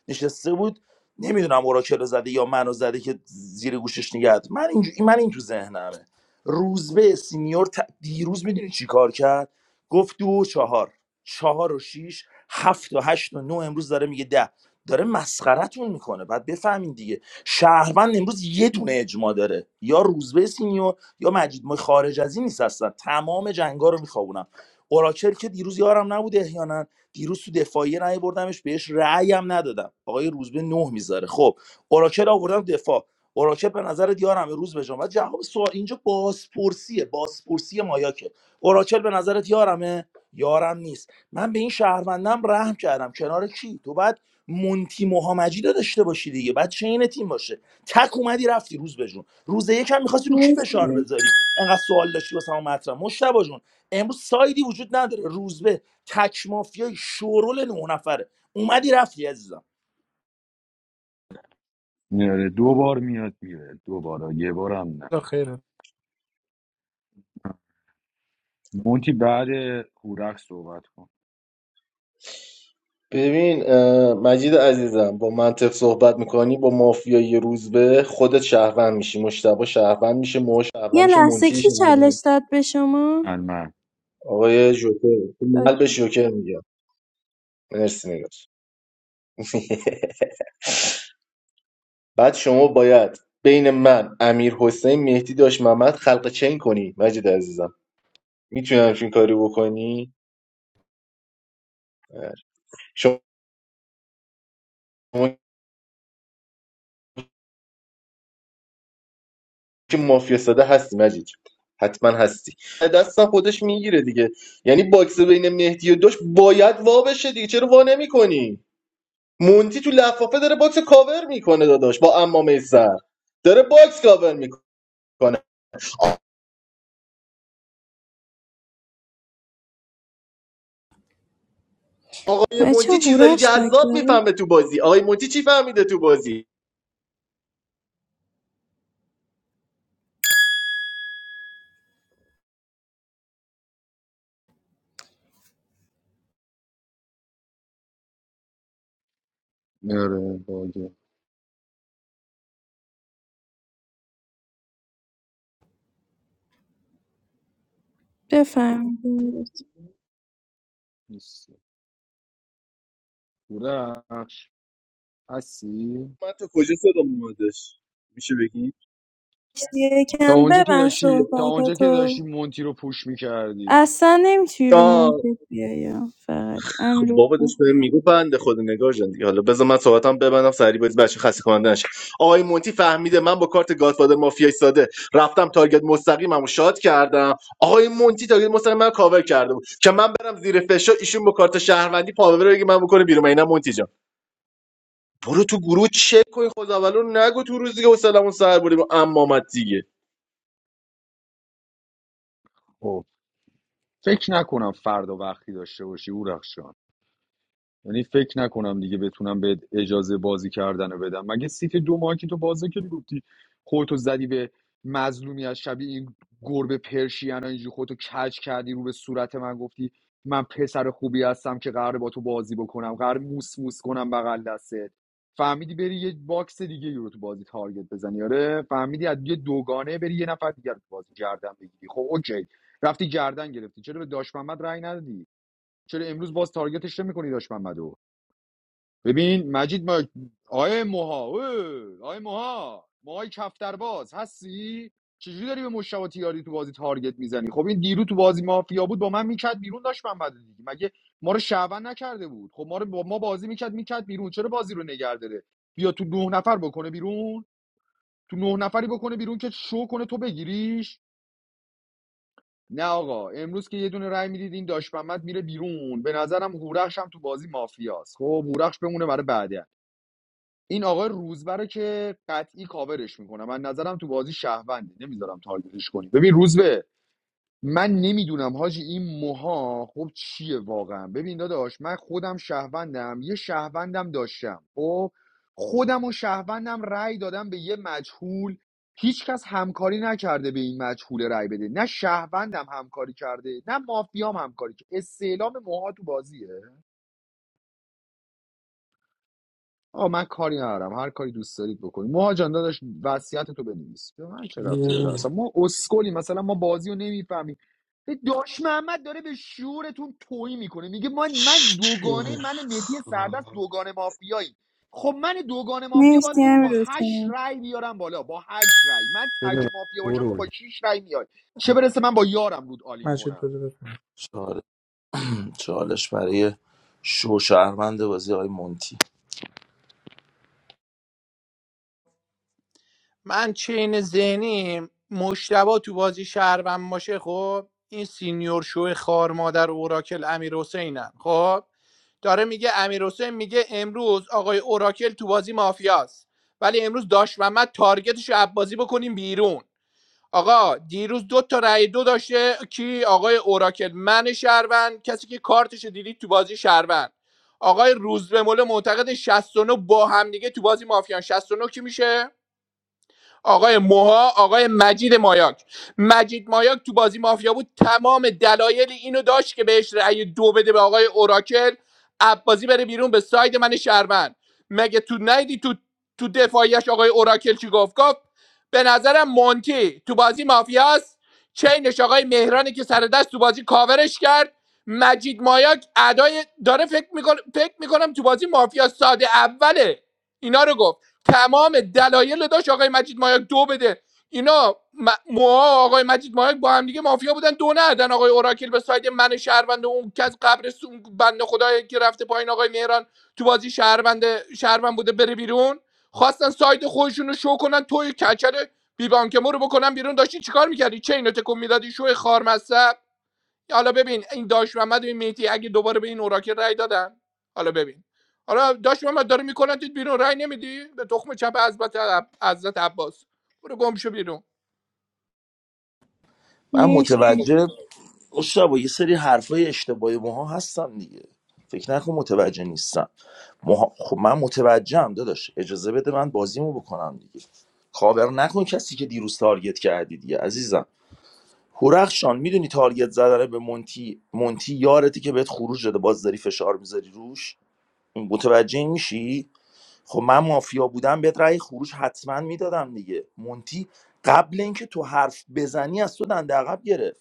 Speaker 19: نشسته بود نمیدونم اوراکل زده یا منو زده که زیر گوشش نگهد من این من این تو ذهنمه روزبه سینیور ت... دیروز میدونی چی کار کرد گفت دو و چهار چهار و شیش هفت و هشت و نه امروز داره میگه ده داره مسخرتون میکنه بعد بفهمین دیگه شهروند امروز یه دونه اجماع داره یا روزبه سینیور یا مجید ما خارج از این نیست هستن تمام جنگا رو میخوابونم اوراکل که دیروز یارم نبوده احیانا دیروز تو دفاعیه رأی بردمش بهش رأی هم ندادم آقای روزبه به نه میذاره خب اوراکل آوردم دفاع اوراکل به نظر یارم روز به جان. بعد جواب سوال اینجا بازپرسیه بازپرسی مایاکه اوراکل به نظر دیارمه یارم نیست من به این شهروندم رحم کردم کنار کی تو بعد مونتی محمدی رو داشته باشی دیگه بعد چین تیم باشه تک اومدی رفتی روز به جون روز یکم میخواستی رو کی فشار
Speaker 11: مرسی
Speaker 19: بذاری انقدر سوال داشتی واسه ما مطرح مشتبه جون امروز سایدی وجود نداره روز به تک مافیای شورول نه نفره اومدی رفتی عزیزم
Speaker 3: میاره دو بار میاد میره دو بار یه بارم نه
Speaker 6: خیره
Speaker 16: ببین اه، مجید عزیزم با منطق صحبت میکنی با مافیای روزبه خودت شهروند میشی مشتبه شهروند میشه مو شهروند
Speaker 11: یه
Speaker 16: میشه
Speaker 11: لحظه کی
Speaker 16: منتی
Speaker 11: چالش داد به شما؟
Speaker 3: من
Speaker 16: آقای جوکر تو قلبش جوکر میگم مرسی نگاه بعد شما باید بین من امیر حسین مهدی داشت محمد خلق چین کنی مجید عزیزم میتونی همچین کاری بکنی شما که مافیا ساده هستی مجید حتما هستی دستم خودش میگیره دیگه یعنی باکس بین مهدی و داشت باید وا بشه دیگه چرا وا نمیکنی مونتی تو لفافه داره باکس کاور میکنه داداش با امامه سر داره باکس کاور میکنه آقای
Speaker 11: بچه
Speaker 16: مونتی چیزای
Speaker 11: هورخش باگ
Speaker 16: جذاب
Speaker 11: داره
Speaker 16: میفهمه تو بازی آقای مونتی چی فهمیده تو بازی
Speaker 3: آره باگه
Speaker 11: بفهمید
Speaker 3: نیست بورخش هستی
Speaker 16: من تو کجا صدام اومدش میشه بگی
Speaker 3: تا
Speaker 11: یکم
Speaker 3: اونجا که
Speaker 11: ببند
Speaker 3: داشتی تا اونجا که
Speaker 11: صحبتاتو
Speaker 3: داشتی مونتی رو پوش میکردی
Speaker 11: اصلا نمیتونی رو
Speaker 16: آه
Speaker 11: مارکت بیای ها، فقط
Speaker 16: خب
Speaker 11: امیر
Speaker 16: بابا داشت بهم میگو بنده خود نگار جان دیگه حالا بذار من صحبتم ببندم سری باید بچه خسته کننده نشه آقای مونتی فهمیده من با کارت گادفادر مافیای ساده رفتم تارگت مستقیممو شاد کردم آقای مونتی تارگت مستقیم من کاور کرده بود که من برم زیر فشار ایشون با کارت شهروندی پاور بگه من بکنه بیرون اینا مونتی جان برو تو گروه چک کن خدا رو نگو تو روزی که سلامون سر بریم اما مت دیگه
Speaker 3: خب فکر نکنم فردا وقتی داشته باشی بورخش یعنی فکر نکنم دیگه بتونم به اجازه بازی کردن رو بدم مگه سیت دو ماهی که تو بازه که گفتی خودتو زدی به مظلومی از شبیه این گربه پرشیانا اینجوری خودتو کج کردی رو به صورت من گفتی من پسر خوبی هستم که قراره با تو بازی بکنم قرار موس موس کنم بغل دستت فهمیدی بری یه باکس دیگه رو تو بازی تارگت بزنی آره فهمیدی از یه دوگانه بری یه نفر دیگر رو تو بازی گردن بگیری خب اوکی رفتی گردن گرفتی چرا به داش محمد رأی ندادی چرا امروز باز تارگتش نمی‌کنی داش محمدو ببین مجید ما آیه موها اوه، آیه موها موهای کفترباز هستی چجوری داری به مشتبه تیاری تو بازی تارگت میزنی خب این دیرو تو بازی مافیا بود با من میکرد بیرون داشت من بعد دیگه مگه ما رو شعبن نکرده بود خب ما رو با ما بازی میکرد میکرد بیرون چرا بازی رو نگه داره بیا تو نه نفر بکنه بیرون تو نه نفری بکنه بیرون که شو کنه تو بگیریش نه آقا امروز که یه دونه رای میدید این داشت محمد میره بیرون به نظرم هورخش هم تو بازی مافیاست خب هورخش بمونه برای بعد این آقای روزبره که قطعی کاورش میکنم من نظرم تو بازی شهرونده نمیذارم تارگتش کنی ببین روزبه من نمیدونم حاجی این موها خب چیه واقعا ببین داداش من خودم شهروندم یه شهروندم داشتم خب خودم و شهروندم رأی دادم به یه مجهول هیچکس همکاری نکرده به این مجهول رأی بده نه شهروندم همکاری کرده نه مافیام همکاری کرده استعلام موها تو بازیه آه من کاری ندارم هر کاری دوست دارید بکنید موها جان داداش وصیت تو بنویس به من چه رفتی داره
Speaker 7: یه-
Speaker 3: اصلا ما اسکلی مثلا ما بازی رو نمیفهمیم داش محمد داره به شعورتون توهی میکنه میگه من من دوگانه
Speaker 12: شوه
Speaker 3: من و مهدی سردست
Speaker 12: خار.
Speaker 3: دوگانه مافیایی خب من دوگانه مافیا باید
Speaker 11: مرسی
Speaker 3: تو رو با
Speaker 11: امیر
Speaker 3: هشت
Speaker 11: حسین
Speaker 3: رای بیارم بالا با هشت رای من تک
Speaker 5: بدونم
Speaker 3: مافیا باشم تو
Speaker 5: شورول.
Speaker 3: با شیش رای میای چه برسه من با یارم رود آلین
Speaker 6: مجید
Speaker 3: کنم
Speaker 6: بده
Speaker 19: چاله- چالش برای شو شهروند بازی های مونتی
Speaker 6: من چین ذهنیم مشتبا تو بازی شهروند باشه خب این سینیور شو خار مادر اوراکل امیر حسینن خب داره میگه امیر حسین میگه امروز آقای اوراکل تو بازی مافیاست ولی امروز داش محمد تارگتش رو بازی بکنیم بیرون آقا دیروز دو تا رأی دو داشته کی آقای اوراکل من شهروند کسی که کارتش رو دیدید تو بازی شهروند آقای روزبه مول معتقد 69 با هم دیگه تو بازی مافیان 69 کی میشه آقای موها آقای مجید مایاک مجید مایاک تو بازی مافیا بود تمام دلایل اینو داشت که بهش رأی دو بده به آقای اوراکل عبازی بره بیرون به ساید من شهروند مگه تو نیدی تو تو دفاعیش آقای اوراکل چی گفت گفت به نظرم مونتی تو بازی مافیاست چینش آقای مهرانی که سر دست تو بازی کاورش کرد مجید مایاک ادای داره فکر میکنه فکر میکنم تو بازی مافیا ساده اوله اینا رو گفت تمام دلایل رو داشت آقای مجید مایاک دو بده اینا م- موها آقای مجید مایاک با هم دیگه مافیا بودن دو ندن آقای اوراکل به ساید من شهروند و اون کس قبر سون بنده خدایی که رفته پایین آقای مهران تو بازی شهروند شهروند بوده بره بیرون خواستن ساید خودشون رو شو کنن توی کچل بیبانکمو رو بکنن بیرون داشتی چیکار میکردی چه اینو تکون میدادی شو خارمصب یا حالا ببین این داش محمد و این مهدی اگه دوباره به این اوراکل رای دادن حالا ببین حالا داش محمد داره میکنن تو بیرون رای نمیدی به تخم چپ حضرت عب- حضرت عباس برو گم شو بیرون
Speaker 19: من
Speaker 11: مرسی
Speaker 19: متوجه مشتبه یه سری حرفای اشتباهی ماها هستن دیگه فکر نکن متوجه نیستم ماها... خب من متوجهم داداش اجازه بده من بازیمو بکنم دیگه کاور نکن کسی که دیروز تارگت کردی دیگه عزیزم هورخشان میدونی تارگت زدن به مونتی مونتی یارتی که بهت خروج داده باز داری فشار میذاری روش متوجه این میشی خب من مافیا بودم بهت رأی خروج حتما میدادم دیگه مونتی قبل اینکه تو حرف بزنی از تو دنده عقب گرفت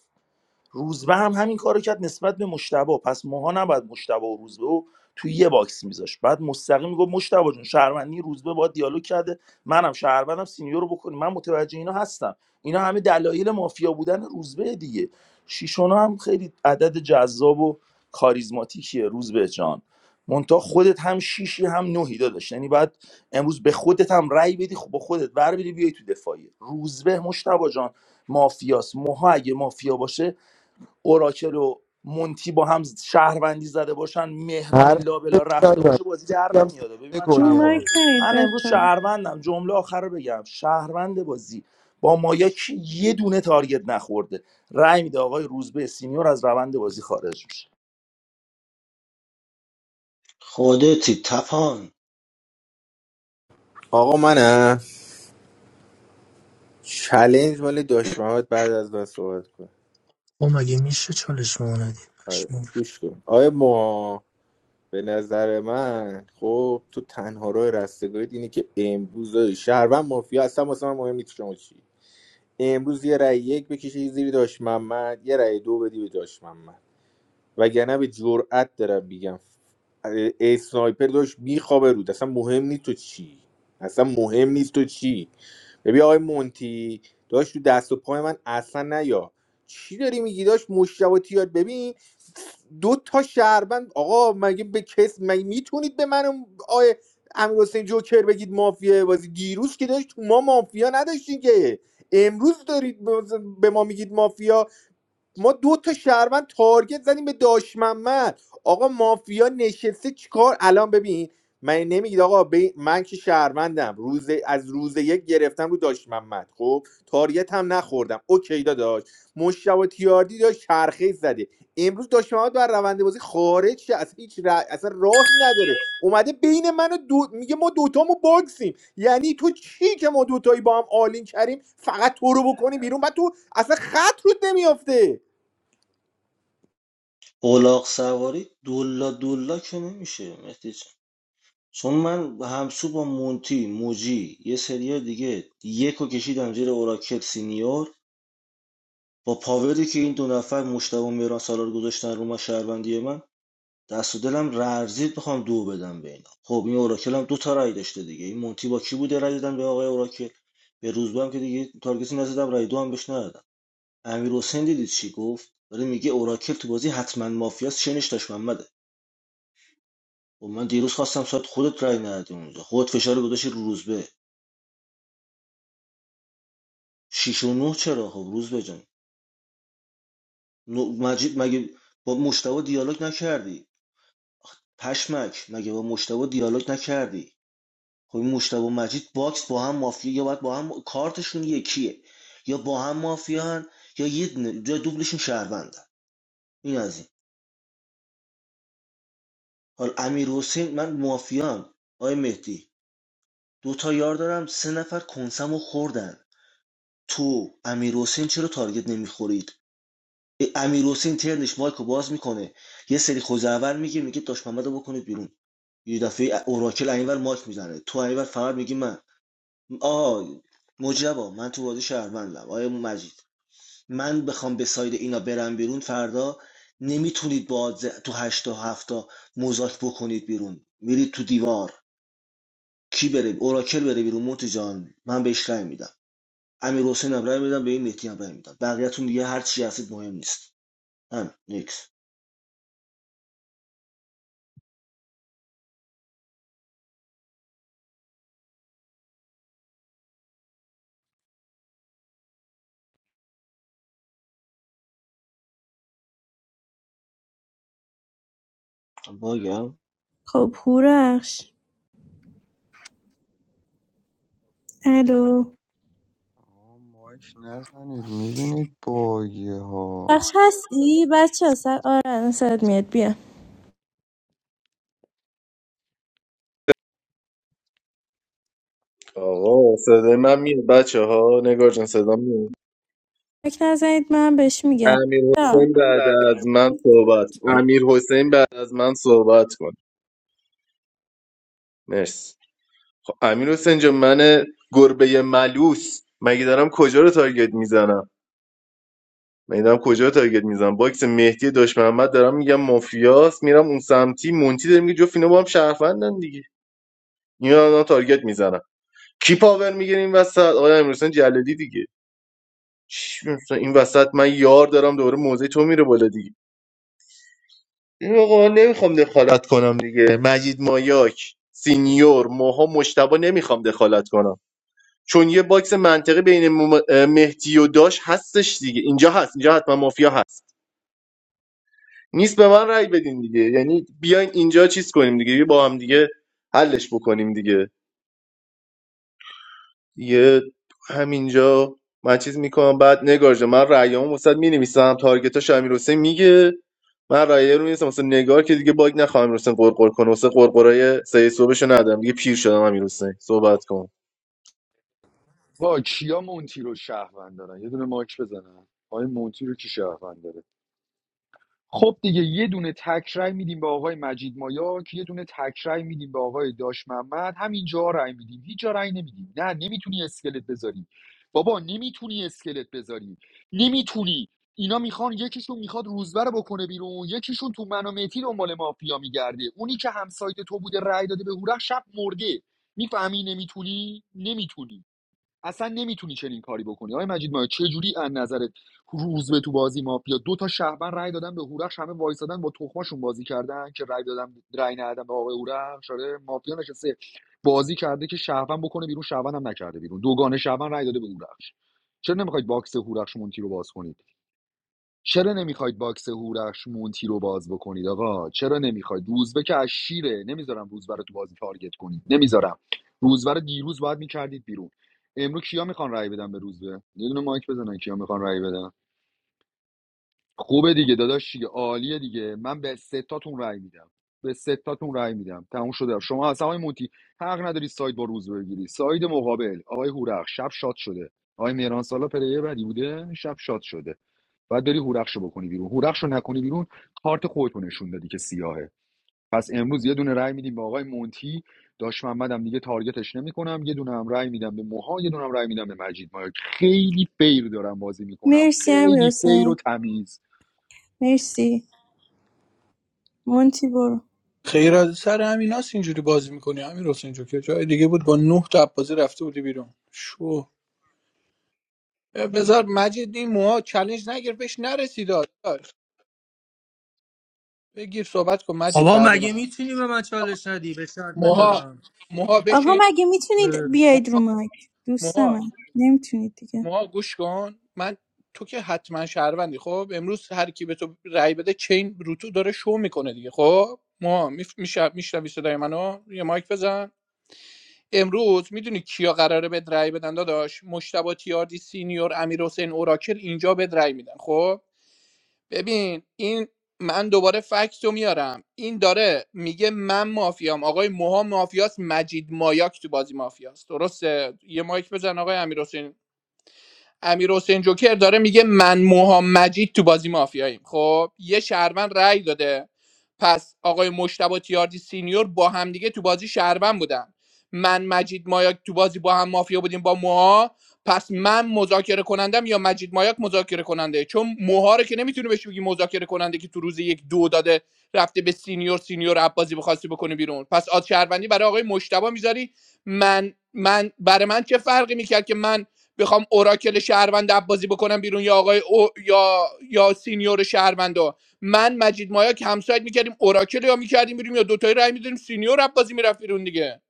Speaker 19: روزبه هم همین کارو کرد نسبت به مشتبه پس ماها نباید مشتبه و روزبه و توی یه باکس میذاشت بعد مستقیم میگفت مشتبه جون شهروندی روزبه با دیالوگ کرده منم شهروندم سینیور رو بکنی من متوجه اینا هستم اینا همه دلایل مافیا بودن روزبه دیگه شیشونا هم خیلی عدد جذاب و کاریزماتیکیه روزبه جان مونتا خودت هم شیشی هم نهی داداش یعنی باید امروز به خودت هم رأی بدی خب با خودت ور بری بیای تو دفاعی. روزبه مشتبه جان مافیاس موها اگه مافیا باشه اوراکل و مونتی با هم شهروندی زده باشن مهران این
Speaker 5: حرف
Speaker 19: لابلا رفته
Speaker 5: بزن
Speaker 19: باشه بازی در
Speaker 5: میگم
Speaker 19: نمیاده ببین
Speaker 5: سکته
Speaker 19: من
Speaker 5: کنی
Speaker 11: رو
Speaker 19: چند بار
Speaker 11: مایک
Speaker 5: ها.
Speaker 11: نید
Speaker 19: من امروز
Speaker 11: بچه
Speaker 19: شهروندم جمله آخر رو بگم شهروند بازی با مایا کی یه دونه تارگت نخورده رأی میده آقای روزبه سینیور از روند بازی خارج میشه
Speaker 12: خودتی تپان
Speaker 1: آقا منم چلنج مال داشت محمد بعد از من صحبت کن
Speaker 7: او مگه میشه چالش به ما ندی
Speaker 1: آره
Speaker 7: پشمام
Speaker 1: گوش کن آیا ما به نظر من خب تو تنها راه رستگاریت اینه که امروز شهروند مافیا اصلا واسه من مهم نیست شما چی امروز یه رأی یک بکشی زیر داش محمد یه رای دو بدی به داش محمد وگرنه به جرأت دارم میگم اه، اسنایپر داشت میخوابه رود اصلا مهم نیست تو چی اصلا مهم نیست تو چی ببین آقای مونتی داشت تو دست و پای من اصلا نیا چی داری میگی داشت مشتبه تیار ببین دو تا شهروند آقا مگه به کس مگه میتونید به من آیه امیر حسین جوکر بگید مافیا بازی دیروز که داشت ما مافیا نداشتین که امروز دارید به به ما میگید مافیا ما دو تا شهروند تارگت زدیم به داش محمد آقا مافیا نشسته چیکار الان ببین من نمیگید آقا به- من که شهروندم روز از روز یک گرفتم رو داش محمد خب تارگت هم نخوردم اوکی داداش مشتبه تیاردی داشت چرخه زده امروز داش محمد بر روند بازی خارج شه اصلا هیچ ر... اصلا راهی نداره اومده بین من و دو... میگه ما دوتامو باکسیم یعنی تو چی که ما دوتایی با هم آلین کریم فقط تو رو بکنی بیرون بعد تو اصلا خط رود نمیافته
Speaker 12: اولاق سواری دولا دولا که نمیشه مهدی جان چون من همسو با مونتی موجی یه سریا دیگه یکو کشیدم زیر اوراکل سینیور با پاوری که این دو نفر مشتبه و میران سالار گذاشتن رو ما شهروندی من دست و دلم لرزید بخوام دو بدم به اینا خب این اوراکل هم دو تا رای داشته دیگه این مونتی با کی بوده رای دادن به آقای اوراکل به روزبه هم که دیگه تارگتی نزدم رای دو هم بهش ندادم امیر حسین دیدید چی گفت داره میگه اوراکل تو بازی حتما مافیاست شنش داشت محمده و من دیروز خواستم ساعت خودت رای ندادی اونجا خودت فشار رو گذاشتی رو روزبه شش و نه چرا خب روزبه جان مجید مگه با مشتاق دیالوگ نکردی پشمک مگه با مشتاق دیالوگ نکردی خب این مشتبه و مجید باکس با هم مافیا یا باید با هم کارتشون یکیه یا با هم مافیا هن یا یه دونه- یا دوبلشون شهروندن این از این حالا امیر حسین من مافیام آقای مهدی دو تا یار دارم سه نفر کنسمو خوردن تو امیر حسین چرا تارگت نمیخورید امیر حسین ترنش مایکو باز میکنه یه سری خوزهور میگه میگه داش محمدو بکنید بیرون یه دفعه اوراکل اینور ماک میزنه تو اینور فقط میگی من آه مجبا من تو بازی شهروندم آیا مجید من بخوام به ساید اینا برم بیرون فردا نمیتونید با آدز تو هشتا هفتا مزاک بکنید بیرون میرید تو دیوار کی بره اوراکل بره بیرون موتی جان من بهش رأی میدم امیر حسین هم رأی میدم به این مهدی هم رأی میدم بقیه‌تون دیگه هر چی هستید مهم نیست همین نیکس باگم
Speaker 11: خب هورخش الو
Speaker 17: آه، مایک نزنید میبینید باگه ها
Speaker 11: بخش هستی بچه ها؟ سر آره الان صدات میاد بیا
Speaker 16: آقا صدای من میاد بچه ها نگار جان صدا میاد
Speaker 11: مایک نزنید من بهش میگم
Speaker 16: امیر
Speaker 11: بیا.
Speaker 16: حسین بعد از من صحبت امیر حسین بعد از من صحبت کن مرسی خب امیر حسین جان من گربه ملوس مگه دارم کجا رو تارگت میزنم مگه دارم کجا رو تارگت میزنم باکس مهدی داش محمد دارم میگم مافیاس میرم اون سمتی مونتی داره میگه جفت اینا با هم شهروندن دیگه اینا دارم تارگت میزنم کی پاور میگیره این وسط آقای امیر حسین جلدی دیگه چی می‌فهمم؟ این وسط من یار دارم دوباره موزه تو میره بالا دیگه این آقا نمیخوام دخالت کنم دیگه مجید مایاک سینیور موها مشتبه نمیخوام دخالت کنم چون یه باکس منطقی بین مم- مهدی و داش هستش دیگه اینجا هست اینجا حتما مافیا هست نیست به من رأی بدین دیگه یعنی بیاین اینجا چیز کنیم دیگه بیا با هم دیگه حلش بکنیم دیگه دیگه همینجا من چیز میکنم بعد نگار جان من رأیامو واسه مینویسم تارگتاش امیر حسین میگه من رأیه رو می‌نویسم واسه نگار که دیگه باگ نخوام امیر حسین قرقر کنه واسه قرقرای سه صبحشو ندارم دیگه پیر شدم امیر حسین صحبت کن
Speaker 3: با کیا مونتی رو شهروند دارن یه دونه ماک بزنن آقای مونتی رو کی شهروند داره خب دیگه یه دونه تکرای میدیم به آقای مجید مایاک یه دونه تکرای میدیم به آقای داش محمد همینجا رای میدیم هیچ جا رای نمیدیم نه نمیتونی اسکلت بذاری بابا نمیتونی اسکلت بذاری نمیتونی اینا میخوان یکیشون میخواد روزبر رو بکنه بیرون یکیشون تو منو مهدی دنبال مافیا میگرده اونی که همسایت تو بوده رای داده به هورخ شب مرده میفهمی نمیتونی نمیتونی اصلا نمیتونی چنین کاری بکنی آقای مجید ما چه جوری از نظرت روز به تو بازی مافیا دو تا شهروند رای دادن به هورخش همه وایسادن با تخماشون بازی کردن که رای دادن رای ندادن به آقای هورخش آره مافیا نشسته بازی کرده که شهروند بکنه بیرون شهروند هم نکرده بیرون دوگانه شهروند رای داده به هورخش چرا نمیخواید باکس هورخش مونتی رو باز کنید چرا نمیخواید باکس هورخش مونتی رو باز بکنید آقا چرا نمیخواید روزبه که از شیره نمیذارم روزبه رو تو بازی تارگت کنید نمیذارم روزبه رو دیروز باید میکردید بیرون امروز کیا میخوان رای بدن به روزبه یه دونه مایک بزنن کیا میخوان رای بدن خوبه دیگه داداش دیگه عالیه دیگه من به ستاتون رأی میدم به ستاتون رأی میدم تموم شده شما اصلا آقای مونتی حق نداری ساید با روز بگیری ساید مقابل آقای هورخ شب شاد شده آقای مهران سالا پلیر بدی بوده شب شاد شده بعد داری هورخشو بکنی بیرون هورخشو نکنی بیرون کارت خودتو نشون دادی که سیاهه پس امروز یه دونه رأی میدیم به آقای مونتی داش محمدم دیگه تارگتش نمیکنم یه دونه هم رأی میدم به موها یه دونه هم رأی میدم به مجید مایک خیلی فیر دارم بازی میکنم
Speaker 11: مرسی امیر
Speaker 3: خیلی فیر و
Speaker 11: حسین
Speaker 3: تمیز
Speaker 11: مرسی مونتی برو
Speaker 6: خیر از سر همیناست اینجوری بازی میکنی همین حسین جو که جای دیگه بود با نه تا بازی رفته بودی بیرون اوه ابداد بگیر صحبت کن مجید
Speaker 7: آقا
Speaker 6: بعد
Speaker 7: مگه
Speaker 6: من
Speaker 7: میتونی به من چالش ندی به شرط
Speaker 6: موها
Speaker 7: دادم
Speaker 11: آقا
Speaker 6: چی؟
Speaker 11: مگه میتونید
Speaker 7: اه.
Speaker 11: بیاید رو مایک دوست من نمیتونید دیگه
Speaker 6: موها گوش کن من تو که حتما شهروندی خب امروز هر کی به تو رأی بده چین روتو داره شو میکنه دیگه خب موها میشه میشنوی صدای منو یه مایک بزن امروز میدونی کیا قراره به رأی بدن داداش مشتبه تیاردی سینیور امیر حسین اوراکل اینجا به رأی میدن خب ببین این من دوباره فکس رو میارم این داره میگه من مافیام آقای موها مافیاست مجید مایاک تو بازی مافیاست درسته یه مایک بزن آقای امیر امیر حسین جوکر داره میگه من موهام مجید تو بازی مافیاییم خب یه شهروند رأی داده پس آقای مشتبه تیاردی سینیور با همدیگه تو بازی شهروند بودن من مجید مایاک تو بازی با هم مافیا بودیم با موها پس من مذاکره کنندم یا مجید مایاک مذاکره کننده چون موها رو که نمیتونی بهش بگی مذاکره کننده که تو روز یک دو داده رفته به سینیور سینیور عباسی بخواستی بکنه بیرون پس آد شهروندی برای آقای مشتبه میذاری من من برای من چه فرقی میکرد که من بخوام اوراکل شهروند عباسی بکنم بیرون یا آقای او یا یا سینیور شهروند من مجید مایا که همسایت میکردیم اوراکل یا میکردیم میریم یا دوتایی رای میدادیم سینیور رفت بازی میرفت بیرون دیگه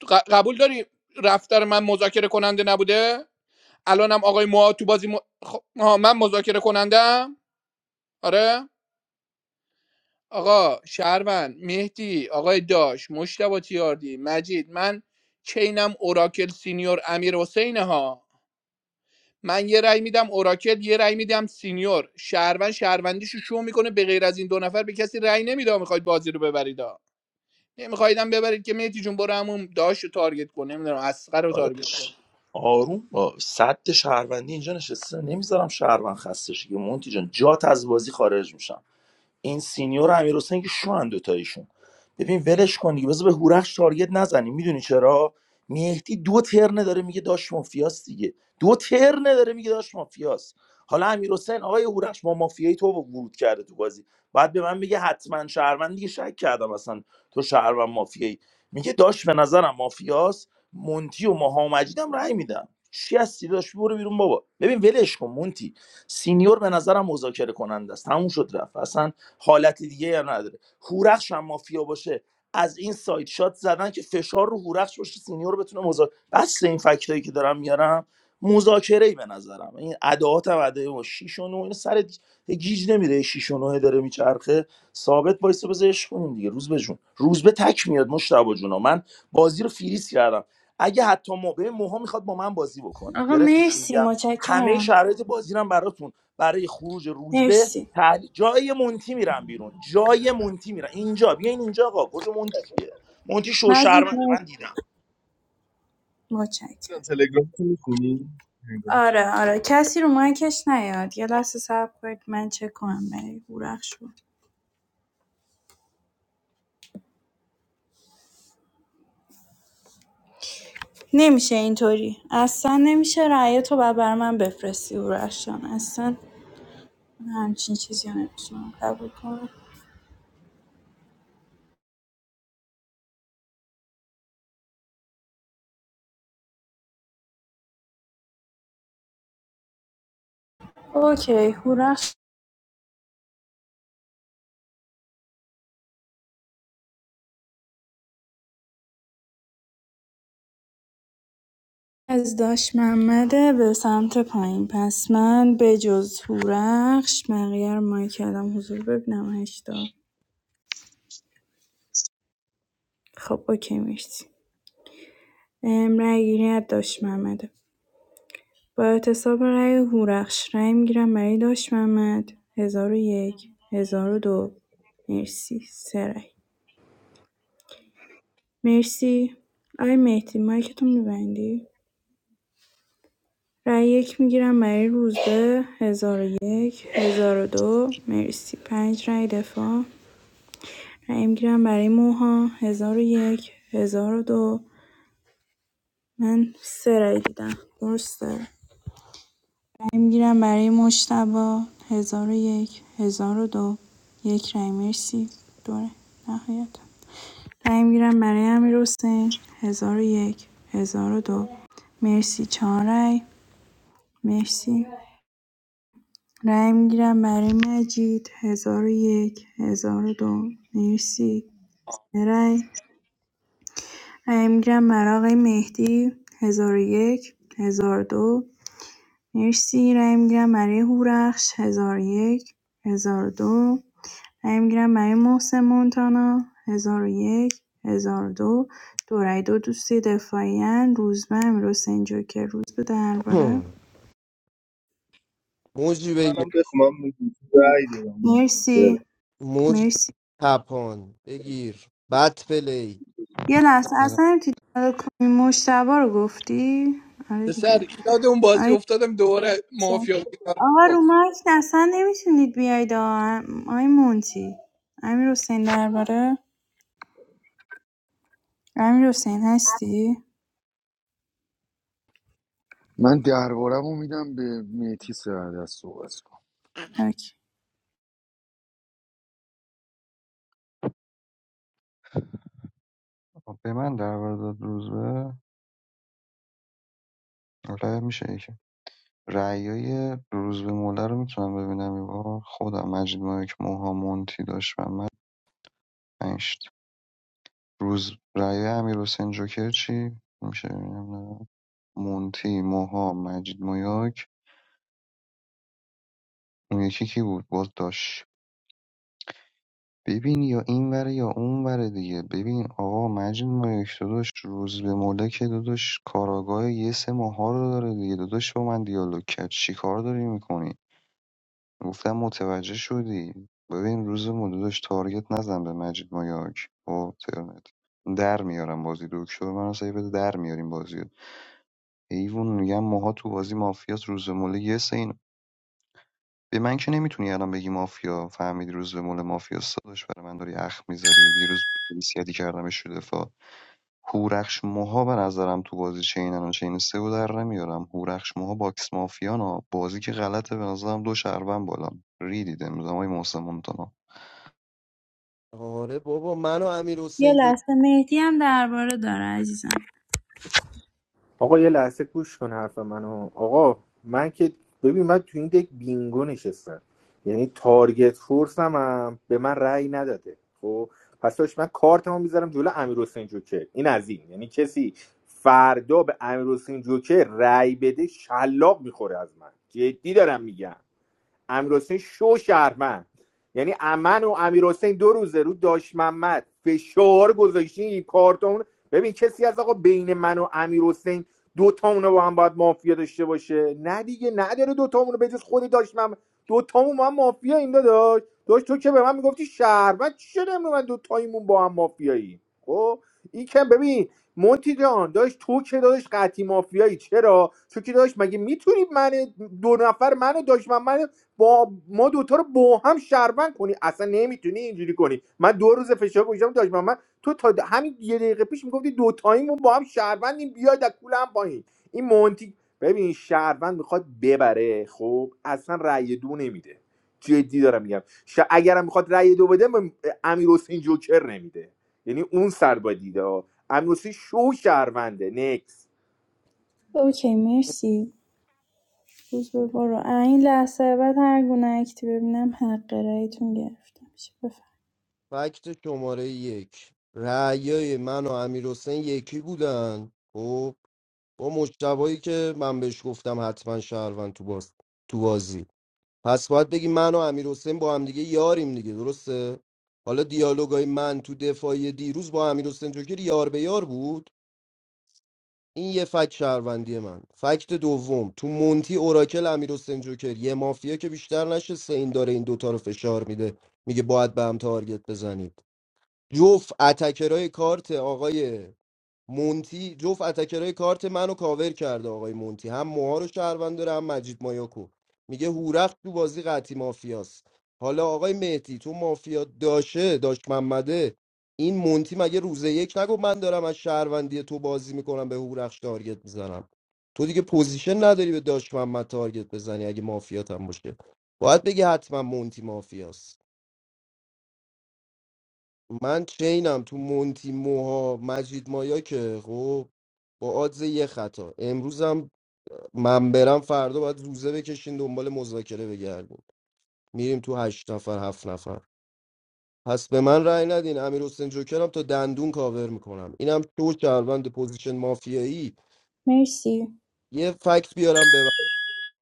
Speaker 6: تو ق- قبول داری رفتار من مذاکره کننده نبوده الانم آقای موها تو بازی م... خب، آها، من مذاکره کنندم آره آقا شهروند مهدی آقای داش مشتبه تیاردی مجید من چینم اوراکل سینیور امیر حسینه ها من یه رأی میدم اوراکل یه رأی میدم سینیور شهروند شهروندیشو شو میکنه به غیر از این دو نفر به کسی رأی نمیده میخواید بازی رو ببرید نمیخوایدم ببرید که مهدی جون برو همون داش رو تارگت کن نمیدونم اسقر رو
Speaker 19: آره.
Speaker 6: تارگت کن
Speaker 19: آروم با صد شهروندی اینجا نشسته نمیذارم شهروند خسته شه که مونتی جان جات از بازی خارج میشم این سینیور و امیر حسین که شوان دوتایشون ببین ولش کن دیگه بذار به هورخش تارگت نزنیم میدونی چرا مهدی دو ترنه داره میگه داش مافیاس دیگه دو ترنه داره میگه داش مافیاس حالا امیر حسین آقای هورخش با مافیایی تو ورود کرده تو بازی بعد به من میگه حتما شهروند دیگه شک کردم اصلا تو شهروند مافیایی میگه داش به نظرم مافیاس مونتی و ماها و مجیدم رأی میدم چی هستی داش برو بیرون بابا ببین ولش کن مونتی سینیور به نظرم مذاکره کننده است تموم شد رفت اصلا حالت دیگه یا نداره هورخش هم مافیا باشه از این سایت شات زدن که فشار رو هورخش باشه سینیور بتونه مذاکره بس این فکتایی که دارم میارم مذاکره ای به نظرم این ادعات هم ادعای ما 6 و 9 اینو سر دی- یه گیج نمیره 6 و 9 داره میچرخه ثابت وایس بزش کنیم دیگه روز به جون روز به تک میاد مشتاق جونا من بازی رو فریز کردم اگه حتی ما به موها میخواد با من بازی بکنه
Speaker 11: آقا
Speaker 19: گرفتی چی
Speaker 11: مرسی
Speaker 19: میگم همه
Speaker 11: متشکرم
Speaker 19: شرایط بازی رو براتون برای خروج روزبه
Speaker 11: مرسی
Speaker 19: تحلیل جای مونتی میرم بیرون جای مونتی میرم اینجا بیاین اینجا آقا کجا مونتی کیه مونتی
Speaker 11: مجید
Speaker 19: شوشرمنده
Speaker 11: مرسی
Speaker 19: من دیدم
Speaker 11: متشکرم
Speaker 16: تلگرام تو میخونی
Speaker 11: آره آره کسی رو مایکش نیاد یه لحظه صبر کنید من چک کنم برای هورخش رو نمیشه اینطوری اصلا نمیشه رأی تو بعد بر من بفرستی هورخش جان اصلا همچین چیزی رو نمیتونم قبول کنم اوکی هورخش از داش محمده به سمت پایین پس من به جز هورخش بقیه رو مایک کردم حضور ببینم هشتا خب اوکی مرسی ام رای گیری از داش محمده با اعتصاب رای هورخش رأی میگیرم برای داش محمد ۱۰۰۱ ۱۰۰۲ مرسی سه رأی مرسی آی مهدی مایکتو میبندی رای یک میگیرم برای روزبه ۱۰۰۱ ۱۰۰۲ مرسی پنج رای دفاع رأی میگیرم برای موها ۱۰۰۱ ۱۰۰۲ من سه رأی دیدم درسته می‌گیرم برای مجتبی ۱۰۰۱ ۱۰۰۲ یک هزار و دو یک رای مرسی دوره نهایت رای می‌گیرم برای امیرحسین ۱۰۰۱ دو مرسی چهار رای مرسی رای می‌گیرم برای مجید ۱۰۰۱ ۱۰۰۲ مرسی یه رای رای می‌گیرم برای آقای مهدی ۱۰۰۱ ۱۰۰۲ مرسی رای می‌گیرم برای هورخش ۱۰۰۱ دو رای می‌گیرم برای محسن مونتانا 1001 1002 دو دو رای دو دوستی دفاعین روزبه امیرحسین جوکر روز به درباره
Speaker 5: هم. موجی بگیر
Speaker 16: منم بخونم رأی دادم
Speaker 11: مرسی
Speaker 5: موج
Speaker 11: مرسی
Speaker 5: تپان بگیر بد پلی
Speaker 11: یه لحظه
Speaker 17: بذار-
Speaker 11: اصلا تو کنی مشتبه رو گفتی آره
Speaker 6: پسر
Speaker 11: دیگه
Speaker 6: یاد اون بازی
Speaker 11: آی
Speaker 6: افتادم دوباره مافیا
Speaker 11: آقا
Speaker 6: بود.
Speaker 11: رو مایک اصلا نمیتونید بیاید آ- آی مونتی امیر درباره امیر حسین هستی؟
Speaker 3: من دربارم رو میدم به میتی سرد از صحبت کنم.
Speaker 11: اوکی.
Speaker 17: به من در داد روزبه آره میشه یکی رعیای روزبهموله رو میتونم ببینم یه بار خودم مجید مایک موها مونتی داشت محمد پنج تا. روز رعیای امیر حسین جوکر چی میشه ببینم نه مونتی موها مجید مایک اون یکی کی بود باز داشت ببین یا این وره یا اون وره دیگه ببین آقا مجید مایک داداش روز به موله که داداش کاراگاه یه سه ماها رو داره دیگه داداش با من دیالوگ کرد چی کار داری میکنی گفتم متوجه شدی ببین روزمون داداش تارگت نزن به مجید مایاک خب ترنت در میارم بازی دکتر منو سعی بده در میاریم بازی رو. حیوان میگم ماها تو بازی مافیاس روز به یه سین. به من که نمیتونی الان بگی مافیا فهمیدی روز به مله مافیا داداش برای من داری اخ میذاری دیروز بیسیدی کردمش رو دفاع هورخش موها به نظرم تو بازی چینن و چین سه و در نمیارم هورخش موها باکس مافیانا بازی که غلطه به نظرم دو شهروند بالا ریدید امروز های محسن مونتانا.
Speaker 5: آره بابا من و امیر
Speaker 11: یه
Speaker 5: حسین جو
Speaker 11: لحظه مهدی هم درباره داره عزیزم
Speaker 1: آقا یه لحظه گوش کن حرف منو آقا من که ببین من تو این دک بینگو نشستم یعنی تارگت فورس هم, هم به من رأی نداده خب پس داشت من کارتمو میذارم جلو امیر حسین جوکر این از این یعنی کسی فردا به امیر حسین جوکر رأی بده شلاق میخوره از من جدی دارم میگم امیرحسین شو شهرمند یعنی امن و امیرحسین دو روزه رو داش محمد فشار گذاشتین این کارتون ببین کسی از آقا بین من و امیرحسین دو تامون با هم باید مافیا داشته باشه نه دیگه نداره دو تامون رو بجز خودی داش محمد دو تامون با هم مافیا این داداش داش تو که به من میگفتی شهروند چی شده من دو تایمون با هم مافیایی خب این که ببین مونتی جان داشت تو که داشت قطعی مافیایی چرا چون که داشت مگه میتونی من دو نفر منو داشت من با ما دوتا رو با هم شهروند کنی اصلا نمیتونی اینجوری کنی من دو روز فشار گوشم داشت من تو تا د- همین یه دقیقه پیش میگفتی دوتاییمون با هم شهروندیم بیاید از کول هم پایین این مونتی ببین شهروند میخواد ببره خب اصلا رأی دو نمیده جدی دارم میگم ش... اگرم میخواد رأی دو بده م- امیر حسین جوکر نمیده یعنی اون سر با دیده ها. امیر حسین شو شهرونده نکس
Speaker 11: اوکی مرسی روز به برو این لحظه بعد هر گونه اکتی ببینم حق رایتون گرفته میشه بفهم
Speaker 5: فکت شماره یک رعیای من و امیر حسین یکی بودن خب با مجتبایی که من بهش گفتم حتما شهروند تو باز تو بازی پس باید بگی من و امیر حسین با هم دیگه یاریم دیگه درسته حالا دیالوگای من تو دفاعی دیروز با امیر حسین جوکر یار به یار بود این یه فکت شهروندی من فکت دوم تو مونتی اوراکل امیر حسین جوکر یه مافیا که بیشتر نشسته این داره این دوتا رو فشار میده میگه باید به هم تارگت بزنید جفت اتکرای کارت آقای مونتی جفت اتکرای کارت منو کاور کرده آقای مونتی هم موها رو شهروند داره هم مجید مایاکو میگه هورخت تو بازی قطعی مافیاست حالا آقای مهدی تو مافیا داشه داشت محمده این مونتی مگه روز یک نگو من دارم از شهروندی تو بازی میکنم به هورخش تارگت میزنم تو دیگه پوزیشن نداری به داش محمد تارگت بزنی اگه مافیات هم باشه باید بگی حتما مونتی مافیاست من چینم تو مونتی موها مجید مایا که خب با آدز یه خطا امروزم من برم فردا باید روزه بکشین دنبال مذاکره بگردیم میریم تو هشت نفر هفت نفر پس به من رأی ندین امیر حسین جوکرم تا دندون کاور میکنم اینم تو شهروند پوزیشن مافیایی
Speaker 11: مرسی
Speaker 5: یه فکت بیارم به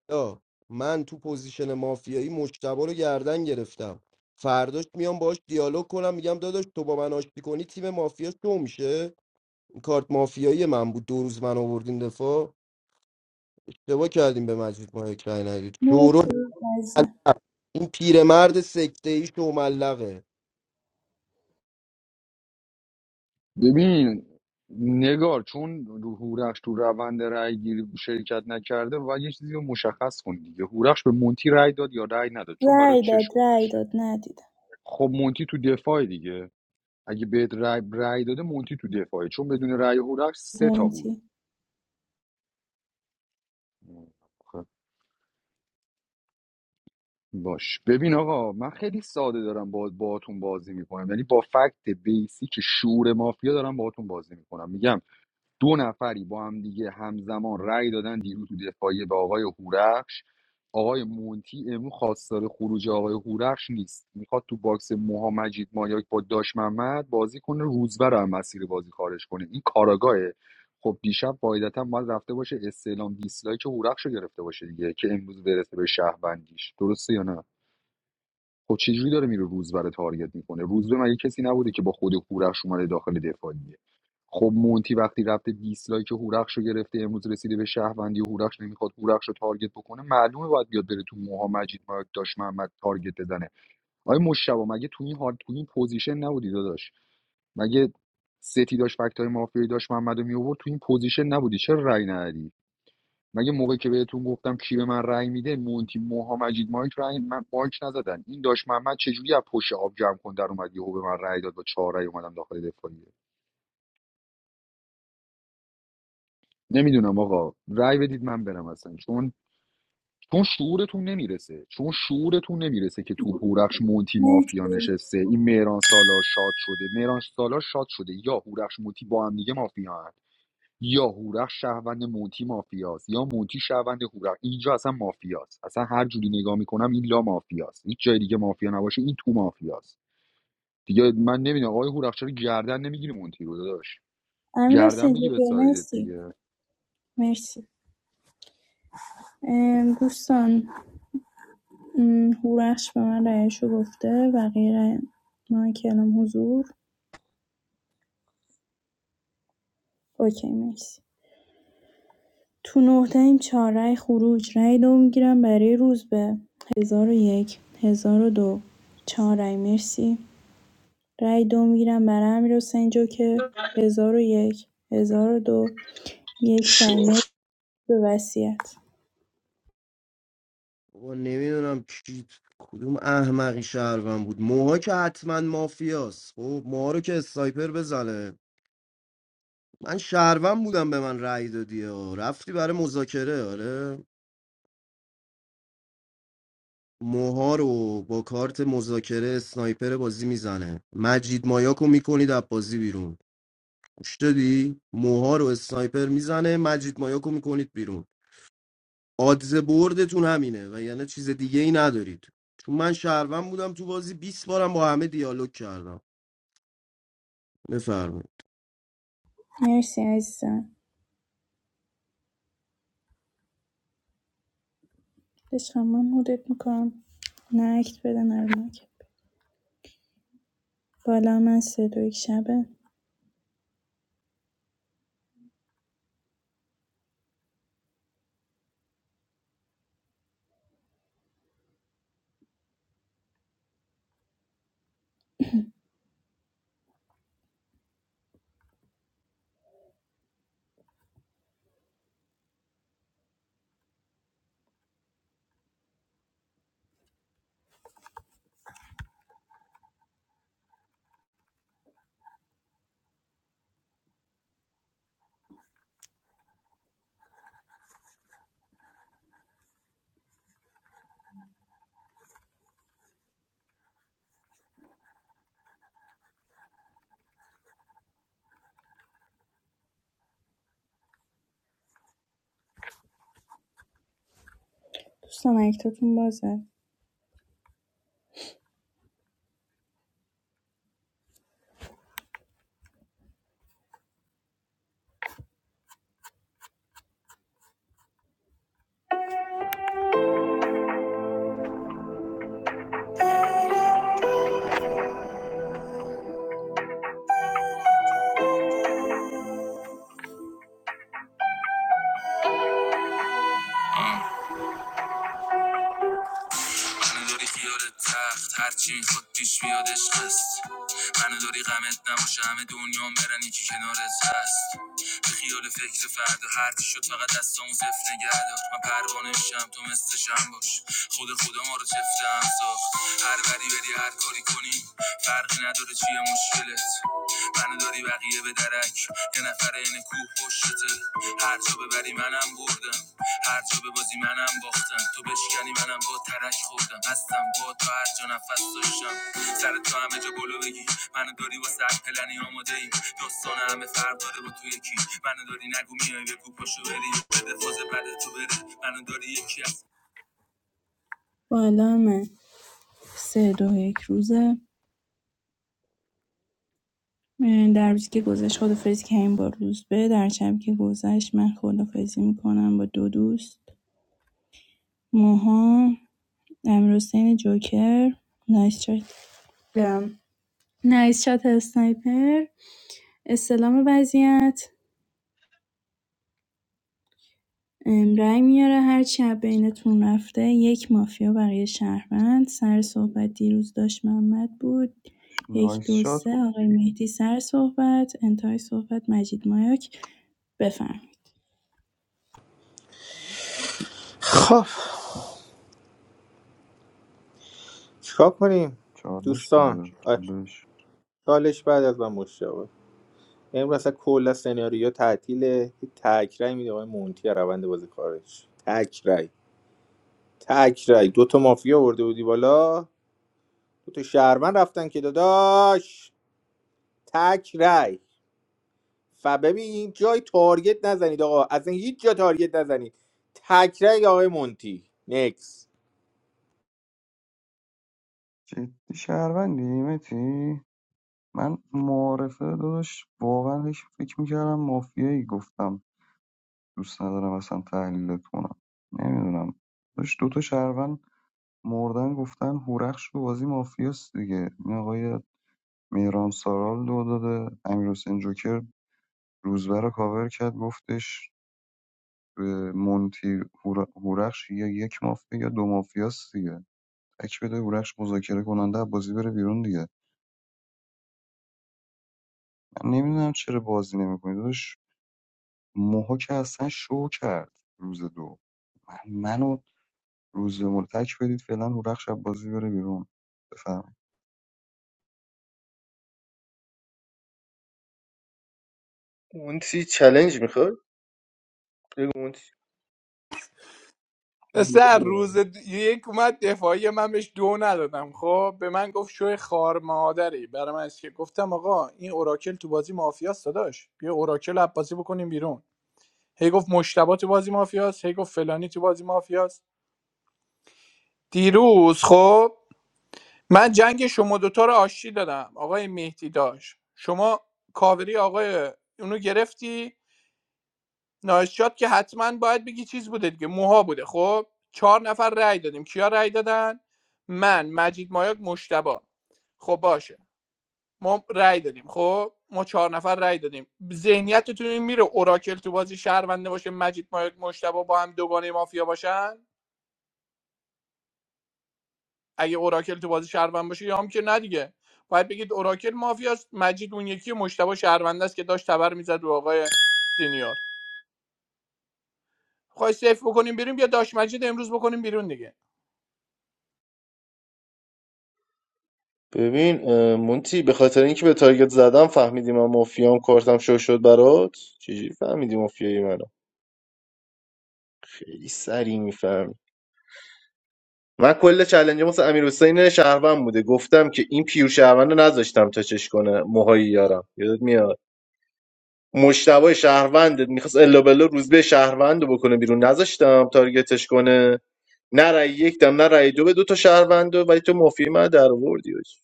Speaker 5: بلا من تو پوزیشن مافیایی مجتبا رو گردن گرفتم فرداش میام باهاش دیالوگ کنم میگم داداش تو با من آشتی کنی تیم مافیا شو میشه کارت مافیایی من بود دو روز من آوردین دفاع اشتباه کردیم به مجید ما یک رای ندید شورو
Speaker 11: مرسی عزیزم
Speaker 5: ملق. این پیرمرد سکته ای شوملقه
Speaker 3: ببین نگار چون هورخش تو روند رای گیری شرکت نکرده و یه چیزی رو مشخص کن دیگه هورخش به مونتی رای داد یا رای نداد چون برای
Speaker 11: رای داد
Speaker 3: چش
Speaker 11: رای
Speaker 3: گذاشته
Speaker 11: داد ندیدم
Speaker 3: خب مونتی تو دفاع دیگه اگه بهت رای, رای داده مونتی تو دفاعه چون بدون رای هورخش سه تا بود
Speaker 11: مونتی
Speaker 3: خب، باش ببین آقا من خیلی ساده دارم با باهاتون بازی میکنم یعنی با فکت بیسیک شعور مافیا دارم باهاتون بازی میکنم میگم دو نفری با هم دیگه همزمان رأی دادن دیروز تو دفاعیه به آقای هورخش آقای مونتی امروز خواستار خروج آقای هورخش نیست میخواد تو باکس موها مجید مایاک با داش محمد بازی کنه روزبه رو هم مسیر بازی خارج کنه این کاراگاهه خب دیشب قاعدتا باید رفته باشه استعلام دیسلایک هورخش رو گرفته باشه دیگه که امروز برسه به شهروندیش درسته یا نه خب چجوری داره میره روزبه رو تارگت میکنه روزبه مگه کسی نبوده که با خود هورخش اومده داخل دفاعیه خب مونتی وقتی رفته دیسلایک هورخش رو گرفته امروز رسیده به شهروندی هورخش نمیخواد هورخش رو تارگت بکنه معلومه باید بیاد بره تو موها مجید مایک داش محمد تارگت بزنه آیا مشتبه مگه تو این حال تو این پوزیشن نبودی داداش مگه سیتی داشت فکتای مافیایی داشت محمد رو می‌آورد، تو این پوزیشن نبودی چرا رأی ندادی مگه موقعی که بهتون گفتم کی به من رأی میده مونتی موها مجید مایک رأی من مایک نزدن این داش محمد چجوری از پشت آب جمع کن در اومد یهو به من رأی داد با چهار رأی اومدم داخل دفاعیه نمیدونم آقا رأی بدید من برم اصلا چون چون شعورتون نمیرسه چون شعورتون نمیرسه که تو هورخش مونتی
Speaker 11: مرسی
Speaker 3: مافیا نشسته این مهران سالار شاد شده مهران سالار شاد شده یا هورخش مونتی با هم دیگه مافیا یا هورخ شهروند مونتی مافیاست یا مونتی شهروند هورخ اینجا اصلا مافیاست اصلا هر جوری نگاه میکنم این لا مافیاست هیچ جای دیگه مافیا نباشه این تو مافیاست دیگه من نمیدونم آقای هورخ چرا گردن نمیگیری مونتی رو داداش
Speaker 11: امیر
Speaker 3: گردن
Speaker 11: حسین
Speaker 3: بگی به
Speaker 11: جوکر،
Speaker 3: سایدت
Speaker 11: مرسی
Speaker 3: دیگه
Speaker 11: مرسی ام، دوستان ام، هورخش به من رأیشو گفته بقیه رأی ما کلام حضور اوکی مرسی تو نه‌تاییم چهار رای خروج رای دو می‌گیرم برای روزبه ۱۰۰۱ ۱۰۰۲ ۴ رأی مرسی رأی دو می‌گیرم برای امیرحسین جوکر هزار و یک هزار و دو، یک رأی
Speaker 12: شوخ
Speaker 11: مرسی به وصیت
Speaker 5: بابا نمیدونم کی کدوم احمقی شهروند بود موها که حتما مافیاست خب موها رو که اسنایپر بزنه من شهروند بودم به من رأی دادی ها. رفتی برای مذاکره آره موها رو با کارت مذاکره اسنایپر بازی میزنه مجید مایاکو میکنید از بازی بیرون گوش دادی موها رو اسنایپر میزنه مجید مایاکو میکنید بیرون آدز بردتون همینه و یعنی چیز دیگه ای ندارید چون من شهروند بودم تو بازی 20 بارم با همه دیالوگ کردم بفرمایید
Speaker 11: مرسی عزیزم عشقم من مدت میکنم نه اکت بده نه رو مایک. بالا من سه دو یک شبه دوستان اکتاتون بازه بالا من سه دو یک روزه در روزی که گذشت خدافزی کردیم با روزبه در شب که گذشت من خدافزی میکنم با دو دوست موها امروزین جوکر نایس شات ام، نایس شات اسنایپر استلام وضعیت رای میاره هر چی از بینتون رفته یک مافیا برای شهروند سر صحبت دیروز داشت محمد بود یک
Speaker 17: نایس
Speaker 11: دو
Speaker 17: شات
Speaker 11: سه آقای
Speaker 17: گفتی
Speaker 11: مهدی سر صحبت انتهای صحبت مجید مایاک بفرمایید
Speaker 1: خب چیکار کنیم
Speaker 17: چالش
Speaker 1: دوستان
Speaker 17: بده
Speaker 1: آ،
Speaker 17: چالش
Speaker 1: چالش بعد از من مشتاق امروز اصلا کلا سناریو تعطیله یه میده آقای مونتی از روند بازی کارش تک رأی دو تا مافیا آورده بودی بالا دو تا شهروند رفتن که داداش تک رأی ف ببین جای تارگت نزنید آقا از این هیچ جا تارگت نزنید تک آقای مونتی نکس
Speaker 17: جدی شهروندی متی من معارفه داداش واقعا هیچ فکر میکردم مافیایی گفتم دوست ندارم اصلا تحلیلت کنم نمیدونم داشت دوتا شهروند مردن گفتن هورخش تو بازی مافیاست دیگه این آقای مهران سارال دو داده امیر حسین جوکر روزبه رو کاور کرد گفتش به مونتی هور- هورخش یا یک مافیا یا دو مافیاست دیگه بک بده هورش مذاکره کننده از بازی بره بیرون دیگه من نمیدونم چرا بازی نمیکنی داداش موها که اصلا شو کرد روز دو من منو روز مول تک بدید فعلا هورخش شب بازی بره بیرون بفهم
Speaker 16: مونتی چالش میخواد بگو مونتی
Speaker 6: پسر روز د- یک اومد دفاعی من بهش دو ندادم خب به من گفت شوی خار مادری برای من است که گفتم آقا این اوراکل تو بازی مافیاست داداش بیا اوراکل عباسی بکنیم بیرون هی گفت مشتبه تو بازی مافیاست هی گفت فلانی تو بازی مافیاست دیروز خب من جنگ شما دوتا رو آشتی دادم آقای مهدی داشت شما کاوری آقای اونو گرفتی نایسشات که حتما باید بگی چیز بوده دیگه موها بوده خب چهار نفر رأی دادیم کیا رأی دادن من مجید مایاک مشتبا خب باشه ما رأی دادیم خب ما چهار نفر رأی دادیم ذهنیتتون این میره اوراکل تو بازی شهرونده باشه مجید مایاک مشتبا با هم دوگانه مافیا باشن اگه اوراکل تو بازی شهروند باشه یا هم که نه دیگه باید بگید اوراکل مافیاست مجید اون یکی مشتبه شهرونده است که داشت تبر میزد رو آقای سینیور خواهی سیف بکنیم بیرون یا داشت مجید امروز بکنیم بیرون دیگه
Speaker 16: ببین اه، مونتی به خاطر اینکه به تارگت زدم فهمیدی من مافیام کارتم شو شد برات چجوری فهمیدی مافیایی منم خیلی سریع میفهم من کل چلنج مثل امیر حسین شهروند بوده گفتم که این پیور شهروند رو نذاشتم تا چش کنه موهای یارم یادت میاد مشتبه شهروند میخواست الا بلا روزبه شهروند رو بکنه بیرون نذاشتم تارگتش کنه نه رای یک دم نه رای دو به دو تا شهروند ولی تو مافی من در آوردی حاجی.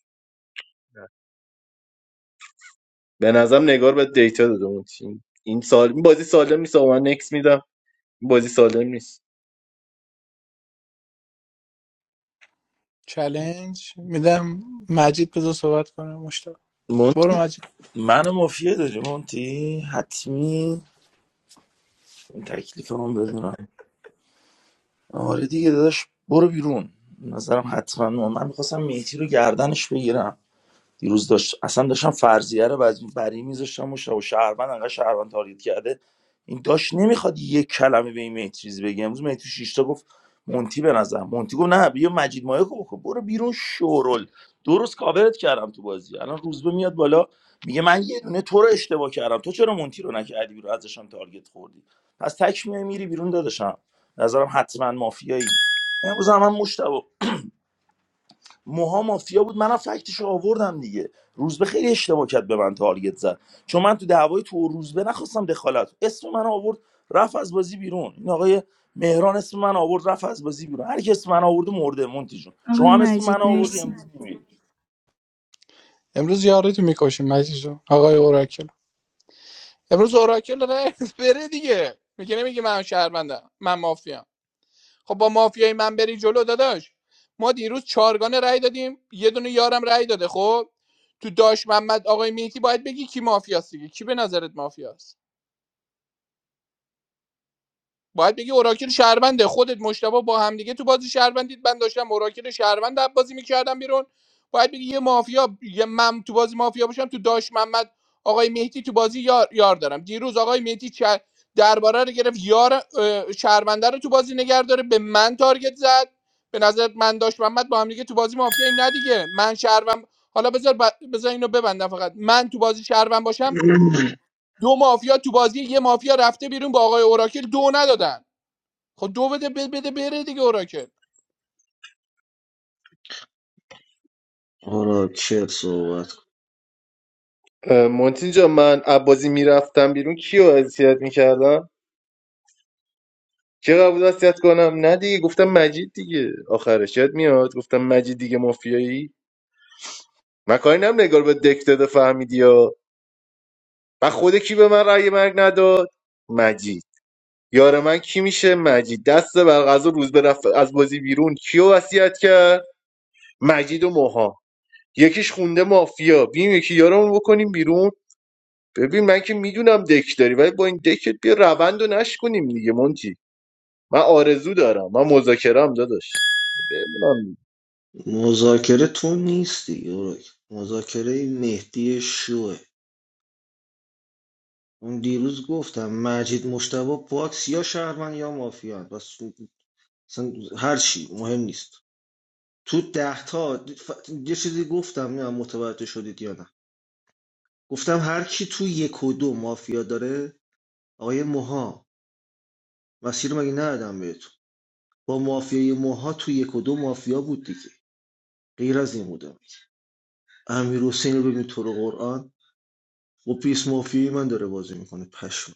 Speaker 16: به نظرم نگار به دیتا داده اون تیم این سال این بازی سالم نیست آقا. من نکس میدم این بازی سالم نیست
Speaker 6: چلنج میدم مجید بذار صحبت کنه مشتاق
Speaker 19: مون...
Speaker 6: برو مجید
Speaker 19: منو مافیه داری مونتی حتمی این تکلیف هم بدونم آره دیگه داداش برو بیرون به نظرم حتما من, من میخواستم میتی رو گردنش بگیرم دیروز داشت اصلا داشتم فرضیه رو از بر این میذاشتم و شا- و شهروند انقدر شهروند تارگت کرده این داشت نمیخواد یک کلمه به این مهدی چیز بگه امروز مهدی تو شیشتا گفت مونتی به نظر مونتی گفت نه بیا مجید مایه کو برو بیرون شورل درست کاورت کردم تو بازی الان روزبه میاد بالا میگه من یه دونه تو رو اشتباه کردم تو چرا مونتی رو نکردی بیرون ازشم تارگت خوردی پس تک میای میری بیرون داداشم نظرم حتما مافیایی امروز هم من مشتبه موها مافیا بود منم فکتش آوردم دیگه روزبه خیلی اشتباه کرد به من تارگت زد چون من تو دعوای تو و روزبه نخواستم دخالت اسم من آورد رفت از بازی بیرون این آقای مهران اسم من آورد رفت از بازی بیرون هر کی اسم من آورد مرده مونتی جون
Speaker 11: آقای
Speaker 19: شما هم اسم من
Speaker 11: مجید
Speaker 19: آوردی
Speaker 11: مرسی
Speaker 19: امروز می‌میری.
Speaker 6: امروز یاری تو میکشیم مجید جون. آقای اوراکل امروز اوراکل داره بره دیگه میگه نمیگه من شهروندم من مافیا خب با مافیای من بری جلو داداش ما دیروز چارگانه رأی دادیم یه دونه یارم رأی داده خب تو داش محمد آقای مهدی باید بگی کی مافیاست دیگه کی به نظرت مافیاست باید راکیل بنده خودت مشتبه با هم دیگه تو بازی شهروندید من داشتم من در بازی میکردم بیرون باید بگی یه مافیا یه من تو بازی مافیا باشم تو داش محمد آقای مهدی تو بازی یار, یار دارم دیروز آقای مهدی چ- درباره رو گرفت یار اه، شهرونده رو تو بازی نگه داره به من تارگت زد به نظرت من داش محمد با هم دیگه تو بازی مافیاییم نه دیگه من شهروند حالا بذار ب... بذار اینو ببندم فقط من تو بازی شهروند باشم دو مافیا تو بازی یه مافیا رفته بیرون با آقای اوراکل دو ندادن خب دو بده بده, بده بره دیگه اوراکل
Speaker 12: اوراکل صحبت کن.
Speaker 16: اه، مونتین جان من از میرفتم بیرون کیو اذیت میکردم که قبول وصیت کنم نه دیگه گفتم مجید دیگه آخرش یاد میاد گفتم مجید دیگه مافیایی من کاری نم نگار به دک داده فهمیدی یا من خود کی به من رأی مرگ نداد مجید یار من کی میشه مجید دست بر غذا روز به از بازی بیرون کیو وصیت کرد مجید و موها یکیش خونده مافیا بیم یکی یارمون بکنیم بیرون ببین من که میدونم دک داری ولی با این دکت بیا روند و نش کنیم دیگه مونتی من آرزو دارم من مذاکرم داداش
Speaker 12: مذاکره تو نیستی اوراکل مذاکره مهدی شوه اون دیروز گفتم مجید مشتبه باکس یا شهرمن یا مافیا بس اصلا هر چی مهم نیست تو ده تا یه چیزی گفتم نه متوجه شدید یا نه گفتم هر کی تو یک و دو مافیا داره آقای موها مسیر مگه ندادم بهتون با مافیای موها تو یک و دو مافیا بود دیگه غیر از این بودم امیر حسین رو ببین تو رو قرآن و پیس مافیای من داره بازی میکنه پشم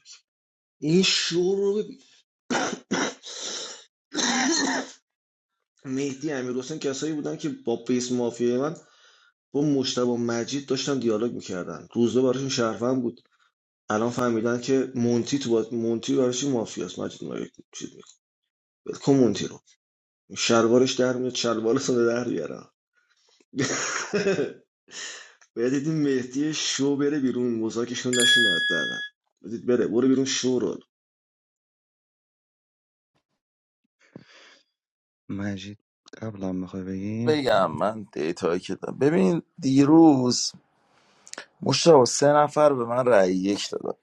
Speaker 12: این شور رو ببین مهدی امیر حسین کسایی بودن که با پیس مافیای من با مجتبی و مجید داشتن دیالوگ میکردن روزبه براشون شهروند بود الان فهمیدن که مونتی تو باز... مونتی براشون مافیاست مجید ما یک چیز میکنه کن مونتی رو شلوارش در میاد شلوار ساده در بیارم باید دیدیم مهدی شو بره بیرون مزاکشون نشین حداقل بدید بره برو بیرون شو رو
Speaker 17: مجید قبلا میخوای بگی
Speaker 19: بگم من دیتایی که دارم ببین دیروز مشتاق سه نفر به من رأی یک دادن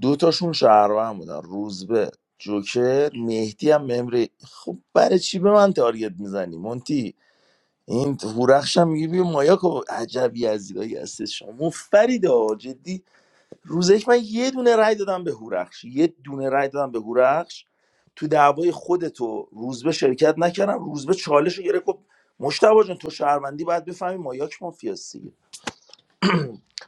Speaker 19: دو تاشون شهروند بودن روزبه جوکر مهدی هم ممری خب برای چی به من تارگت میزنی مونتی این هورخش هم میگه بیا مایاکو عجبی از یزیدایی هستی شما مفرید ها جدی روزش من یه دونه رای دادم به هورخش یه دونه رای دادم به هورخش تو دعوای خودتو روزبه شرکت نکردم روزبه چالش رو گرفت گفت مشتبه جان تو شهروندی باید بفهمی مایاک مافیاست دیگه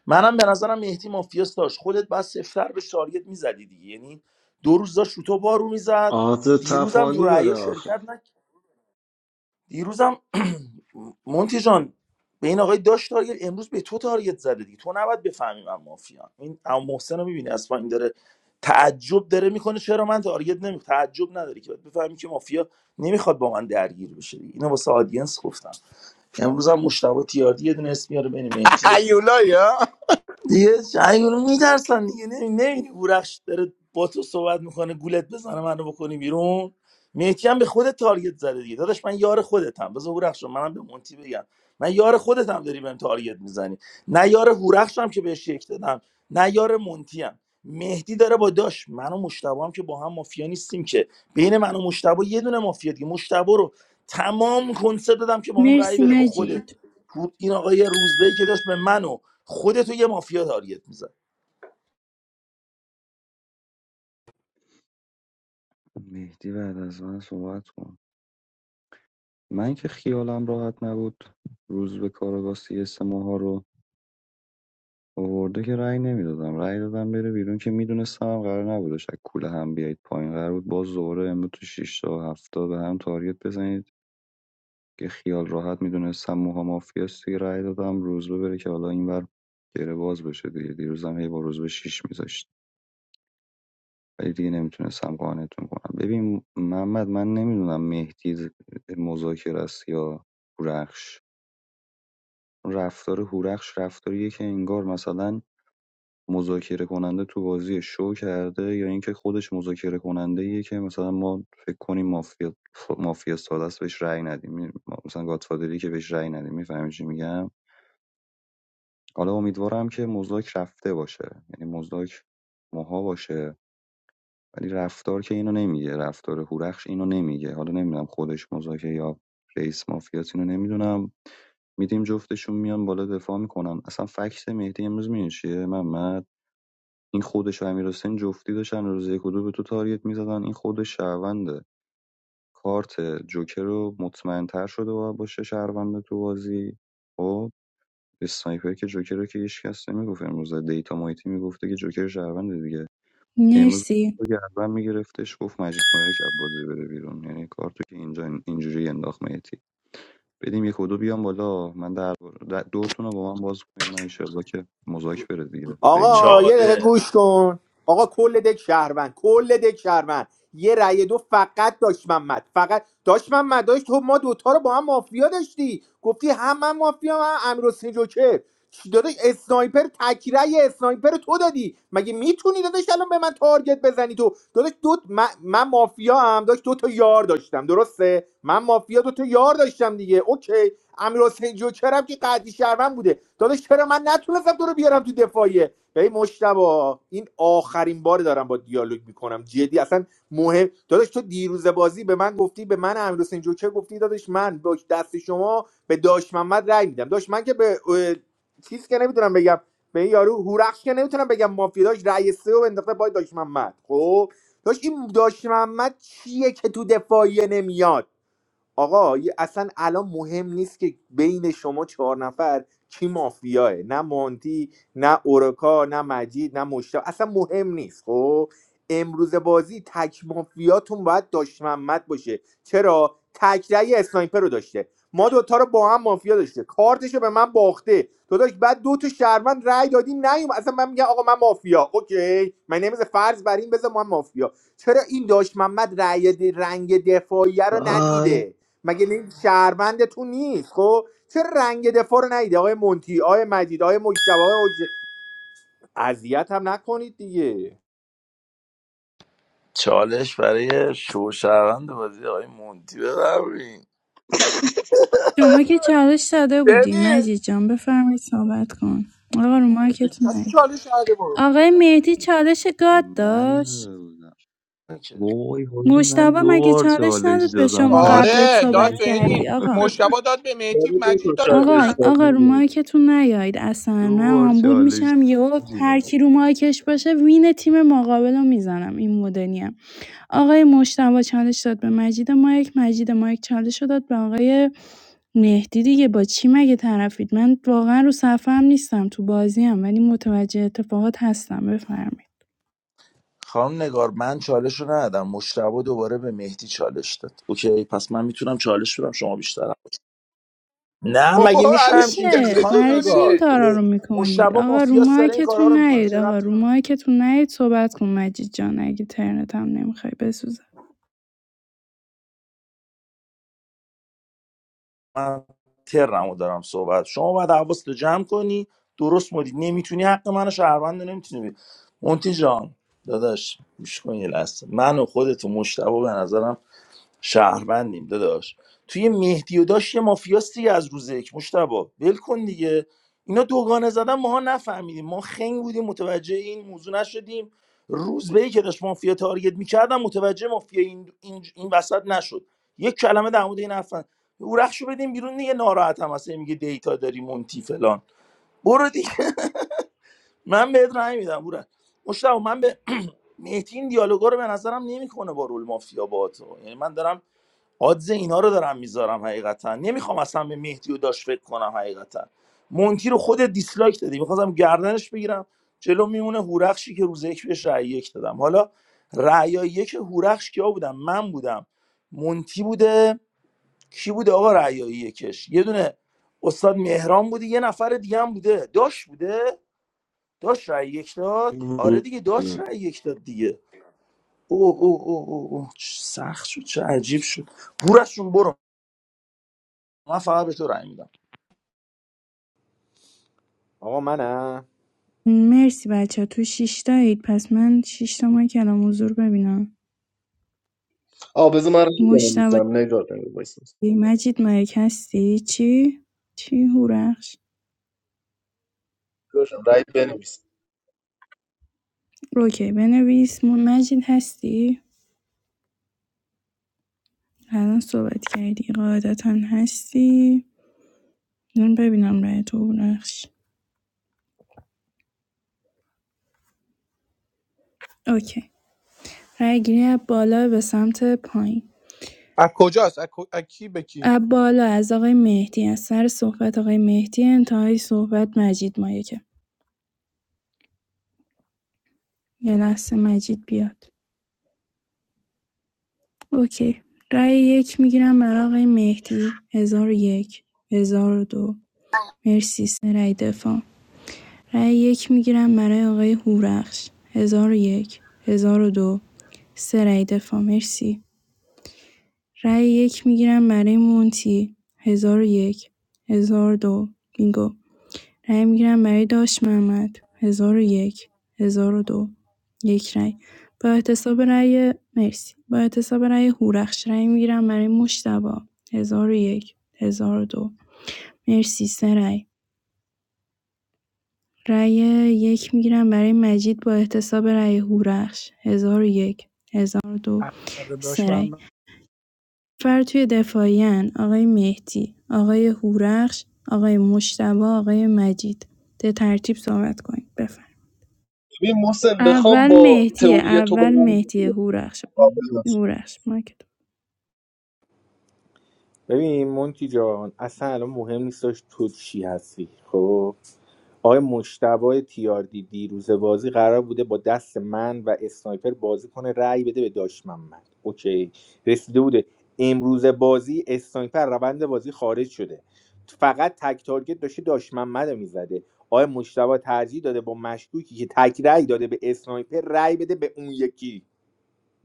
Speaker 19: منم به نظرم مهدی مافیاس داشت خودت بعد سفتر به تارگت میزدی دیگه یعنی دو روز داشت رو تو بارو میزد
Speaker 12: آز
Speaker 19: دیروزم تو
Speaker 12: تفانی داره
Speaker 19: رأی
Speaker 12: آخه
Speaker 19: شرکت نکرد دیروزم مونتی جان به این آقای داش تارگت امروز به تو تارگت زده دیگه تو نباید بفهمی من مافیا این اما محسن رو میبینی اصلا این داره تعجب داره میکنه چرا من تارگت نمی تعجب نداری که باید بفهمی که مافیا نمیخواد با من درگیر بشه دیگه اینو واسه آدینس گفتم امروز هم مشتبه تیاردی یه دونه اسم میاره بین مهدی
Speaker 6: هیولایی ها
Speaker 19: دیگه شنگونو میترسن دیگه نمیدونی هورخش داره با تو صحبت میکنه گولت بزنه منو بکنی بیرون مهدی هم به خودت تارگت زده دیگه داداش من یار خودتم بذار هورخش رو منم به مونتی بگم من یار خودتم داری بهم تارگت میزنی نه یار هورخشم که بهش یک دادم نه یار مونتی هم مهدی داره با داش من و مشتبه هم که با هم مافیا نیستیم که بین من و مشتبه یه دونه مافیا دیگه مشتبه رو تمام کنسرت دادم که با هم رأی
Speaker 11: مرسی
Speaker 19: بده با خودت
Speaker 11: مجید
Speaker 19: این آقای روزبه که داشت به منو خودتو یه مافیا تارگت میزن
Speaker 17: مهدی بعد از من صحبت کن من که خیالم راحت نبود روز به کاراگاه سی اس آورده که رأی نمیدادم رأی دادم بره بیرون که میدونستم هم قرار نبودش از کوله هم بیایید پایین قرار بود باز دوباره امروز تو 6 تا و 7 تا به هم تارگت بزنید که خیال راحت میدونستم موها مافیاست دیگه رأی دادم روزبه بره که حالا اینور گره باز بشه دیگه دیروزم هی با روزبه 6 میذاشت ولی دیگه نمیتونستم قانعتون کنم ببین محمد من نمیدونم مهدی ز- مذاکره است یا هورخش رفتار هورخش رفتاریه که انگار مثلا مذاکره کننده تو بازی شو کرده یا اینکه خودش مذاکره کننده ایه که مثلا ما فکر کنیم مافیا ف- مافیا ساده است بهش رأی ندیم می- ما- مثلا گادفادری که بهش رأی ندیم میفهمی چی میگم حالا امیدوارم که مزداک رفته باشه یعنی مزداک ماها باشه ولی رفتار که اینو نمیگه رفتار هورخش اینو نمیگه حالا نمیدونم خودش مذاکره یا رئیس مافیاس اینو نمیدونم میدیم جفتشون میان بالا دفاع میکنن اصلا فکت مهدی امروز میدونی چیه محمد این خودش و امیرحسین جفتی داشتن روز یک و دو به تو تارگت میزدن این خودش شهرونده کارت جوکر رو مطمئنتر شده باید باشه شهرونده تو بازی خب اسنایپر که جوکر رو که هیچ کس نمیگفت امروز دیتا مایتی میگفته که جوکر شهرونده دیگه امروز
Speaker 11: مرسی
Speaker 17: رو گردن میگرفتش گفت مجید مایک از بازی بره بیرون یعنی کارتو که اینجا اینجوری انداخت مایتی بدیم یک و دو بیام بالا من در دوتون رو با من باز کنید من ایشالله که مذاکره بره دیگه بین اینا
Speaker 1: آقا یه دقیقه
Speaker 19: چاله
Speaker 1: گوش کن آقا کل دک شهروند کل دک شهروند یه رأی دو فقط داشت محمد فقط داشت محمد داشت تو ما دوتا رو با هم مافیا داشتی گفتی هم من مافیا هم امیر حسین جوکر چی داداش اسنایپر تکیره اسنایپر تو دادی مگه میتونی داداش الان به من تارگت بزنی تو داداش دو من, من مافیا هم داشت دو تا یار داشتم درسته من مافیا دو تا یار داشتم دیگه اوکی امیر حسین جوکر هم که قدی شهروند بوده داداش چرا من نتونستم تو رو بیارم تو دفاعیه به مشتبا این آخرین بار دارم با دیالوگ میکنم جدی اصلا مهم داداش تو دیروز بازی به من گفتی به من امیر حسین جوکر گفتی داداش من با دست شما به داش محمد رأی میدم داش من که به اه، چیز که نمیتونم بگم به این یارو هورخش که نمیتونم بگم مافیا داش رأی سه و انداخته با داش محمد خب داش این داش محمد چیه که تو دفاعیه نمیاد آقا اصلا الان مهم نیست که بین شما چهار نفر کی مافیاه نه مانتی نه اورکا نه مجید نه مشتاق اصلا مهم نیست خب امروز بازی تک مافیاتون باید داشت محمد باشه چرا تک رأی اسنایپر رو داشته ما دوتا رو با هم مافیا داشته کارتش رو به من باخته تو داشت بعد دو تا شهروند رأی دادیم نیوم اصلا من میگم آقا من مافیا اوکی من نمیزه فرض بر این بذار من مافیا چرا این داشت محمد رأی د- رنگ دفاعیه رو
Speaker 12: آی
Speaker 1: ندیده مگه نی- شهروند تو نیست خب چه رنگ دفاع رو ندید آقای مونتی آقای مجید آقای مجتبی آقای حجی- اذیت هم نکنید دیگه
Speaker 19: چالش برای شوشروند بازی آقای مونتی ببرین
Speaker 11: شما که چالش داده بودی
Speaker 6: ببین
Speaker 11: مجید جان بفرمایید صحبت کن آقا رو
Speaker 6: هیچ
Speaker 11: مایکتون
Speaker 6: کسی
Speaker 11: نید
Speaker 6: چالش کرده برو
Speaker 11: آقای مهدی چالش گاد داشت
Speaker 17: من وای حاجی من
Speaker 11: مشتبه
Speaker 17: دو
Speaker 11: مگه
Speaker 17: بار
Speaker 11: چالش
Speaker 17: چالش
Speaker 11: نداد به
Speaker 17: دادم
Speaker 11: شما قبلت
Speaker 17: پش
Speaker 6: آره
Speaker 11: صحبت
Speaker 6: داد به این
Speaker 11: کردی آقا
Speaker 6: مشتبا داد به مهدی
Speaker 16: داره دو
Speaker 6: مجید
Speaker 16: تا
Speaker 6: داد به من
Speaker 11: آقا
Speaker 16: چالش داره
Speaker 11: آقا رو
Speaker 16: نمی‌دونم.
Speaker 11: مایکتون نیاید اصلا
Speaker 17: دو
Speaker 11: من
Speaker 17: بار
Speaker 11: آمبول
Speaker 17: چالش
Speaker 11: میشم یهو هر
Speaker 17: دادم.
Speaker 11: کی رو مایکش باشه وین تیم مقابل رو میزنم این مدلیم آقای مشتبه چالش داد به مجید مایک مجید مایک چالش رو داد به آقای مهدی دیگه با چی مگه طرفید من واقعا رو صفحه هم نیستم تو بازی هم ولی متوجه اتفاقات هستم بفرمایید
Speaker 19: خانم نگار من چالش رو ندادم مشتبه دوباره به مهدی چالش داد اوکی پس من میتونم چالش بدم شما بیشترم نه مگه
Speaker 6: بابا
Speaker 19: میشه
Speaker 6: الکی
Speaker 19: همچین
Speaker 6: چرا
Speaker 19: چیزی
Speaker 11: میشه
Speaker 19: خانم
Speaker 11: برای چی این
Speaker 19: نگار
Speaker 6: میسوزونی
Speaker 19: اه،
Speaker 11: کارا رو
Speaker 19: مشتبه
Speaker 11: میکنید آقا رو
Speaker 19: مافیاس داره این کارا
Speaker 11: مایکتون
Speaker 19: رو میکنه
Speaker 11: نیاید
Speaker 19: چه
Speaker 11: آقا
Speaker 19: ربطی
Speaker 11: رو مایکتون نیاید صحبت کن مجید جان اگه ترنت هم نمیخوای بسوزه
Speaker 19: من ترمو دارم صحبت شما باید حواست رو جمع کنی درست مدید نمیتونی حق منو شهروند نمیتونی بید مونتی جان داداش گوش کن یه لحظه من و خودت و مشتبه به نظرم شهروندیم داداش توی مهدی و داشت یه مافیاست دیگه از روز یک مشتبا ول کن دیگه اینا دوگانه زدن ماها نفهمیدیم ما خنگ بودیم متوجه این موضوع نشدیم روز به که داشت مافیا تارگت میکردم متوجه مافیا این, این, این وسط نشد یک کلمه در مورد این حرفن او رخشو بدیم بیرون دیگه ناراحت هم هست هی میگه دیتا داری مونتی فلان برو دیگه من بهت رأی میدم برو مشتاق من به مهدی این دیالوگا رو به نظرم نمیکنه با رول مافیا با تو یعنی من دارم آدز اینا رو دارم میذارم حقیقتا نمیخوام اصلا به مهدی و داشت فکر کنم حقیقتا مونتی رو خود دیسلایک دادی میخواستم گردنش بگیرم جلو میمونه هورخشی که روز یک بهش رأی یک دادم حالا رأیای یک هورخش کیا بودم من بودم مونتی بوده کی بوده آقا رأیای یکش یه دونه استاد مهران بوده یه نفر دیگه هم بوده داش بوده داش رأی یک داد آره دیگه داش رأی یک داد دیگه او او او او, او. چه سخت شد چه عجیب شد هورخشون برو من فقط به تو رأی میدم
Speaker 1: آقا منم
Speaker 11: مرسی بچه ها. تو شیشتایید پس من شیشتا ما کلام حضور ببینم
Speaker 16: آه بذار من رأی
Speaker 11: مشتبه
Speaker 16: بنویسم نگار بنویس وایسا.
Speaker 11: چی؟ مجید مایک هستی چی؟ چی هورخش؟
Speaker 16: باشم، رأی بنویس
Speaker 11: اوکی بنویس م- مجید هستی؟ الان صحبت کردی قاعدتا هستی من ببینم رای تو هورخش اوکی رای گیری از بالا به سمت پایین
Speaker 6: از کجاست از کو- از کی به کی
Speaker 11: از بالا از آقای مهدی از سر صحبت آقای مهدی انتهای صحبت مجید مایکه یه لحظه مجید بیاد اوکی رای یک میگیرم برای آقای مهدی هزار و یک هزار و دو مرسی سه رأی دفاع رای یک میگیرم برای آقای هورخش هزار و یک هزار و دو سه رأی دفاع مرسی رای یک میگیرم برای مونتی هزار و یک هزار و دو بینگو رای می‌گیرم برای داش محمد ۱۰۰۱ ۱۰۰۲ یک هزار و دو یک رای با احتساب رای مرسی با احتساب رای هورخش رای می‌گیرم برای مجتبی ۱۰۰۱ ۱۰۰۲ مرسی سه رای رای یک می‌گیرم برای مجید با احتساب رای هورخش ۱۰۰۱ ۱۰۰۲
Speaker 6: از داشت
Speaker 11: سه رای
Speaker 6: من
Speaker 11: فر توی دفاعیان آقای مهدی آقای هورخش آقای مجتبی آقای مجید به ترتیب صحبت کنید بفرمایید
Speaker 16: ببین محسن بخوام
Speaker 11: اول
Speaker 16: با
Speaker 11: مهدیه
Speaker 16: تئوری تو
Speaker 11: اول
Speaker 16: برم
Speaker 11: مهدیه هورخش
Speaker 16: آه، ببخشید.
Speaker 11: هورخش مایک تو
Speaker 1: ببین مونتی جان اصلا الان مهم نیستش تو چی هستی خب آقای مشتبه تیاردی دیروز بازی قرار بوده با دست من و اسنایپر بازی کنه رأی بده به داش محمد اوکی رسیده بوده امروز بازی اسنایپر روند بازی خارج شده فقط تک تارگت داشته داش محمد رو میزده آقای مشتبه ترجیح داده با مشکوکی که تک رأی داده به اسنایپر رأی بده به اون یکی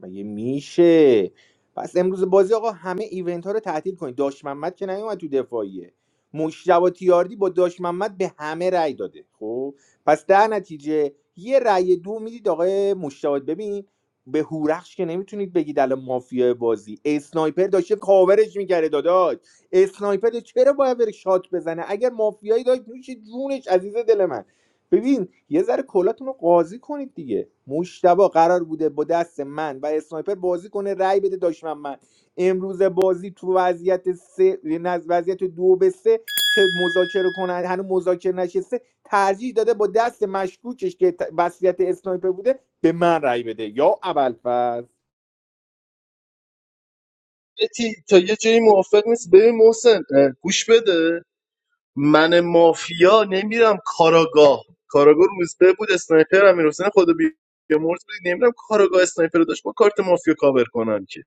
Speaker 1: مگه میشه پس امروز بازی آقا همه ایونت ها رو تعطیل کنید داش محمد که نیومد تو دفاعیه مشتبه تیاردی با داش محمد به همه رأی داده خب پس در نتیجه یه رأی دو میدید آقای مشتبه ببین به هورخش که نمیتونید بگید الان مافیای بازی اسنایپر داشته کاورش میکرده داداش اسنایپر چرا باید بره شات بزنه اگر مافیایی داشت میشه جونش عزیز دل من ببین یه ذره کلاتون رو قاضی کنید دیگه مشتبه قرار بوده با دست من و اسنایپر بازی کنه رای بده دشمن من امروز بازی تو وضعیت سه نه، وضعیت دو به سه که مذاکره کنن هنوز مذاکره نشسته ترجیح داده با دست مشکوکش که ت- وضعیت اسنایپر بوده به من رای بده یا اول
Speaker 16: یه تی- تا یه جایی موافق نیست ببین محسن اه، گوش بده من مافیا نمیرم کاراگاه کاراگاه روزبه بود اسنایپر هم میرسن خدا بی بی مرز بود نمیرم کاراگاه اسنایپر رو داشت با کارت مافیا کاور کنم که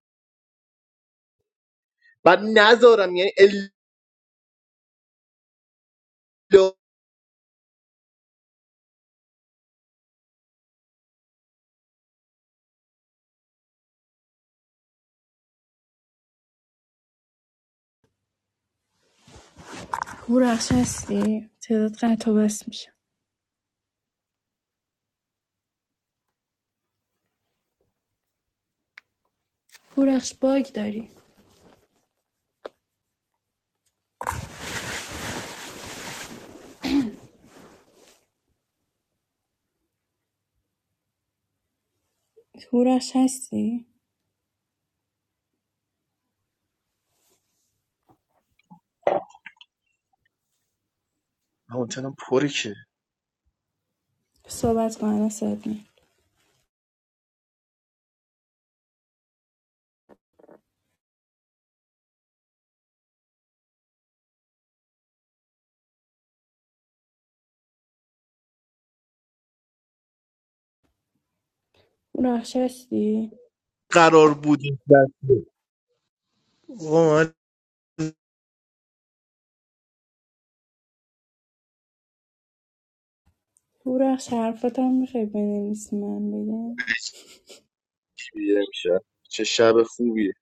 Speaker 16: بعد نذارم یعنی الا
Speaker 11: هورخش هستی تعداد قطع و بس میشه هورخش باگ داری هورخش هستی
Speaker 16: مونتنم پره که
Speaker 11: صحبت کن الان صدات میاد. هورخش هستی
Speaker 16: قرار بود
Speaker 11: هورخش حرفات هم میخوای بنویسی من بگم
Speaker 16: دیگه میشه چه شب خوبیه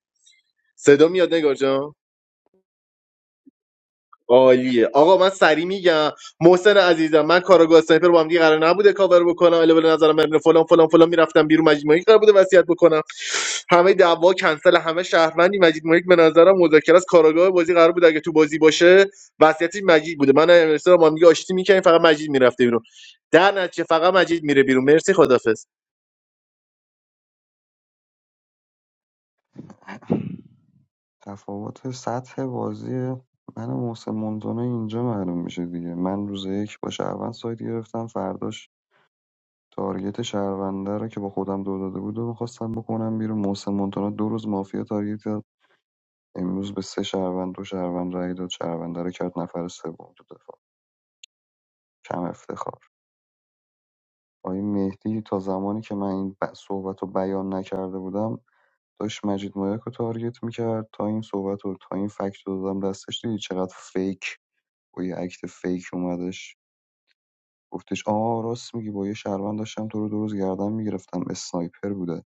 Speaker 16: صدا میاد نگار جان عالیه آقا من سری میگم محسن عزیزم من کاراگاه سایپر با هم دیگه قرار نبوده کاور بکنم علاوه نظرم من فلان فلان فلان میرفتم بیرون مجید مایک قرار بوده وصیت بکنم همه دعوا کنسل همه شهروندی مجید مایک به نظرم مذاکره از کاراگاه بازی قرار بوده اگه تو بازی باشه وصیتش مجید بوده من امیرسا با هم دیگه آشتی میکنیم فقط مجید میرفته بیرون در نتیجه فقط مجید میره بیرون مرسی خدافظ
Speaker 17: تفاوت سطح بازی من و محسن منتونه اینجا معلوم میشه دیگه من روز یک با شهروند سایت گرفتم فرداش تارگت شهرونده رو که با خودم دو داده بود و میخواستم بکنم بیرون محسن مونتانا دو روز مافیا تارگت کرد امروز به سه شهروند دو شهروند رای داد شهرونده رو کرد نفر سوم تو دفاع کم افتخار آقای مهدی تا زمانی که من این ب- صحبت رو بیان نکرده بودم داشت مجید مایاک رو تارگت میکرد تا این صحبت رو تا این فکت رو دادم دستش دیدی چقدر فیک با یه عکت فیک اومدش گفتش آه راست میگی با یه شهروند داشتم تو رو دو روز گردن میگرفتم اسنایپر بوده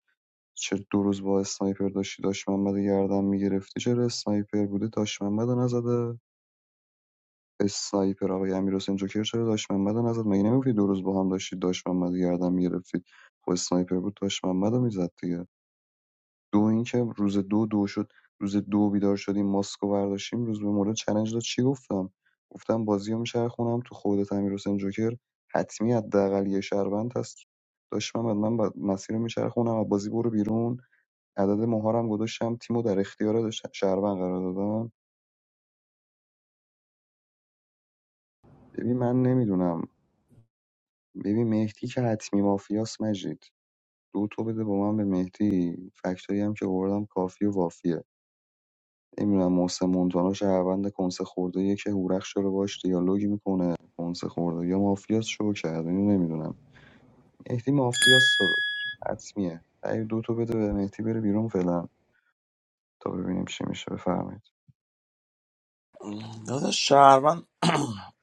Speaker 17: چه دو روز با اسنایپر داشتی داشت محمد رو گردن میگرفتی چرا اسنایپر بوده داشت محمد رو نزده اسنایپر آقای امیرحسین جوکر چرا داش محمد رو نزد مگه نمیگفتی دو روز با هم داشتید داش محمد گردن میگرفتید خب اسنایپر بود داش محمد رو میزد دیگه دو اینکه روز دو دو شد روز دو بیدار شدیم ماسکو برداشتیم روز به مورد چلنج داد چی گفتم گفتم بازی میشه خونم تو خودت امیرحسین جوکر حتمی حداقل یه شهروند هست داش محمد من بعد مسیر میشه خونم. و بازی برو بیرون عدد مهارم گذاشتم تیمو در اختیار ش- شهروند قرار دادم ببین من نمیدونم ببین مهدی که حتمی مافیاس مجید دو تو بده با من به مهدی فکتایی هم که آوردم کافی و وافیه نمیدونم محسن مونتانا شهروند کنسه خورده یه که هورخش داره باش دیالوگ میکنه کنسه خورده یا مافیاس شو کرده اینو نمیدونم مهدی مافیاس داداش حتمیه ای دو تو بده به مهدی بره بیرون فعلا تا ببینیم چی میشه بفرمایید
Speaker 19: داداش شهروند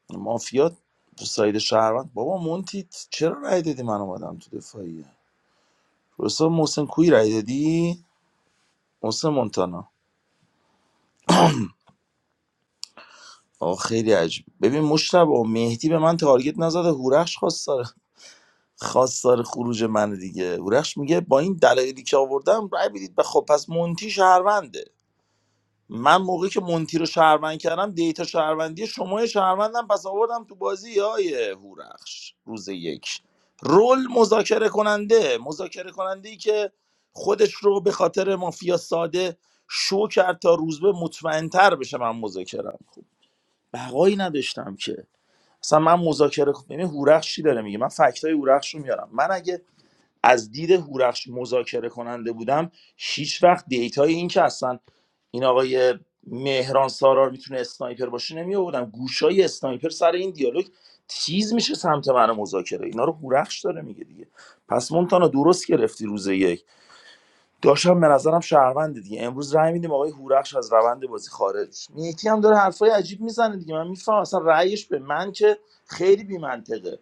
Speaker 19: مافیا ساید شهروند بابا مونتی چرا رأی دادی من اومدم تو دفاعیه رسا محسن کوی رأی دادی محسن مونتانا آه خیلی عجیب ببین مشتبه و مهدی به من تارگت نزده هورخش خواستار خواستار خروج من دیگه هورخش میگه با این دلایلی که آوردم رأی بدید به خب پس مونتی شهرونده من موقعی که مونتی رو شهروند کردم دیتا شهروندی شما شهروندم پس آوردم تو بازی های هورخش روز یک رول مذاکره کننده مذاکره کننده ای که خودش رو به خاطر مافیا ساده شو کرد تا روز به مطمئنتر بشه من مذاکرم خب بقایی نداشتم که اصلا من مذاکره خب ببین هورخش چی داره میگه من فکت های هورخش رو میارم من اگه از دید هورخش مذاکره کننده بودم هیچ وقت دیتای این که اصلا این آقای مهران سارار میتونه اسنایپر باشه نمی آوردم گوشای اسنایپر سر این دیالوگ تیز میشه سمت من مذاکره اینا رو هورخش داره میگه دیگه پس مونتانا درست گرفتی روز یک داشتم به نظرم شهروند دیگه امروز رأی میدیم آقای هورخش از روند بازی خارج میتی هم داره حرفای عجیب میزنه دیگه من میفهمم اصلا رأیش به من که خیلی بی منطقه.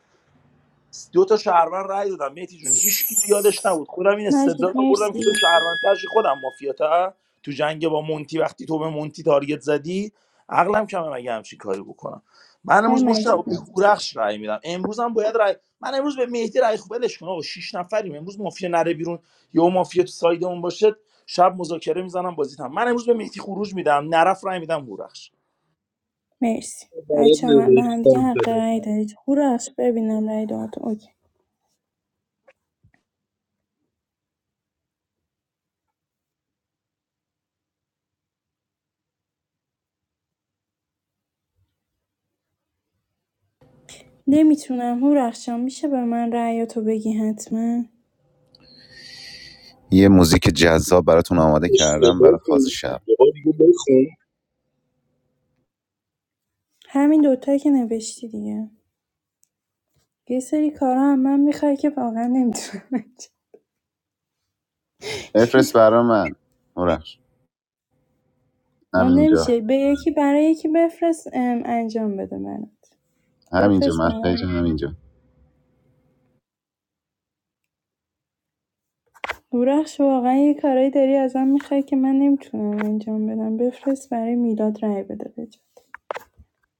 Speaker 19: دو تا شهروند رأی دادم مهدی جون هیچ کی یادش نبود خودم این
Speaker 11: مجید
Speaker 19: استدلال رو آوردم
Speaker 11: مرسی
Speaker 19: که تو شهروند خودم مافیاتا تو جنگ با مونتی وقتی تو به مونتی تارگت زدی عقلم کمه مگه همچین کاری بکنم من
Speaker 11: های
Speaker 19: امروز مشتاق
Speaker 11: مجید
Speaker 19: به
Speaker 11: مرسی
Speaker 19: هورخش رای میدم امروز هم باید رای من امروز به مهدی رای خوب ولش کن آقا شش نفریم امروز مافیا نره بیرون یا مافیا تو سایدمون باشه شب مذاکره میزنم بازیتم من امروز به مهدی خروج میدم نرف رای میدم هورخش
Speaker 11: مرسی
Speaker 16: برات
Speaker 11: بچه هم به هم دیگه
Speaker 16: نوشتم
Speaker 11: حق
Speaker 16: شده
Speaker 11: رأی دارید هورخش ببینم رأی دادتون اوکی نمیتونم هورخش جان، میشه به من رأیاتو بگی حتما
Speaker 21: یه موزیک جذاب براتون آماده کردم
Speaker 16: اشتباه
Speaker 21: برای فاز
Speaker 16: خوندی.
Speaker 21: شب
Speaker 16: یه بار دیگه بخون
Speaker 11: همین دوتایی که نوشتی دیگه یه سری کارا هم من میخوای که واقعا نمیتونم
Speaker 21: بفرست برا من هورش
Speaker 11: اون
Speaker 21: همینجا
Speaker 11: نمیشه به یکی برای یکی بفرست انجام بده برات
Speaker 21: همینجا
Speaker 11: بفرست
Speaker 21: مسیج
Speaker 11: برام
Speaker 21: همینجا
Speaker 11: بورخش واقعا یه کارایی داری ازم میخوای که من نمیتونم انجام بدم بفرست برای میلاد رای بده بجا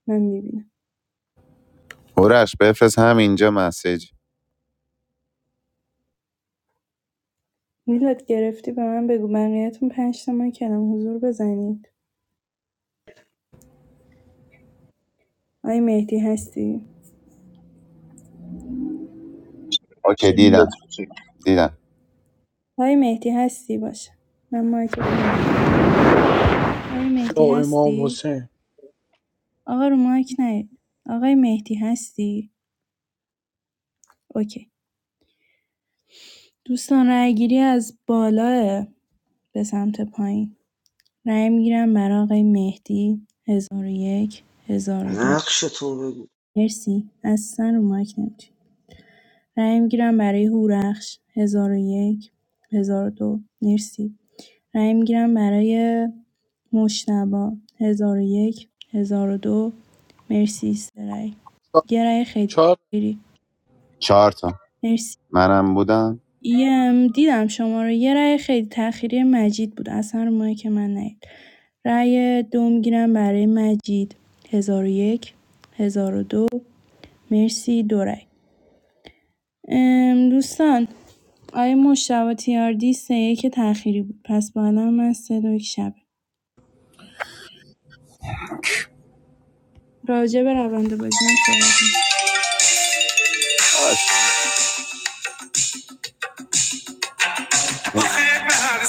Speaker 11: من میبینم
Speaker 21: هورش بفرست همینجا مسیج
Speaker 11: میلاد گرفتی به من بگو بقیهتون پنج تا من کلم حضور بزنید آی مهدی هستی
Speaker 16: چه
Speaker 21: اوکی دیدم
Speaker 16: میلادی که
Speaker 21: دیدم
Speaker 11: آی مهدی هستی باشه من مایک آی
Speaker 6: یا
Speaker 11: مهدی
Speaker 6: امام
Speaker 11: هستی
Speaker 6: حسین
Speaker 11: آقا رو مایک نیاد آقای مهدی هستی اوکی دوستان رای گیری از بالا به سمت پایین رای میگیرم برای آقای مهدی هزار و یک هزار و دو
Speaker 12: نقش تو بگو
Speaker 11: مرسی اصلا رو مایک نمی‌تونی. رای میگیرم برای هورخش هزار و یک هزار و دو مرسی رای میگیرم برای مشتبا هزار و یک هزار و دو مرسی سه رای یه رای خیلی
Speaker 6: چهار
Speaker 21: چهار تا
Speaker 11: مرسی
Speaker 21: منم بودم
Speaker 11: یم دیدم شما رو یه رأی خیلی تأخیری مجید بود اصلا رو مایی که من نیاد رأی دو میگیرم برای مجید هزار و یک هزار و دو مرسی دو رأی ام، دوستان آیا مشتبه تیاردی سه یک تأخیری بود پس با الان من سه دو یک شبه راجع به روند بازی هم صحبت هم.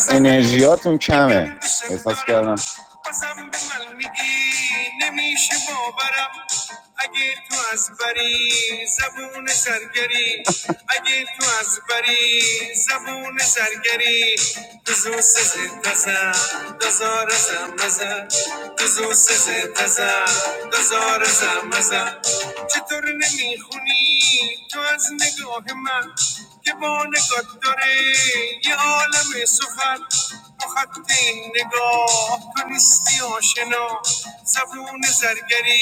Speaker 21: انرژیاتون کمه احساس کردم نمیشه باورم اگه تو از بری زبون زرگری اگه تو از بری زبون زرگری بزو سزه تزن دزار زم مزن بزو سزه تزن دزار زم مزن چطور نمیخونی تو از نگاه من که با نگاه داره یه عالم سخن با خط این نگاه تو نیستی آشنا زبون زرگری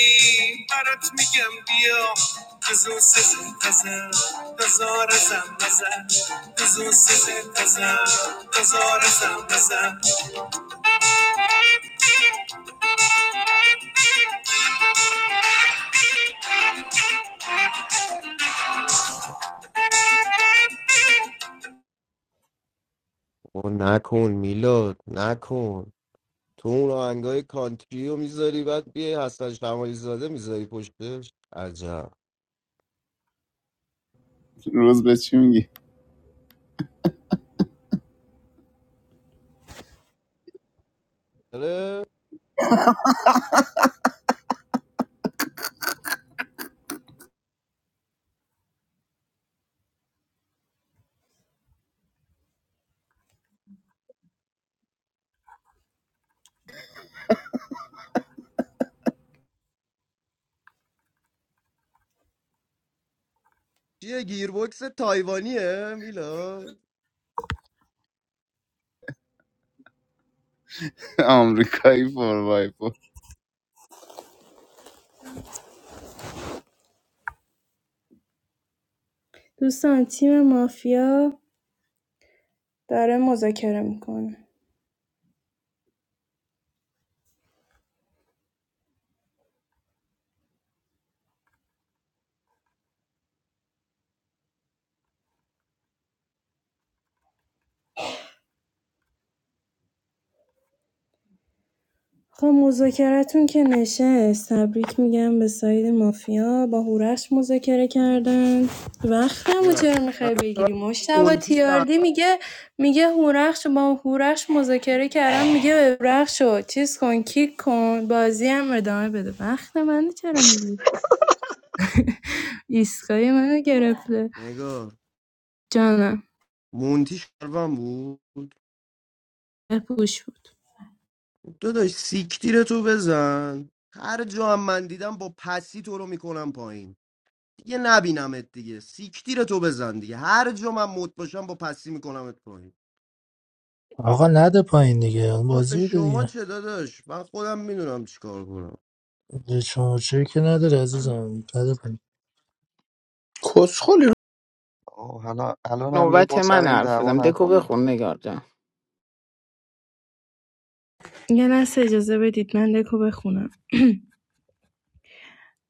Speaker 21: برات میگم بیا دزو سزن تزن دزار زن بزن دزو سزن تزن دزار زن بزن
Speaker 5: او نکن میلاد نکن تو اون آهنگای کانتری رو میذاری بعد بیای حسن شمالی زاده میذاری پشتش عجب
Speaker 21: روز به چی میگی؟
Speaker 5: آره چیه گیربکس تایوانیه میلاد
Speaker 21: آمریکایی فور بای فور
Speaker 11: دوستان تیم مافیا داره مذاکره میکنه خب مذاکرتون که نشست تبریک میگم به ساید مافیا با هورخش مذاکره کردن وقتم و
Speaker 5: ببخشید
Speaker 11: چرا
Speaker 5: من-
Speaker 11: میخوای
Speaker 5: من
Speaker 11: بگیری مشتبه
Speaker 5: مونتی شهر
Speaker 11: تیاردی میگه میگه هورخش با هورخش مذاکره کردم میگه به هورخش رو چیز کن کیک کن بازی هم ادامه بده وقت منو چرا میگی ایستگاهی منو گرفته
Speaker 5: نگار
Speaker 11: جانم
Speaker 5: مونتی شهروند بود
Speaker 11: پوش بود
Speaker 5: داداش سیکتیر تو بزن هر جا هم من دیدم با پسی تو رو میکنم پایین دیگه نبینمت دیگه سیکتیر تو بزن دیگه هر جا من مت باشم با پسی میکنمت پایین
Speaker 7: آقا نده پایین دیگه اون
Speaker 5: آه،
Speaker 7: بازی
Speaker 5: به
Speaker 7: بوده
Speaker 5: شما
Speaker 7: دیگه
Speaker 5: چه داداش من خودم میدونم چیکار کنم
Speaker 7: به شما چه که نداره عزیزم نده پایین
Speaker 6: کسخلی رو
Speaker 17: آه حالا الان هم یه
Speaker 13: نوبت
Speaker 17: بار سر
Speaker 13: من
Speaker 17: این
Speaker 13: حرف بزنم
Speaker 17: دعوا
Speaker 13: دکو
Speaker 17: نکنید
Speaker 13: بخون نگار جان
Speaker 11: یه لحظه اجازه بدید من دکو بخونم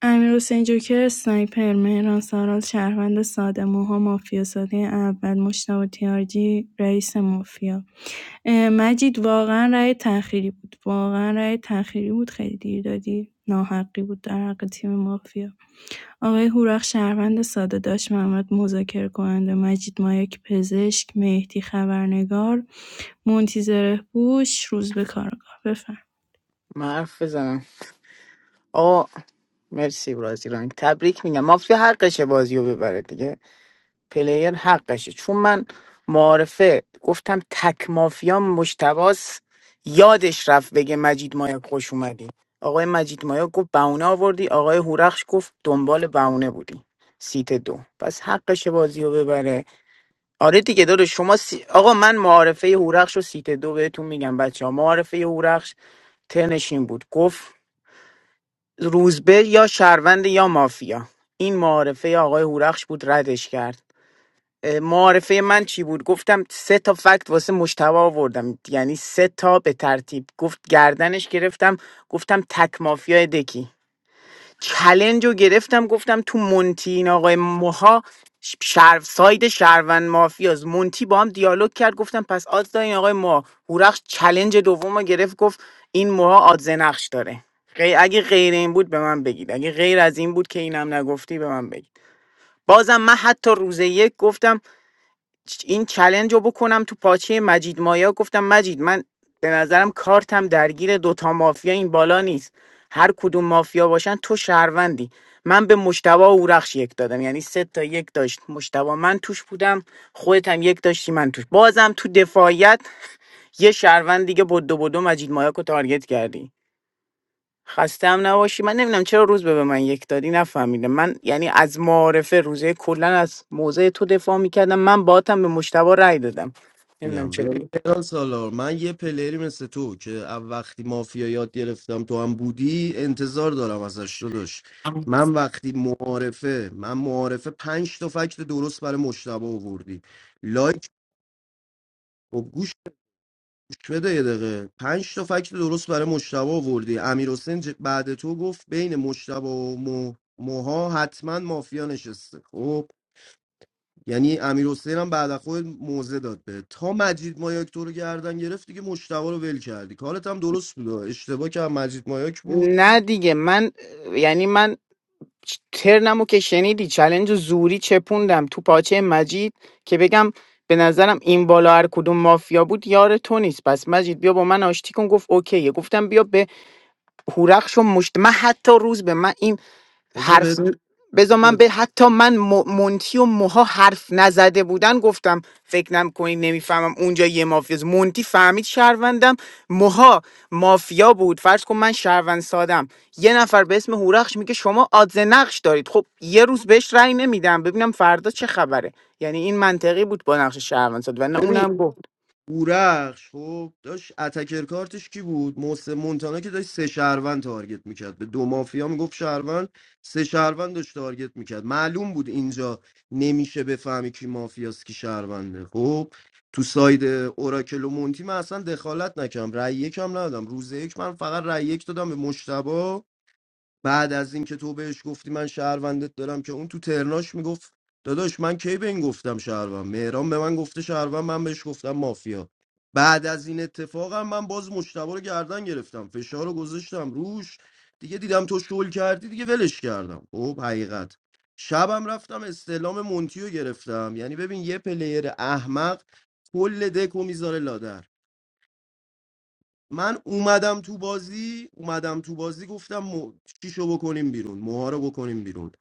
Speaker 11: امیرحسین جوکر اسنایپر، مهران سارال شهروند ساده، موها مافیا ساده اول، مشتاق تیارجی رئیس مافیا اه، مجید واقعا رأی تأخیری بود واقعا رأی تأخیری بود خیلی دیر دادی ناحقی بود در حق تیم مافیا آقای هورخ شهروند ساده داشت محمد مذاکره کننده مجید مایک پزشک مهدی خبرنگار منتظره بوش روز به کارگاه بفهم
Speaker 13: من حرف بزنم آه مرسی برازیل تبریک میگم مافیا هر قشه بازی رو ببره دیگه پلیر حقشه چون من معارفه گفتم تک مافیا مشتباس یادش رفت بگه مجید مایا خوش اومدی آقای مجید مایا گفت بهونه آوردی آقای هورخش گفت دنبال بهونه بودی سیت دو پس حقش بازی رو ببره آره دیگه داره شما سی... آقا من معارفه هورخش و سیت دو بهتون میگم بچه ها معارفه هورخش ترنش بود گفت روزبه یا شهروند یا مافیا این معارفه آقای هورخش بود ردش کرد معارفه من چی بود گفتم سه تا فکت واسه مشتبه آوردم یعنی سه تا به ترتیب گفت گردنش گرفتم گفتم تک مافیای دکی چلنج رو گرفتم گفتم تو مونتی این آقای موها ش- شهر ساید شهروند مافیاز مونتی با هم دیالوگ کرد گفتم پس آدز داره این آقای موها هورخش چلنج دوم رو گرفت گفت این موها آدز نقش داره غی- اگه غیر این بود به من بگید اگه غیر از این بود که اینم نگفتی به من بگید بازم من حتی روز یک گفتم این چلنج رو بکنم تو پاچه مجید مایا گفتم مجید من به نظرم کارتم درگیر دوتا مافیا این بالا نیست هر کدوم مافیا باشن تو شهروندی من به مشتبه و اورخش یک دادم یعنی سه تا یک داشت مشتبه من توش بودم خودت هم یک داشتی من توش بازم تو دفاعیت یه شهروند دیگه بدو بدو مجید مایا رو تارگت کردی خسته هم نباشی من نمیدونم چرا روز به به من یک دادی نفهمیدم من یعنی از معارفه روزه کلا از موضع تو دفاع میکردم من باهاتم به مشتبه رأی دادم نمیدونم
Speaker 5: میگم
Speaker 13: چرا
Speaker 5: ببین ایران سالار من یه پلری مثل تو که او- وقتی مافیا یاد گرفتم تو هم بودی انتظار دارم ازش داداش من وقتی معارفه من معارفه پنج تا فکت درست برای مشتبه آوردی لایک و گوش گوش بده یه دقیقه پنج تا فکت درست برای مشتبه آوردی امیر حسین بعد تو گفت بین مشتبه و مو... موها حتما مافیا نشسته خب یعنی امیر حسین هم بعد از خود موزه داد به تا مجید مایاک تو رو گردن گرفت دیگه مشتبه رو ول کردی کارت هم درست بود اشتباه که هم مجید مایاک بود
Speaker 13: نه دیگه من اه، یعنی من چ- ترنمو که شنیدی چلنج و زوری چپوندم تو پاچه مجید که بگم به نظرم این بالا هر کدوم مافیا بود یار تو نیست پس مجید بیا با من آشتی کن گفت اوکیه گفتم بیا به هورخش و مشت من حتی روز به من این
Speaker 5: بذار
Speaker 13: حرف
Speaker 5: بهت
Speaker 13: ن- بذار من به حتی من م- مونتی و موها حرف نزده بودن گفتم فکر نم کنید نمیفهمم اونجا یه مافیاست مونتی فهمید شهروندم موها مافیا بود فرض کن من شهروند سادم یه نفر به اسم هورخش میگه شما آدز نقش دارید خب یه روز بهش رأی نمیدم ببینم فردا چه خبره یعنی این منطقی بود با نقش شهروند ساد و نه
Speaker 5: ببین
Speaker 13: اونم گفت
Speaker 5: بورخش خب داشت اتکر کارتش کی بود محسن مونتانا که داشت سه شهروند تارگت میکرد به دو مافیا میگفت شهروند سه شهروند داشت تارگت میکرد معلوم بود اینجا نمیشه بفهمی کی مافیاست کی شهرونده خب تو ساید اوراکل و مونتی من اصلا دخالت نکردم رأی یکم ندادم روز یک من فقط رأی یک دادم به مشتبه بعد از اینکه تو بهش گفتی من شهروندت دارم که اون تو ترناش میگفت داداش من کی به این گفتم شهروند مهران به من گفته شهروند من بهش گفتم مافیا بعد از این اتفاقم من باز مشتبه رو گردن گرفتم فشار رو گذاشتم روش دیگه دیدم تو شل کردی دیگه ولش کردم خب حقیقت شبم رفتم استعلام مونتی رو گرفتم یعنی ببین یه پلیر احمق کل دکو میذاره لادر من اومدم تو بازی اومدم تو بازی گفتم مو... چیشو بکنیم بیرون موها رو بکنیم بیرون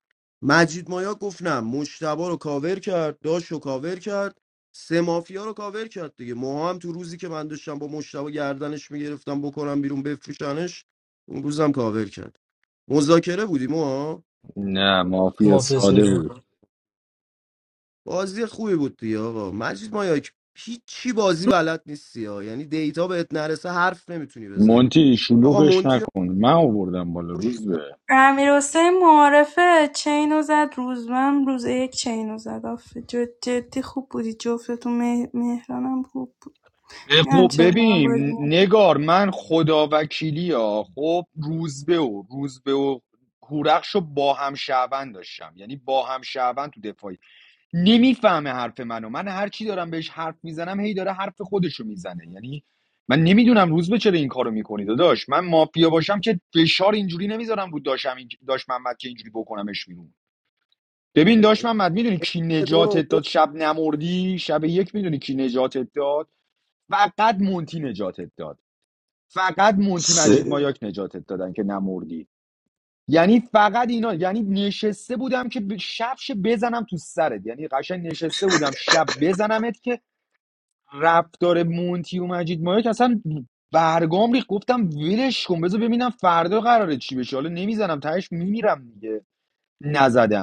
Speaker 5: مجید مایا گفت نه مشتبا رو کاور کرد داش رو کاور کرد سه مافیا رو کاور کرد دیگه موها هم تو روزی که من داشتم با مشتبا گردنش میگرفتم بکنم بیرون بفروشنش اون روزم کاور کرد مذاکره بودیم موها
Speaker 3: نه مافیا
Speaker 7: مافیا
Speaker 3: ساده
Speaker 7: سر
Speaker 3: بود
Speaker 5: بازی خوبی بود دیگه آقا مجید مایا هیچی بازی بلد نیستی ها یعنی دیتا بهت نرسه حرف نمیتونی بزنی
Speaker 3: مونتی
Speaker 5: آقا
Speaker 3: شلوغش
Speaker 5: مونتی رو
Speaker 3: نکن من آوردم بالا
Speaker 5: خوش
Speaker 3: روز
Speaker 5: می‌دم.
Speaker 3: به
Speaker 11: امیرحسین معارفه چینو زد روزبهم روز یک چینو زد آفه جد جدی خوب بودی جفتتون مه- مهرانم خوب بود میدونم
Speaker 3: خب
Speaker 11: چرا با هم بازی
Speaker 3: ببین
Speaker 11: نکردیم.
Speaker 3: نگار من خدا وکیلی ها خب روزبه و روزبه و هورخش رو با هم شعبند داشتم یعنی با هم شعبن تو دفاعی نمیفهمه حرف منو من هر چی دارم بهش حرف میزنم هی داره حرف خودشو میزنه یعنی من نمیدونم روزبه چرا این کارو میکنی داداش من مافیا باشم که فشار اینجوری نمیذارم رو داشم این داش محمد که اینجوری بکنمش بیرون ببین داش محمد میدونی کی
Speaker 5: تو رو
Speaker 3: نجاتت داد
Speaker 5: آورد.
Speaker 3: شب نمردی شب یک میدونی کی نجاتت داد فقط مونتی نجاتت داد فقط مونتی مجید
Speaker 12: سه
Speaker 3: مایاک نجاتت دادن که نمردی یعنی فقط اینا یعنی نشسته بودم که ب- شبش بزنم تو سرت یعنی قشنگ نشسته بودم شب بزنمت که رفتار مونتی و مجید مایاک اصلا برگام ریخت گفتم ولش کن بذار ببینم فردا قراره چی بشه حالا نمیزنم تهش میمیرم دیگه نزدم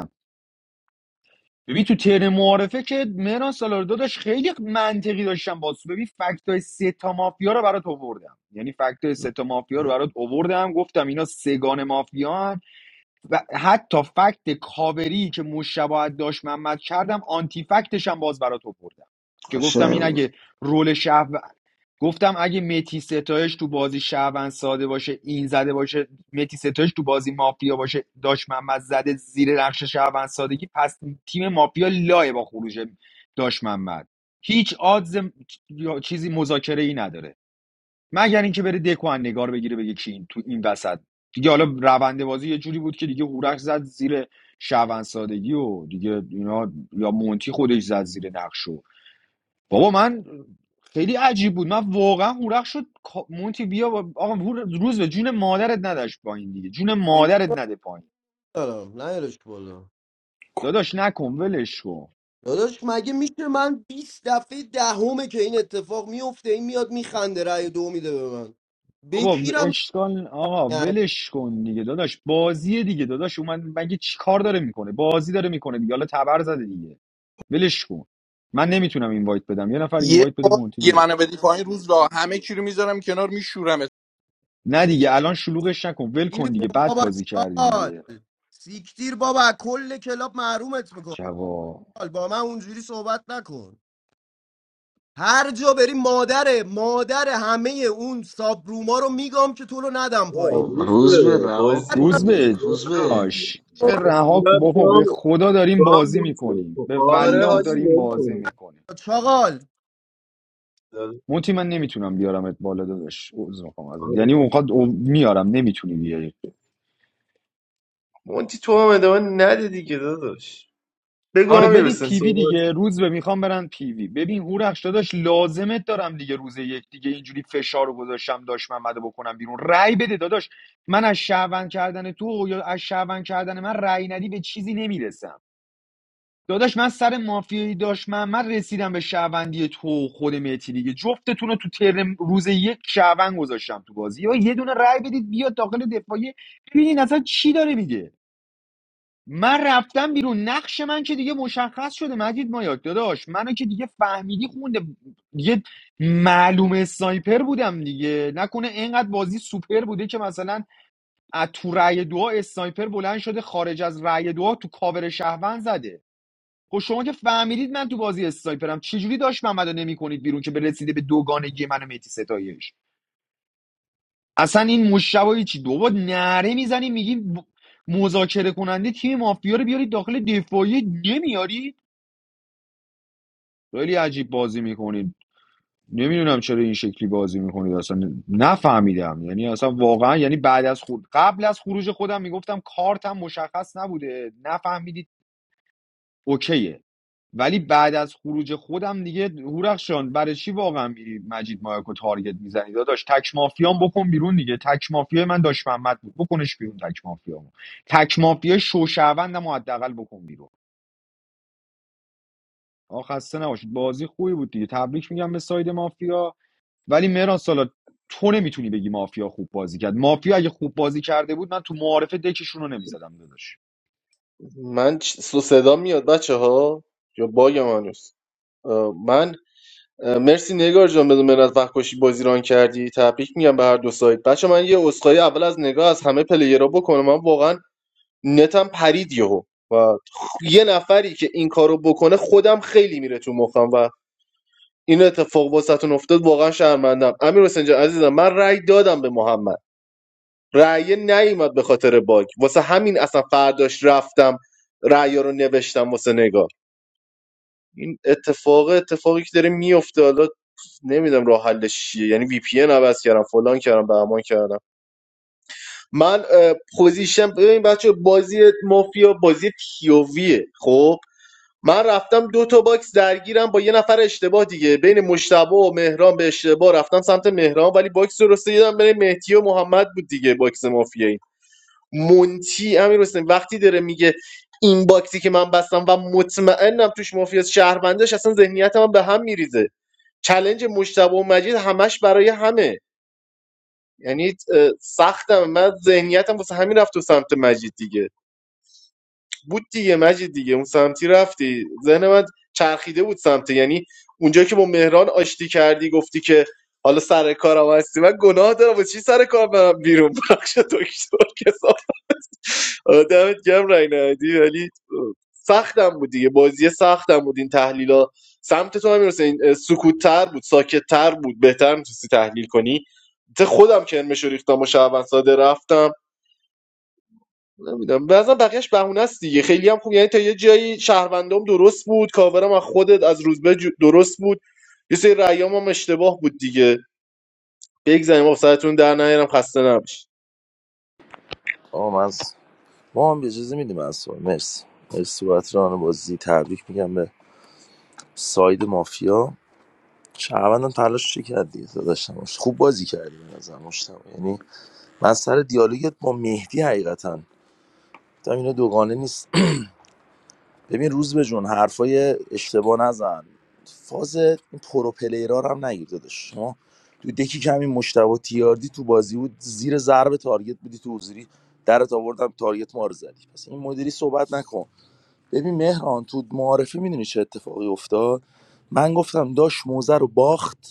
Speaker 3: ببین تو ترم معارفه که مهران سالار داشت خیلی منطقی داشتم باز ببین فکت های سه تا مافیا رو برات آوردم یعنی فکت سه تا مافیا رو برات آوردم گفتم اینا سگان مافیا هن. و حتی فکت کاوری که مشابه داشت محمد کردم آنتی فکتش هم باز برات آوردم که گفتم
Speaker 12: قشنگ
Speaker 3: این
Speaker 12: بود.
Speaker 3: اگه رول شهر گفتم اگه متی ستایش تو بازی شهروند ساده باشه این زده باشه متی ستایش تو بازی مافیا باشه داشت محمد زده زیر نقش شهروند سادگی پس تیم مافیا لایه با خروج داشت محمد هیچ آدز چیزی مذاکره ای نداره مگر اینکه بره دکو از نگار بگیره بگه کی این تو این وسط دیگه حالا روند بازی یه جوری بود که دیگه هورش زد زیر شعبان سادگی و دیگه اینا یا مونتی خودش زد زیر نقشو بابا من خیلی عجیب بود من واقعا هورخ شد مونتی بیا با- آقا هور- روز به جون مادرت نداشت پایین دیگه جون
Speaker 5: قیف
Speaker 3: مادرت نده پایین
Speaker 5: دارم نیارش بالا
Speaker 3: داداش نکن ولش کن
Speaker 5: داداش مگه میشه من بیست دفعه دهمه که این اتفاق میفته این میاد میخنده رأی دو میده به من
Speaker 3: بابا و-
Speaker 5: بکیرم
Speaker 3: اشکال آقا
Speaker 5: کرد.
Speaker 3: ولش کن دیگه داداش بازیه دیگه داداش اومد مگه چی کار داره میکنه بازی داره میکنه دیگه حالا تبر زده دیگه ولش کن من نمیتونم اینوایت بدم یه نفر
Speaker 6: یه
Speaker 3: اینوایت بده
Speaker 6: بار
Speaker 3: مونتی
Speaker 6: یه
Speaker 3: بیاد
Speaker 6: منو بدی پایین روز را همه چی رو میذارم کنار
Speaker 3: نه دیگه الان شلوغش نکن ول
Speaker 5: گیر
Speaker 3: کن
Speaker 5: کن
Speaker 3: دیگه بد
Speaker 5: بابا
Speaker 3: بازی کردی
Speaker 5: چال
Speaker 3: دیگه
Speaker 5: سیکتیر بابا کل کلاب محرومت میکن
Speaker 3: جوا
Speaker 5: با من اونجوری صحبت نکن هر جا بری مادره مادر همه اون سابروما رو میگم که تو رو ندم
Speaker 16: آه،
Speaker 5: پایین
Speaker 12: خب،
Speaker 16: روز به
Speaker 12: روز به رها
Speaker 16: بازی
Speaker 12: کن
Speaker 3: روز
Speaker 12: دیگه
Speaker 3: به
Speaker 16: درسته
Speaker 12: روز به
Speaker 16: کنیم.
Speaker 3: داداش دیگه
Speaker 16: بس
Speaker 3: رها کن
Speaker 16: میلاد
Speaker 3: بابا
Speaker 16: تو هم
Speaker 3: به خدا
Speaker 16: تو
Speaker 3: داریم
Speaker 16: هم
Speaker 3: بازی
Speaker 16: مونتی
Speaker 3: میکنیم
Speaker 16: کن.
Speaker 3: به
Speaker 5: اون
Speaker 16: آره
Speaker 3: والله
Speaker 16: حاجی
Speaker 3: داریم
Speaker 16: ول
Speaker 3: بازی
Speaker 16: کنیم
Speaker 3: میکنیم
Speaker 5: چاقال
Speaker 3: مونتی من نمیتونم بیارمت بالا داداش عذر میخوام ازت یعنی
Speaker 16: آره
Speaker 3: اونقدر او- میارم نمیتونی بیاری
Speaker 16: مونتی تو هم ادامه نده دیگه داداش بگو
Speaker 3: آره
Speaker 16: هم
Speaker 3: برید
Speaker 16: میرسن
Speaker 3: پیوی
Speaker 16: صحبت
Speaker 3: دیگه
Speaker 16: کن.
Speaker 3: روز به میخوام برن پیوی ببین هورخش داداش لازمت دارم دیگه روز یک دیگه اینجوری فشار رو گذاشتم داشت محمد رو بکنم بیرون رأی بده داداش من از شعبن کردن تو یا از شعبن کردن من رأی ندی به چیزی نمیرسم داداش من سر مافیایی داشت محمد رسیدم به شهروندی تو و خود مهتی دیگه جفتتون رو تو ترم روز یک شعبن گذاشتم تو بازی یا یه دونه رأی بدید بیاد داخل دفاعی ببینین اصلا چی داره میگه من رفتم بیرون نقش من که دیگه مشخص شده مجید مایاک داداش منو که دیگه فهمیدی خونده دیگه معلوم سایپر بودم دیگه نکنه اینقدر بازی سوپر بوده که مثلا از تو رأی دعا اسنایپر بلند شده خارج از رأی دعا تو کاور شهروند زده خب شما که فهمیدید من تو بازی اسنایپرم چجوری داشت محمدو نمیکنید بیرون که برسیده به دوگانگی من و مهدی ستایش اصلا این مشبایی چی دوبار نره میزنی میگی ب- مذاکره کننده تیم مافیا رو بیارید داخل دفاعی نمیارید خیلی عجیب بازی میکنید نمیدونم چرا این شکلی بازی میکنید اصلا نفهمیدم یعنی اصلا واقعا یعنی بعد از خود قبل از خروج خودم میگفتم کارتم مشخص نبوده نفهمیدید اوکیه ولی بعد از خروج خودم دیگه هورخشان برای چی واقعا میری مجید مایاکو تارگت میزنی داداش تک مافیان بکن بیرون دیگه تک مافیا من داش محمد بود بکنش بیرون تک مافیا تک مافیا شوشوندم و حداقل بکن بیرون آخ خسته نباشید بازی خوبی بود دیگه تبریک میگم به ساید مافیا ولی مهران سالا تو نمیتونی بگی مافیا خوب بازی کرد مافیا اگه خوب بازی کرده بود من تو معارفه دکشون رو نمیزدم داداش
Speaker 16: من چ- سو صدا میاد بچه ها یا باگ من هنوز؟ اه، من اه، مرسی نگار جان بدون منت وقت کشی بازی ران کردی تبریک میگم به هر دو سایت بچه من یه عذرخواهی اول از نگاه از همه پلیرها بکنم من واقعا نتم پرید یهو و یه نفری که این کارو بکنه خودم خیلی میره تو مخم و این اتفاق واسهتون افتاد واقعا شرمندم امیر حسین جان عزیزم من رأی دادم به محمد رأی نیومد به خاطر باگ واسه همین اصلا فرداش رفتم رأی رو نوشتم واسه نگار این اتفاق اتفاقی که داره میفته حالا نمیدونم راه حلش چیه یعنی وی پی ان عوض کردم فلان کردم بهمان کردم من اه، پوزیشن ببین بچه بازی مافیا بازی پیوویه خب من رفتم دو تا باکس درگیرم با یه نفر اشتباه دیگه بین مشتبه و مهران به اشتباه رفتم سمت مهران ولی باکس درست دیدم بین مهدی و محمد بود دیگه باکس مافیایی مونتی امیر حسین وقتی داره میگه این باکسی که من بستم و مطمئنم توش مافیاس شهروندش اصلا ذهنیت من به هم میریزه چلنج مشتبه و مجید همش برای همه یعنی اه، سختم من ذهنیتم واسه همین رفت تو سمت مجید دیگه بود دیگه مجید دیگه اون سمتی رفتی ذهن من چرخیده بود سمت یعنی اونجا که با مهران آشتی کردی گفتی که حالا سر کارم هستی من گناه دارم واسه چی سر کار برم بیرون بخش دکتر کسا دمت گرم رای ندی ولی سختم بود دیگه بازی سختم بود این تحلیلا سمت تو هم این سکوت تر بود ساکت تر بود بهتر میتونستی تحلیل کنی ته خودم کرمش رو ریختم و شهروند ساده رفتم نمیدونم بعضا بقیهش بهونه است دیگه خیلی هم خوب یعنی تا یه جایی شهروندام درست بود کاورم از خودت از روزبه جو- درست بود یه سری رأیام هم اشتباه بود دیگه بگذاریم آب سرتون در نیارم خسته نباش
Speaker 19: آقا من ما هم اجازه میدیم از سوال مرسی مرسی بابت ران بازی تبریک میگم به ساید مافیا شهروندان تلاش چی کرد دیگه داداش نباش. خوب بازی کردی به نظر مشتبه یعنی من سر دیالوگت با مهدی حقیقتا تا اینا دوگانه نیست ببین روز به جون حرفای اشتباه نزن فاز این پرو پلیرا رو هم نگیر داداش شما تو دکی کمی مشتبه تیاردی تو بازی بود زیر ضرب تارگت بودی تو حضوری درت آوردم تارگت ما رو زدی پس این مدیری صحبت نکن ببین مهران تو معارفه میدونی چه اتفاقی افتاد من گفتم داش موزه رو باخت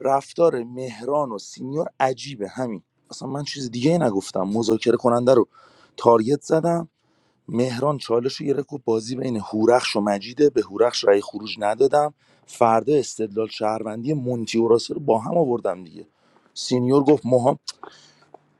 Speaker 19: رفتار مهران و سینیور عجیبه همین اصلا من چیز دیگه ای نگفتم مذاکره کننده رو تارگت زدم مهران چالش رو گرفت گفت بازی بین هورخش و مجیده به هورخش رأی خروج ندادم فردا استدلال شهروندی مونتی و راسه رو با هم آوردم دیگه سینیور گفت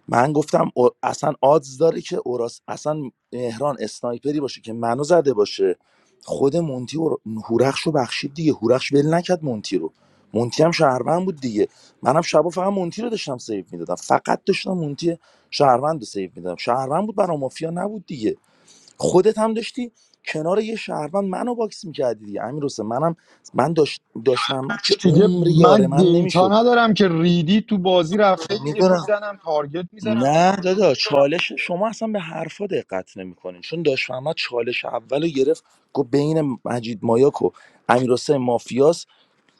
Speaker 19: من گفتم او- اصلا آدز داره که اوراس اصلا مهران اسنایپری باشه که منو زده باشه خود مونتی و هورخش رو بخشید دیگه هورخش ول نکرد مونتی رو مونتی هم شهروند بود دیگه منم شبا فقط مونتی رو داشتم سیو میدادم فقط داشتم مونتی شهروند رو سیو میدادم شهروند بود برا مافیا نبود دیگه خودت هم داشتی کنار یه شهروند منو باکس میکردی دیگه امیر حسین منم من داش داش محمد که
Speaker 3: دیگه
Speaker 19: عمر یار
Speaker 3: من
Speaker 19: من
Speaker 3: دیتا
Speaker 19: نمیشد
Speaker 3: ندارم که ریدی تو بازی رفته دیگه
Speaker 19: میدونم
Speaker 3: میزنم تارگت میزنم
Speaker 19: نه
Speaker 3: دیگه
Speaker 19: دادا چالش شما اصلا به حرفا دقت نمیکنین چون داشت محمد چالش اول رو گرفت گفت بین مجید مایاک و امیر حسین مافیاس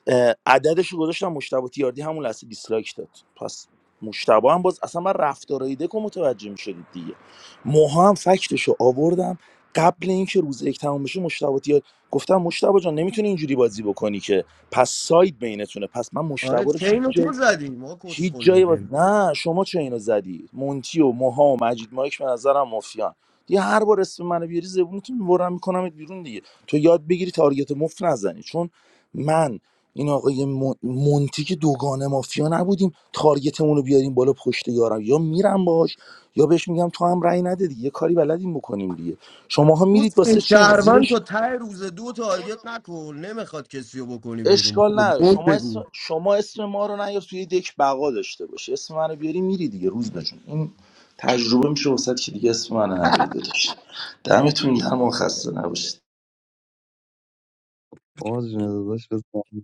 Speaker 19: اه، عددش رو گذاشتم مشتبه تیاردی همون لحظه دیسلایک داد پس مشتبه هم باز اصلا من رفتارای دکو متوجه میشدید دیگه موها هم فکتش رو آوردم قبل اینکه روز یک تمام بشه مشتبه تیار گفتم مشتبه جان نمیتونی اینجوری بازی بکنی که پس ساید بینتونه پس من مشتبه
Speaker 5: آره
Speaker 19: رو هیچ
Speaker 5: چین رو تو زدی ما
Speaker 19: هیچ
Speaker 5: کسخل
Speaker 19: جایی باز...
Speaker 5: بودیم
Speaker 19: نه شما چه اینو زدی مونتی و موها و مجید مایک به نظرم مافیان دیگه هر بار اسم منو بیاری زبونتون میبرم میکنم بیرون دیگه تو یاد بگیری تارگت مفت نزنی چون من این آقای مون- مونتی که دوگانه مافیا نبودیم تارگتمون رو بیاریم بالا پشت یارم یا میرم باش یا بهش میگم تو هم رأی نده دیگه یه کاری بلدیم بکنیم دیگه شماها میرید واسه
Speaker 5: دوست
Speaker 19: چنگ
Speaker 5: شهروند
Speaker 19: زیر
Speaker 5: تا ته روز دو تارگت نکن نمیخواد کسی رو بکنی بیرون
Speaker 19: اشکال نداره
Speaker 5: گل
Speaker 19: شما
Speaker 5: بگو
Speaker 19: اسم شما اسم ما رو نیار توی دک بقا داشته باشی اسم من رو بیاری میری دیگه روز بجون این تجربه میشه وسط که دیگه اسم من نریده داشت دمتون گرم و خسته نباشید
Speaker 17: باز جون داداش بزن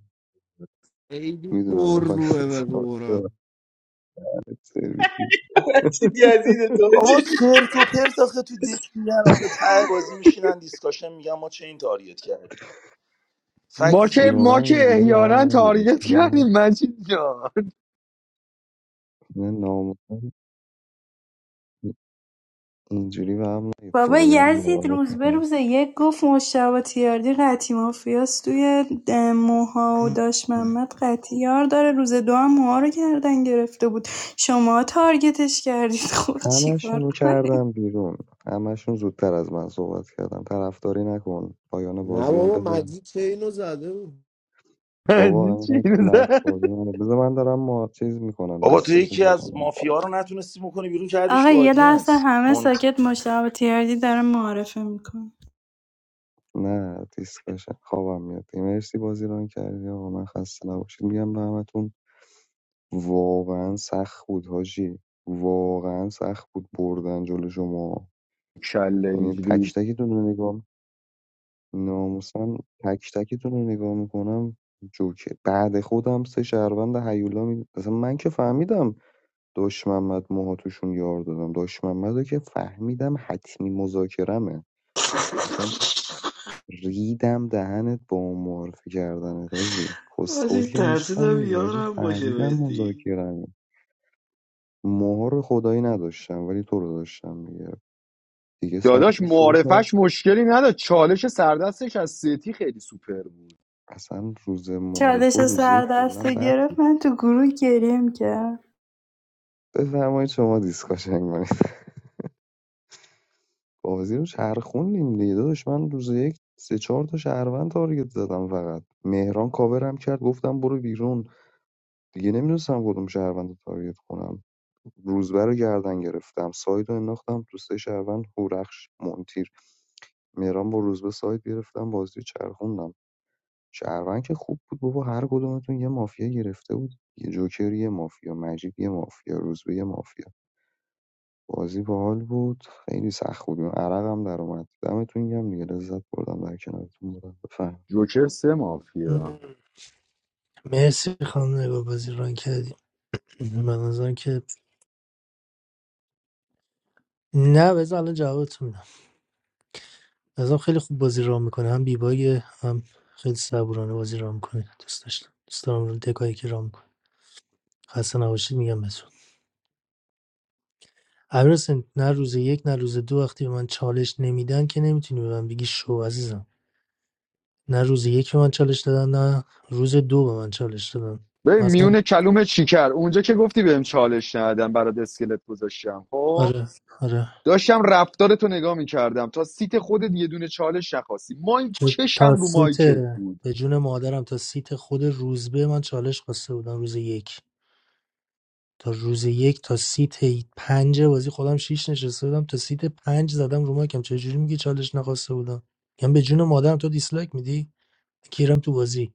Speaker 5: خیلی
Speaker 17: میدونم
Speaker 5: پر
Speaker 17: بخوای
Speaker 5: روه به قرآن
Speaker 17: سرویس.
Speaker 16: چیدی عزیز تو
Speaker 19: آقا
Speaker 16: چی؟
Speaker 19: چرت و پرت آخه تو دک میگن آخه ته بازی میشینن دیسکاشن میگن ما چه این تاریت کردیم فکت
Speaker 3: ما
Speaker 17: جون
Speaker 3: که
Speaker 19: زیرو
Speaker 3: ما
Speaker 17: من
Speaker 3: که
Speaker 17: اینجوری به
Speaker 3: احیانا
Speaker 17: هم نگیر
Speaker 3: تارگت
Speaker 17: میگم
Speaker 3: کردیم مجید جان
Speaker 17: نه ناموسن اینجوری به هم نگید
Speaker 11: بابا
Speaker 17: خدای من
Speaker 11: یزید
Speaker 17: باورت
Speaker 11: روز به
Speaker 17: میکنم
Speaker 11: روز یک گفت مشتبه تیاردی قطی مافیاس توی ده- موها و داش محمد قطی یار داره روز دو هم موها رو کردن گرفته بود شما تارگتش کردید خب
Speaker 17: همشون
Speaker 11: چیکار
Speaker 17: رو
Speaker 11: کنید
Speaker 17: کردم بیرون همشون زودتر از من صحبت کردن طرفداری نکن پایان
Speaker 5: نه
Speaker 17: بازی هم
Speaker 5: بابا
Speaker 17: بزن
Speaker 5: مجید چه اینو زده بود
Speaker 17: بابا
Speaker 3: مجید چی
Speaker 17: اینقدر
Speaker 3: اینو زد؟
Speaker 17: لفظ بازی نده بذار من دارم ما چیز میکنم
Speaker 19: بابا تو
Speaker 17: دیسکاشن
Speaker 19: یکی از
Speaker 17: میکنم
Speaker 19: مافیا رو نتونستی بکنی بیرون کردیش
Speaker 11: آقا
Speaker 19: تو
Speaker 11: یه لحظه
Speaker 19: آدینس
Speaker 11: همه ساکت مشتبه تیاردی داره معارفه میکنه
Speaker 17: نه دیسکاشن خوابم میاد مرسی بازی ران کردی آقا من خسته نباشید میگم به همتون واقعا سخت بود حاجی واقعا سخت بود بردن جلو شما
Speaker 3: کله
Speaker 17: یعنی تک
Speaker 3: اینجوری
Speaker 17: تکتون رو نگاه ناموسن تک تکتون رو نگاه میکنم جوکه بعد خودم سه شهروند هیولا می... اصلا من که فهمیدم داش محمد موها توشون یار دادم داش محمد که فهمیدم حتمی مذاکرمه اصلا ریدم دهنت با اون معرفی کردنت حاجی کسخول
Speaker 12: آجی
Speaker 17: که نیستم
Speaker 12: ترسیدم
Speaker 17: دیگه حاجی
Speaker 12: یارم باشه
Speaker 17: فهمیدم
Speaker 12: بهتی
Speaker 17: مذاکرمه موها رو خدایی نداشتم ولی تو رو داشتم دیگه دیگه سر
Speaker 3: داداش
Speaker 17: تو شو کرد
Speaker 3: معارفش مشکلی نداشت چالش سردستش از سیتی خیلی سوپر بود
Speaker 17: اصلا روز
Speaker 11: چالش
Speaker 17: معرفه و روزه کلا
Speaker 11: سردست رو
Speaker 17: بد بود
Speaker 11: گرفت من تو گروه گریم می‌کردم
Speaker 17: بفرمایید شما دیسکاشن کنید بازی رو چرخوندیم دیگه داداش من روز یک سه چهار تا شهروند تارگت زدم فقط مهران کاورم کرد گفتم برو بیرون دیگه نمیدونستم کدوم شهروند رو تارگت کنم روزبه رو گردن گرفتم ساید رو انداختم تو سه شهروند هورخش مونتیر مهران با روزبه ساید گرفتم بازی رو چرخوندم شهروند که خوب بود بابا هر کدومتون یه مافیا گرفته بود یه جوکر یه مافیا مجید یه مافیا روزبه یه مافیا بازی باحال بود خیلی سخت بود عرقم در اومد دمتون گرم دیگه لذت بردم در کنارتون بودم بفهم
Speaker 3: جوکر سه مافیا
Speaker 7: مرسی خانم نگاه بازی ران کردی من از آن که نه بذار الان جوابتون میدم از آن خیلی خوب بازی ران میکنه هم بیبایه هم خیلی صبورانه بازی ران میکنه دوست داشتم دوست دارم رو دکایی که ران میکنه خسته نباشید میگم بهتون امیرحسین نه روز یک نه روز دو وقتی به من چالش نمیدن که نمیتونی به من بگی شو عزیزم نه روز یک به من چالش دادن نه روز دو به من چالش دادن
Speaker 3: به
Speaker 7: مثلا
Speaker 3: میون کلوم چیکر اونجا که گفتی بهم چالش ندادن برات اسکلت گذاشتم خب
Speaker 7: آره آره
Speaker 3: داشتم رفتارتو نگاه میکردم تا سیت خودت یه دونه چالش نخواستی ما این
Speaker 7: چه- تا
Speaker 3: چشم رو
Speaker 7: سیت
Speaker 3: مایکت بود
Speaker 7: به جون مادرم تا سیت خود روزبه من چالش خواسته بودم روز یک تا روز یک تا سیت پنج بازی خودم شیش نشسته بودم تا سیت پنج زدم رو مکم چجوری میگی چالش نخواسته بودم میگم به جون مادرم تو دیسلایک میدی کیرم تو بازی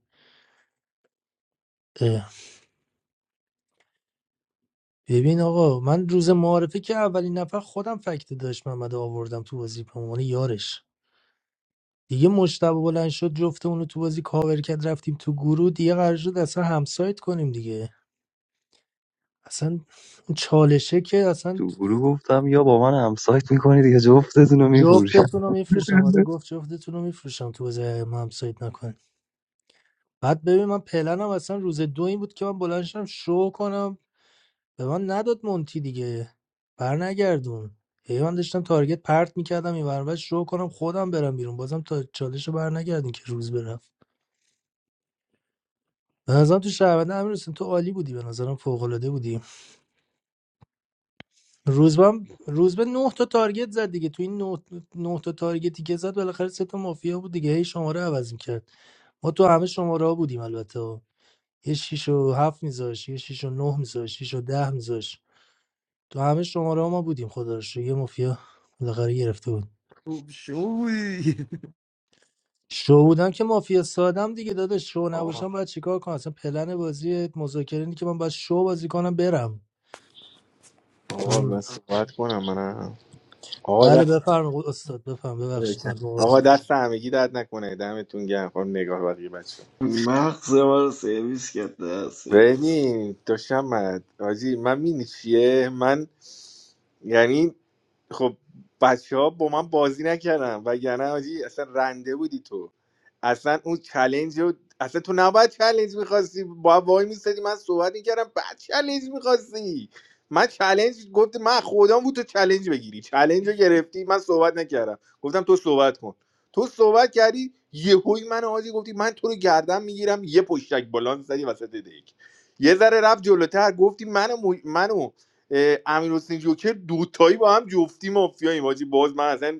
Speaker 7: ببین آقا من روز معارفه که اولین نفر خودم فکت داشت محمد آوردم تو بازی به عنوان یارش دیگه مجتبی بلند شد جفته اونو تو بازی کاور کرد رفتیم تو گروه دیگه قرار شد اصلا همسایت کنیم دیگه اصلا اون چالشه که اصلا
Speaker 17: تو گروه گفتم یا با من همسایت میکنید یا جفتتون رو میفروشم
Speaker 7: جفتتون رو میفروشم آره گفت جفتتون رو میفروشم تو بازی ما همسایت نکن بعد ببین من پلنم اصلا روز دو این بود که من بلند شم شو کنم به من نداد مونتی دیگه برنگردون. نگردون هی من داشتم تارگت پرت میکردم این ورون شو کنم خودم برم بیرون بازم تا چالش رو بر که روز برفت به نظرم تو شهرونده امیر حسین تو عالی بودی به نظرم فوق العاده بودی روزبم روزبه نه تا تارگت زد دیگه تو این نه, نه تا تارگتی که زد بالاخره سه تا مافیا بود دیگه هی شماره عوض میکرد ما تو همه شماره ها بودیم البته یه شیش و هفت میذاش یه شیش و نه میذاش شیش و ده میذاش تو همه شماره ها ما بودیم خدا رو شکر. یه مافیا بالاخره گرفته بود
Speaker 5: خوب شوی
Speaker 7: شو بودم که مافیا سادم دیگه داداش شو نباشم باید چیکار کنم اصلا پلن بازی مذاکره اینه که من باید شو بازی کنم برم
Speaker 1: آقا من
Speaker 7: ام،
Speaker 1: صحبت کنم منم آقا
Speaker 7: بله
Speaker 1: دست
Speaker 7: بفرمایید استاد بفرم ببخشید من
Speaker 1: آقا دست همگی درد نکنه دمتون گرم خانم نگاه بقیه بچه
Speaker 12: مغز من رو سرویس کرد نه سرویس
Speaker 1: ببین دوشم آجی من مینی چیه من یعنی خب بچه ها با من بازی نکردم و وگرنه حاجی اصلا رنده بودی تو اصلا اون چلنج رو اصلا تو نباید چلنج میخواستی با وای میستدی من صحبت میکردم بعد چلنج میخواستی من چلنج گفت من خودم بود تو چلنج بگیری چلنج رو گرفتی من صحبت نکردم گفتم تو صحبت کن تو صحبت کردی یهوی من آجی گفتی من تو رو گردم میگیرم یه پشتک بلان زدی وسط دک یه ذره رفت جلوتر گفتی منو, م... منو امیر حسین جوکر دوتایی با هم جفتی مافیاییم حاجی باز من اصلا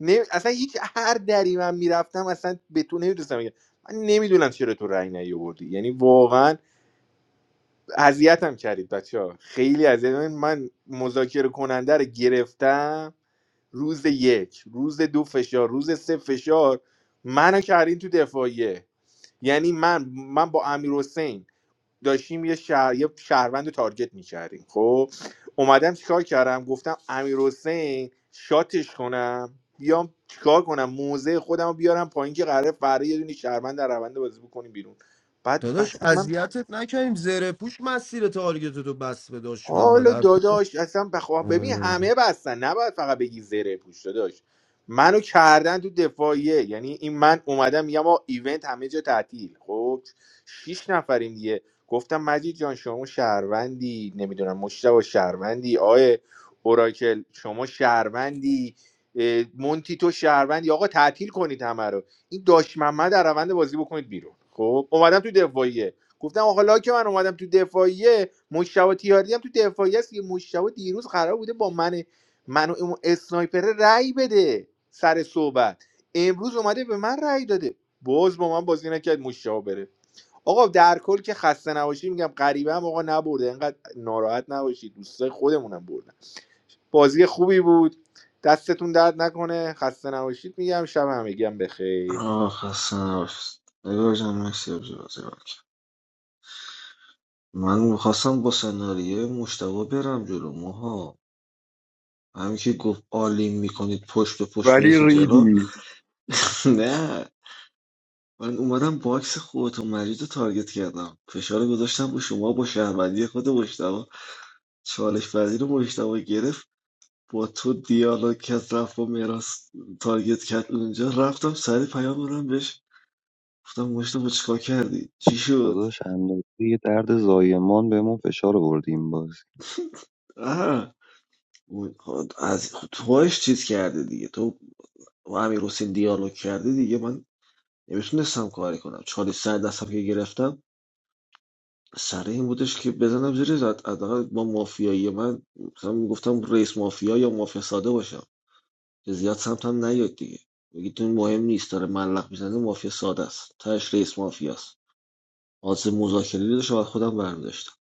Speaker 1: نه اصلا هیچ هر دری من میرفتم اصلا به تو نمیدونستم بگم من نمیدونم چرا تو رأی نیاوردی یعنی واقعا اذیتم کردید بچه ها خیلی اذیت من من مذاکره کننده رو گرفتم روز یک روز دو فشار روز سه فشار منو کردین تو دفاعیه یعنی من من با امیر داشتیم یه شهر یه شهروند رو تارگت میکردیم خب اومدم چیکار کردم گفتم امیر شاتش کنم بیام چیکار کنم موزه خودم رو بیارم پایین که قراره فردا یه دونه شهروند در روند بازی بکنیم بیرون بعد
Speaker 5: داداش
Speaker 1: بچه من
Speaker 5: اذیتت نکنیم زره پوش مسیر تارگت تو بس به داشت محمد
Speaker 1: حالا
Speaker 5: هر-
Speaker 1: داداش اصلا بخوا ببین
Speaker 5: آره.
Speaker 1: همه بستن نباید فقط بگی زره پوش داداش منو کردن تو دفاعیه یعنی این من اومدم میگم آقا ایونت همه جا تعطیل خب شیش نفریم دیگه گفتم مجید جان شما شهروندی نمیدونم مشتبه شهروندی آقای اوراکل شما شهروندی اه، مونتی تو شهروندی آقا تعطیل کنید همه رو این داش محمد در روند بازی بکنید بیرون خب اومدم تو دفاعیه گفتم آقا حالا که من اومدم تو دفاعیه مشتبه تیاردی هم تو دفاعیه است که مشتبه دیروز قرار بوده با من منو اون اسنایپر رأی بده سر صحبت امروز اومده به من رأی داده باز با من بازی نکرد مشتبه بره آقا در کل که خسته نباشی میگم غریبه هم آقا نبرده اینقدر ناراحت نباشید دوستای خودمونم بردن بازی خوبی بود دستتون درد نکنه خسته نباشید میگم شب همگی هم بخیر
Speaker 12: آه خسته نباشید نگار جان مرسی از بازی رو کرد. من میخواستم با سناریه مشتبه برم جلو ماها همین که گفت آلین میکنید پشت به پشت
Speaker 3: ولی
Speaker 12: میریم جلو
Speaker 3: ریدی
Speaker 12: نه من اومدم باکس خودت و مجید رو تارگت کردم فشار رو گذاشتم با شما با شهروندی خود مشتبه چالش وزیر مجتبی گرفت با تو دیالوگ کرد رفت با مهراز تارگت کرد اونجا رفتم سری پیام دادم بهش گفتم مجتبی چیکار کردی چی شد
Speaker 17: داداش اندازه یه درد زایمان بهمون فشار آوردیم باز
Speaker 12: آه. اون- از توش چیز کرده دیگه تو با امیر حسین دیالوگ کرده دیگه من نمیتونستم کاری کنم چالش سر دستم که گرفتم سر این بودش که بزنم زیر زد حداقل با مافیایی من مثلا میگفتم رئیس مافیا یا مافیا ساده باشم زیاد سمت هم نیاید دیگه بگید این مهم نیست داره ملق میزنه مافیا ساده است تهش رئیس مافیاست آز مذاکره رو شاید خودم برمیداشتم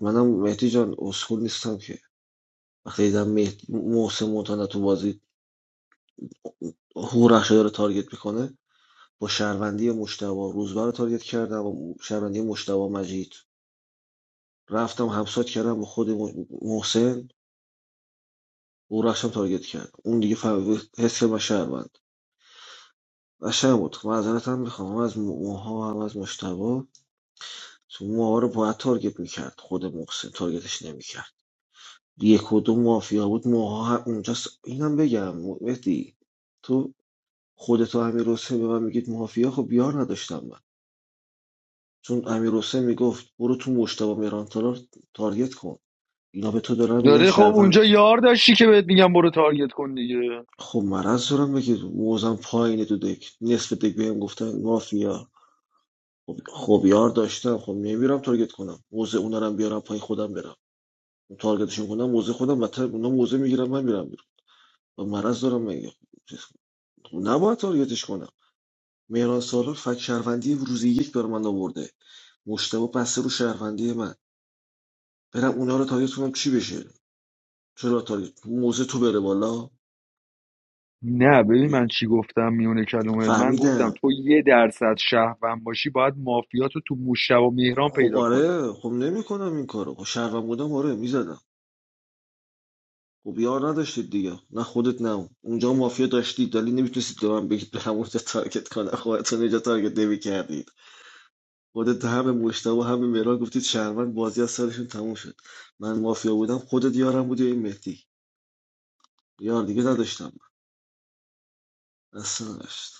Speaker 12: منم مهدی جان اصول نیستم که وقتی دیدم مهدی محسن مونتانا تو بازی هورخشه داره تارگت میکنه با شهروندی مشتبه روزبه رو تارگت کردم و شهروندی مشتبه مجید رفتم همسات کردم با خود م- محسن هورخشم تارگت کرد اون دیگه فهم حس کرد من شهروند قشنگ بود معذرت هم میخوام از موها و از مشتبه تو موها رو باید تارگت میکرد خود محسن تارگتش نمیکرد یک و دو مافیا بود موها ه- اونجاست اینم بگم مهدی تو خودتو امیر حسین به من میگید مافیا خب بیار نداشتم من چون امیر حسین میگفت برو تو مشتبه میرانتالا تارگت کن اینا به تو دارن میگن
Speaker 3: داره خب
Speaker 12: شروند
Speaker 3: اونجا یار داشتی که بهت میگم برو تارگت کن دیگه
Speaker 12: خب مرض دارم بگید موزم پایینه تو دک نصف دک بهم گفتن مافیا خب یار داشتم خب نمیرم تارگت کنم موزه اونا رو بیارم پای خودم برم تارگتشون کنم موزه خودم بدتر اونا موزه میگیرم من میرم و مرض دارم مگه نباید تارگتش کنم مهران سالار فک شهروندی روزی یک بر من آورده مشتبه بسته رو شهروندی من برم اونا رو تارگت کنم چی بشه چرا تارگت موزه تو بره بالا
Speaker 3: نه ببین من چی گفتم میونه کلمات من گفتم
Speaker 12: فهمیدم
Speaker 3: تو یه درصد شهروند باشی باید مافیاتو تو مشتبه و مهران
Speaker 12: خب
Speaker 3: پیدا کنی
Speaker 12: آره خب نمیکنم این کارو خب شهروند بودم آره میزدم خب یار نداشتید دیگه نه خودت نه اون. اونجا مافیا داشتید ولی نمیتونستید به من بگید به همونجا تارگت کنم خودتون اینجا تارگت نمیکردید خودت هم به مجتبی هم به مهران گفتید شهروند بازی از سرشون تموم شد من مافیا بودم خودت یارم بودی و این مهدی یار دیگه نداشتم اصلا نداشت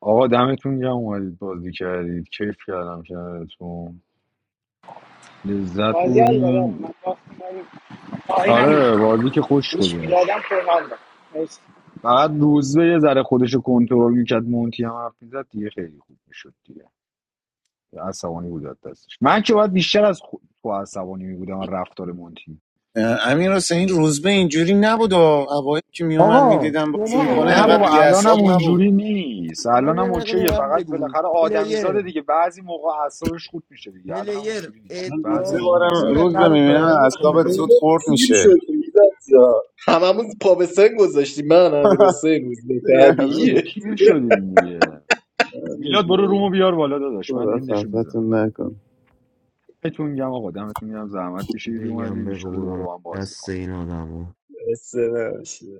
Speaker 3: آقا دمتون گرم اومدید بازی کردید کیف کردم کنارتون لذت
Speaker 13: بازی حال داره
Speaker 3: بردیم
Speaker 13: من باخت من آینم
Speaker 3: آره بازی که خوش
Speaker 13: گوش
Speaker 3: گذشت
Speaker 13: میدادم پر حال داد
Speaker 3: فقط روزبه یه ذره خودش رو کنترل میکرد مونتی هم حرف میزد دیگه خیلی خوب میشد دیگه عصبانی بود از دستش من که باید بیشتر از خود تو عصبانی میبودم رفتار مونتی
Speaker 21: امیر حسین روزبه اینجوری نبود و اوایل که میومد
Speaker 5: آقا
Speaker 21: میدیدم بازی
Speaker 5: شما
Speaker 21: میکنه
Speaker 5: به من
Speaker 3: نه
Speaker 21: اینقدر
Speaker 3: بابا
Speaker 5: بگو
Speaker 21: بی‌حساب
Speaker 3: الانم
Speaker 21: نبود
Speaker 3: اونجوری نیست
Speaker 5: شما یه
Speaker 3: الانم
Speaker 5: دقیقه به
Speaker 3: اوکیه
Speaker 5: من
Speaker 3: فقط
Speaker 5: بگو
Speaker 3: بالاخره
Speaker 5: پلیر
Speaker 3: آدمیزاده دیگه بعضی موقع اعصابش خود میشه دیگه الانم
Speaker 5: پلیر
Speaker 3: اونجوری نیست
Speaker 21: الان دو
Speaker 3: بعضی
Speaker 21: سه
Speaker 5: ادعا
Speaker 3: موقع
Speaker 21: بارم
Speaker 5: پول
Speaker 3: اعصابش
Speaker 21: روز
Speaker 3: خود
Speaker 21: به
Speaker 5: رو پاره
Speaker 21: میبینم اعصابت
Speaker 5: میکنه
Speaker 21: زود خورد
Speaker 16: پیر
Speaker 21: میشه
Speaker 16: شدیم هممون پا به سن گذاشتیم من امیر حسین روزبه
Speaker 21: دیگه از
Speaker 3: آره دیگه،
Speaker 16: طبیعیه
Speaker 3: پیر شدیم دیگه میلاد برو رومو بیار بالا داداش من
Speaker 21: خدا
Speaker 3: اندشو میزنم
Speaker 21: خفتون نکن
Speaker 3: بهتون گم آقا دمتون گم زحمت
Speaker 5: i
Speaker 3: کشیدید
Speaker 5: bei
Speaker 3: اومدید
Speaker 5: gamberi
Speaker 3: ان
Speaker 5: colorano
Speaker 3: دوباره
Speaker 5: il
Speaker 3: با هم بازی کنیم
Speaker 5: bassino d'amore
Speaker 16: خسته نباشی.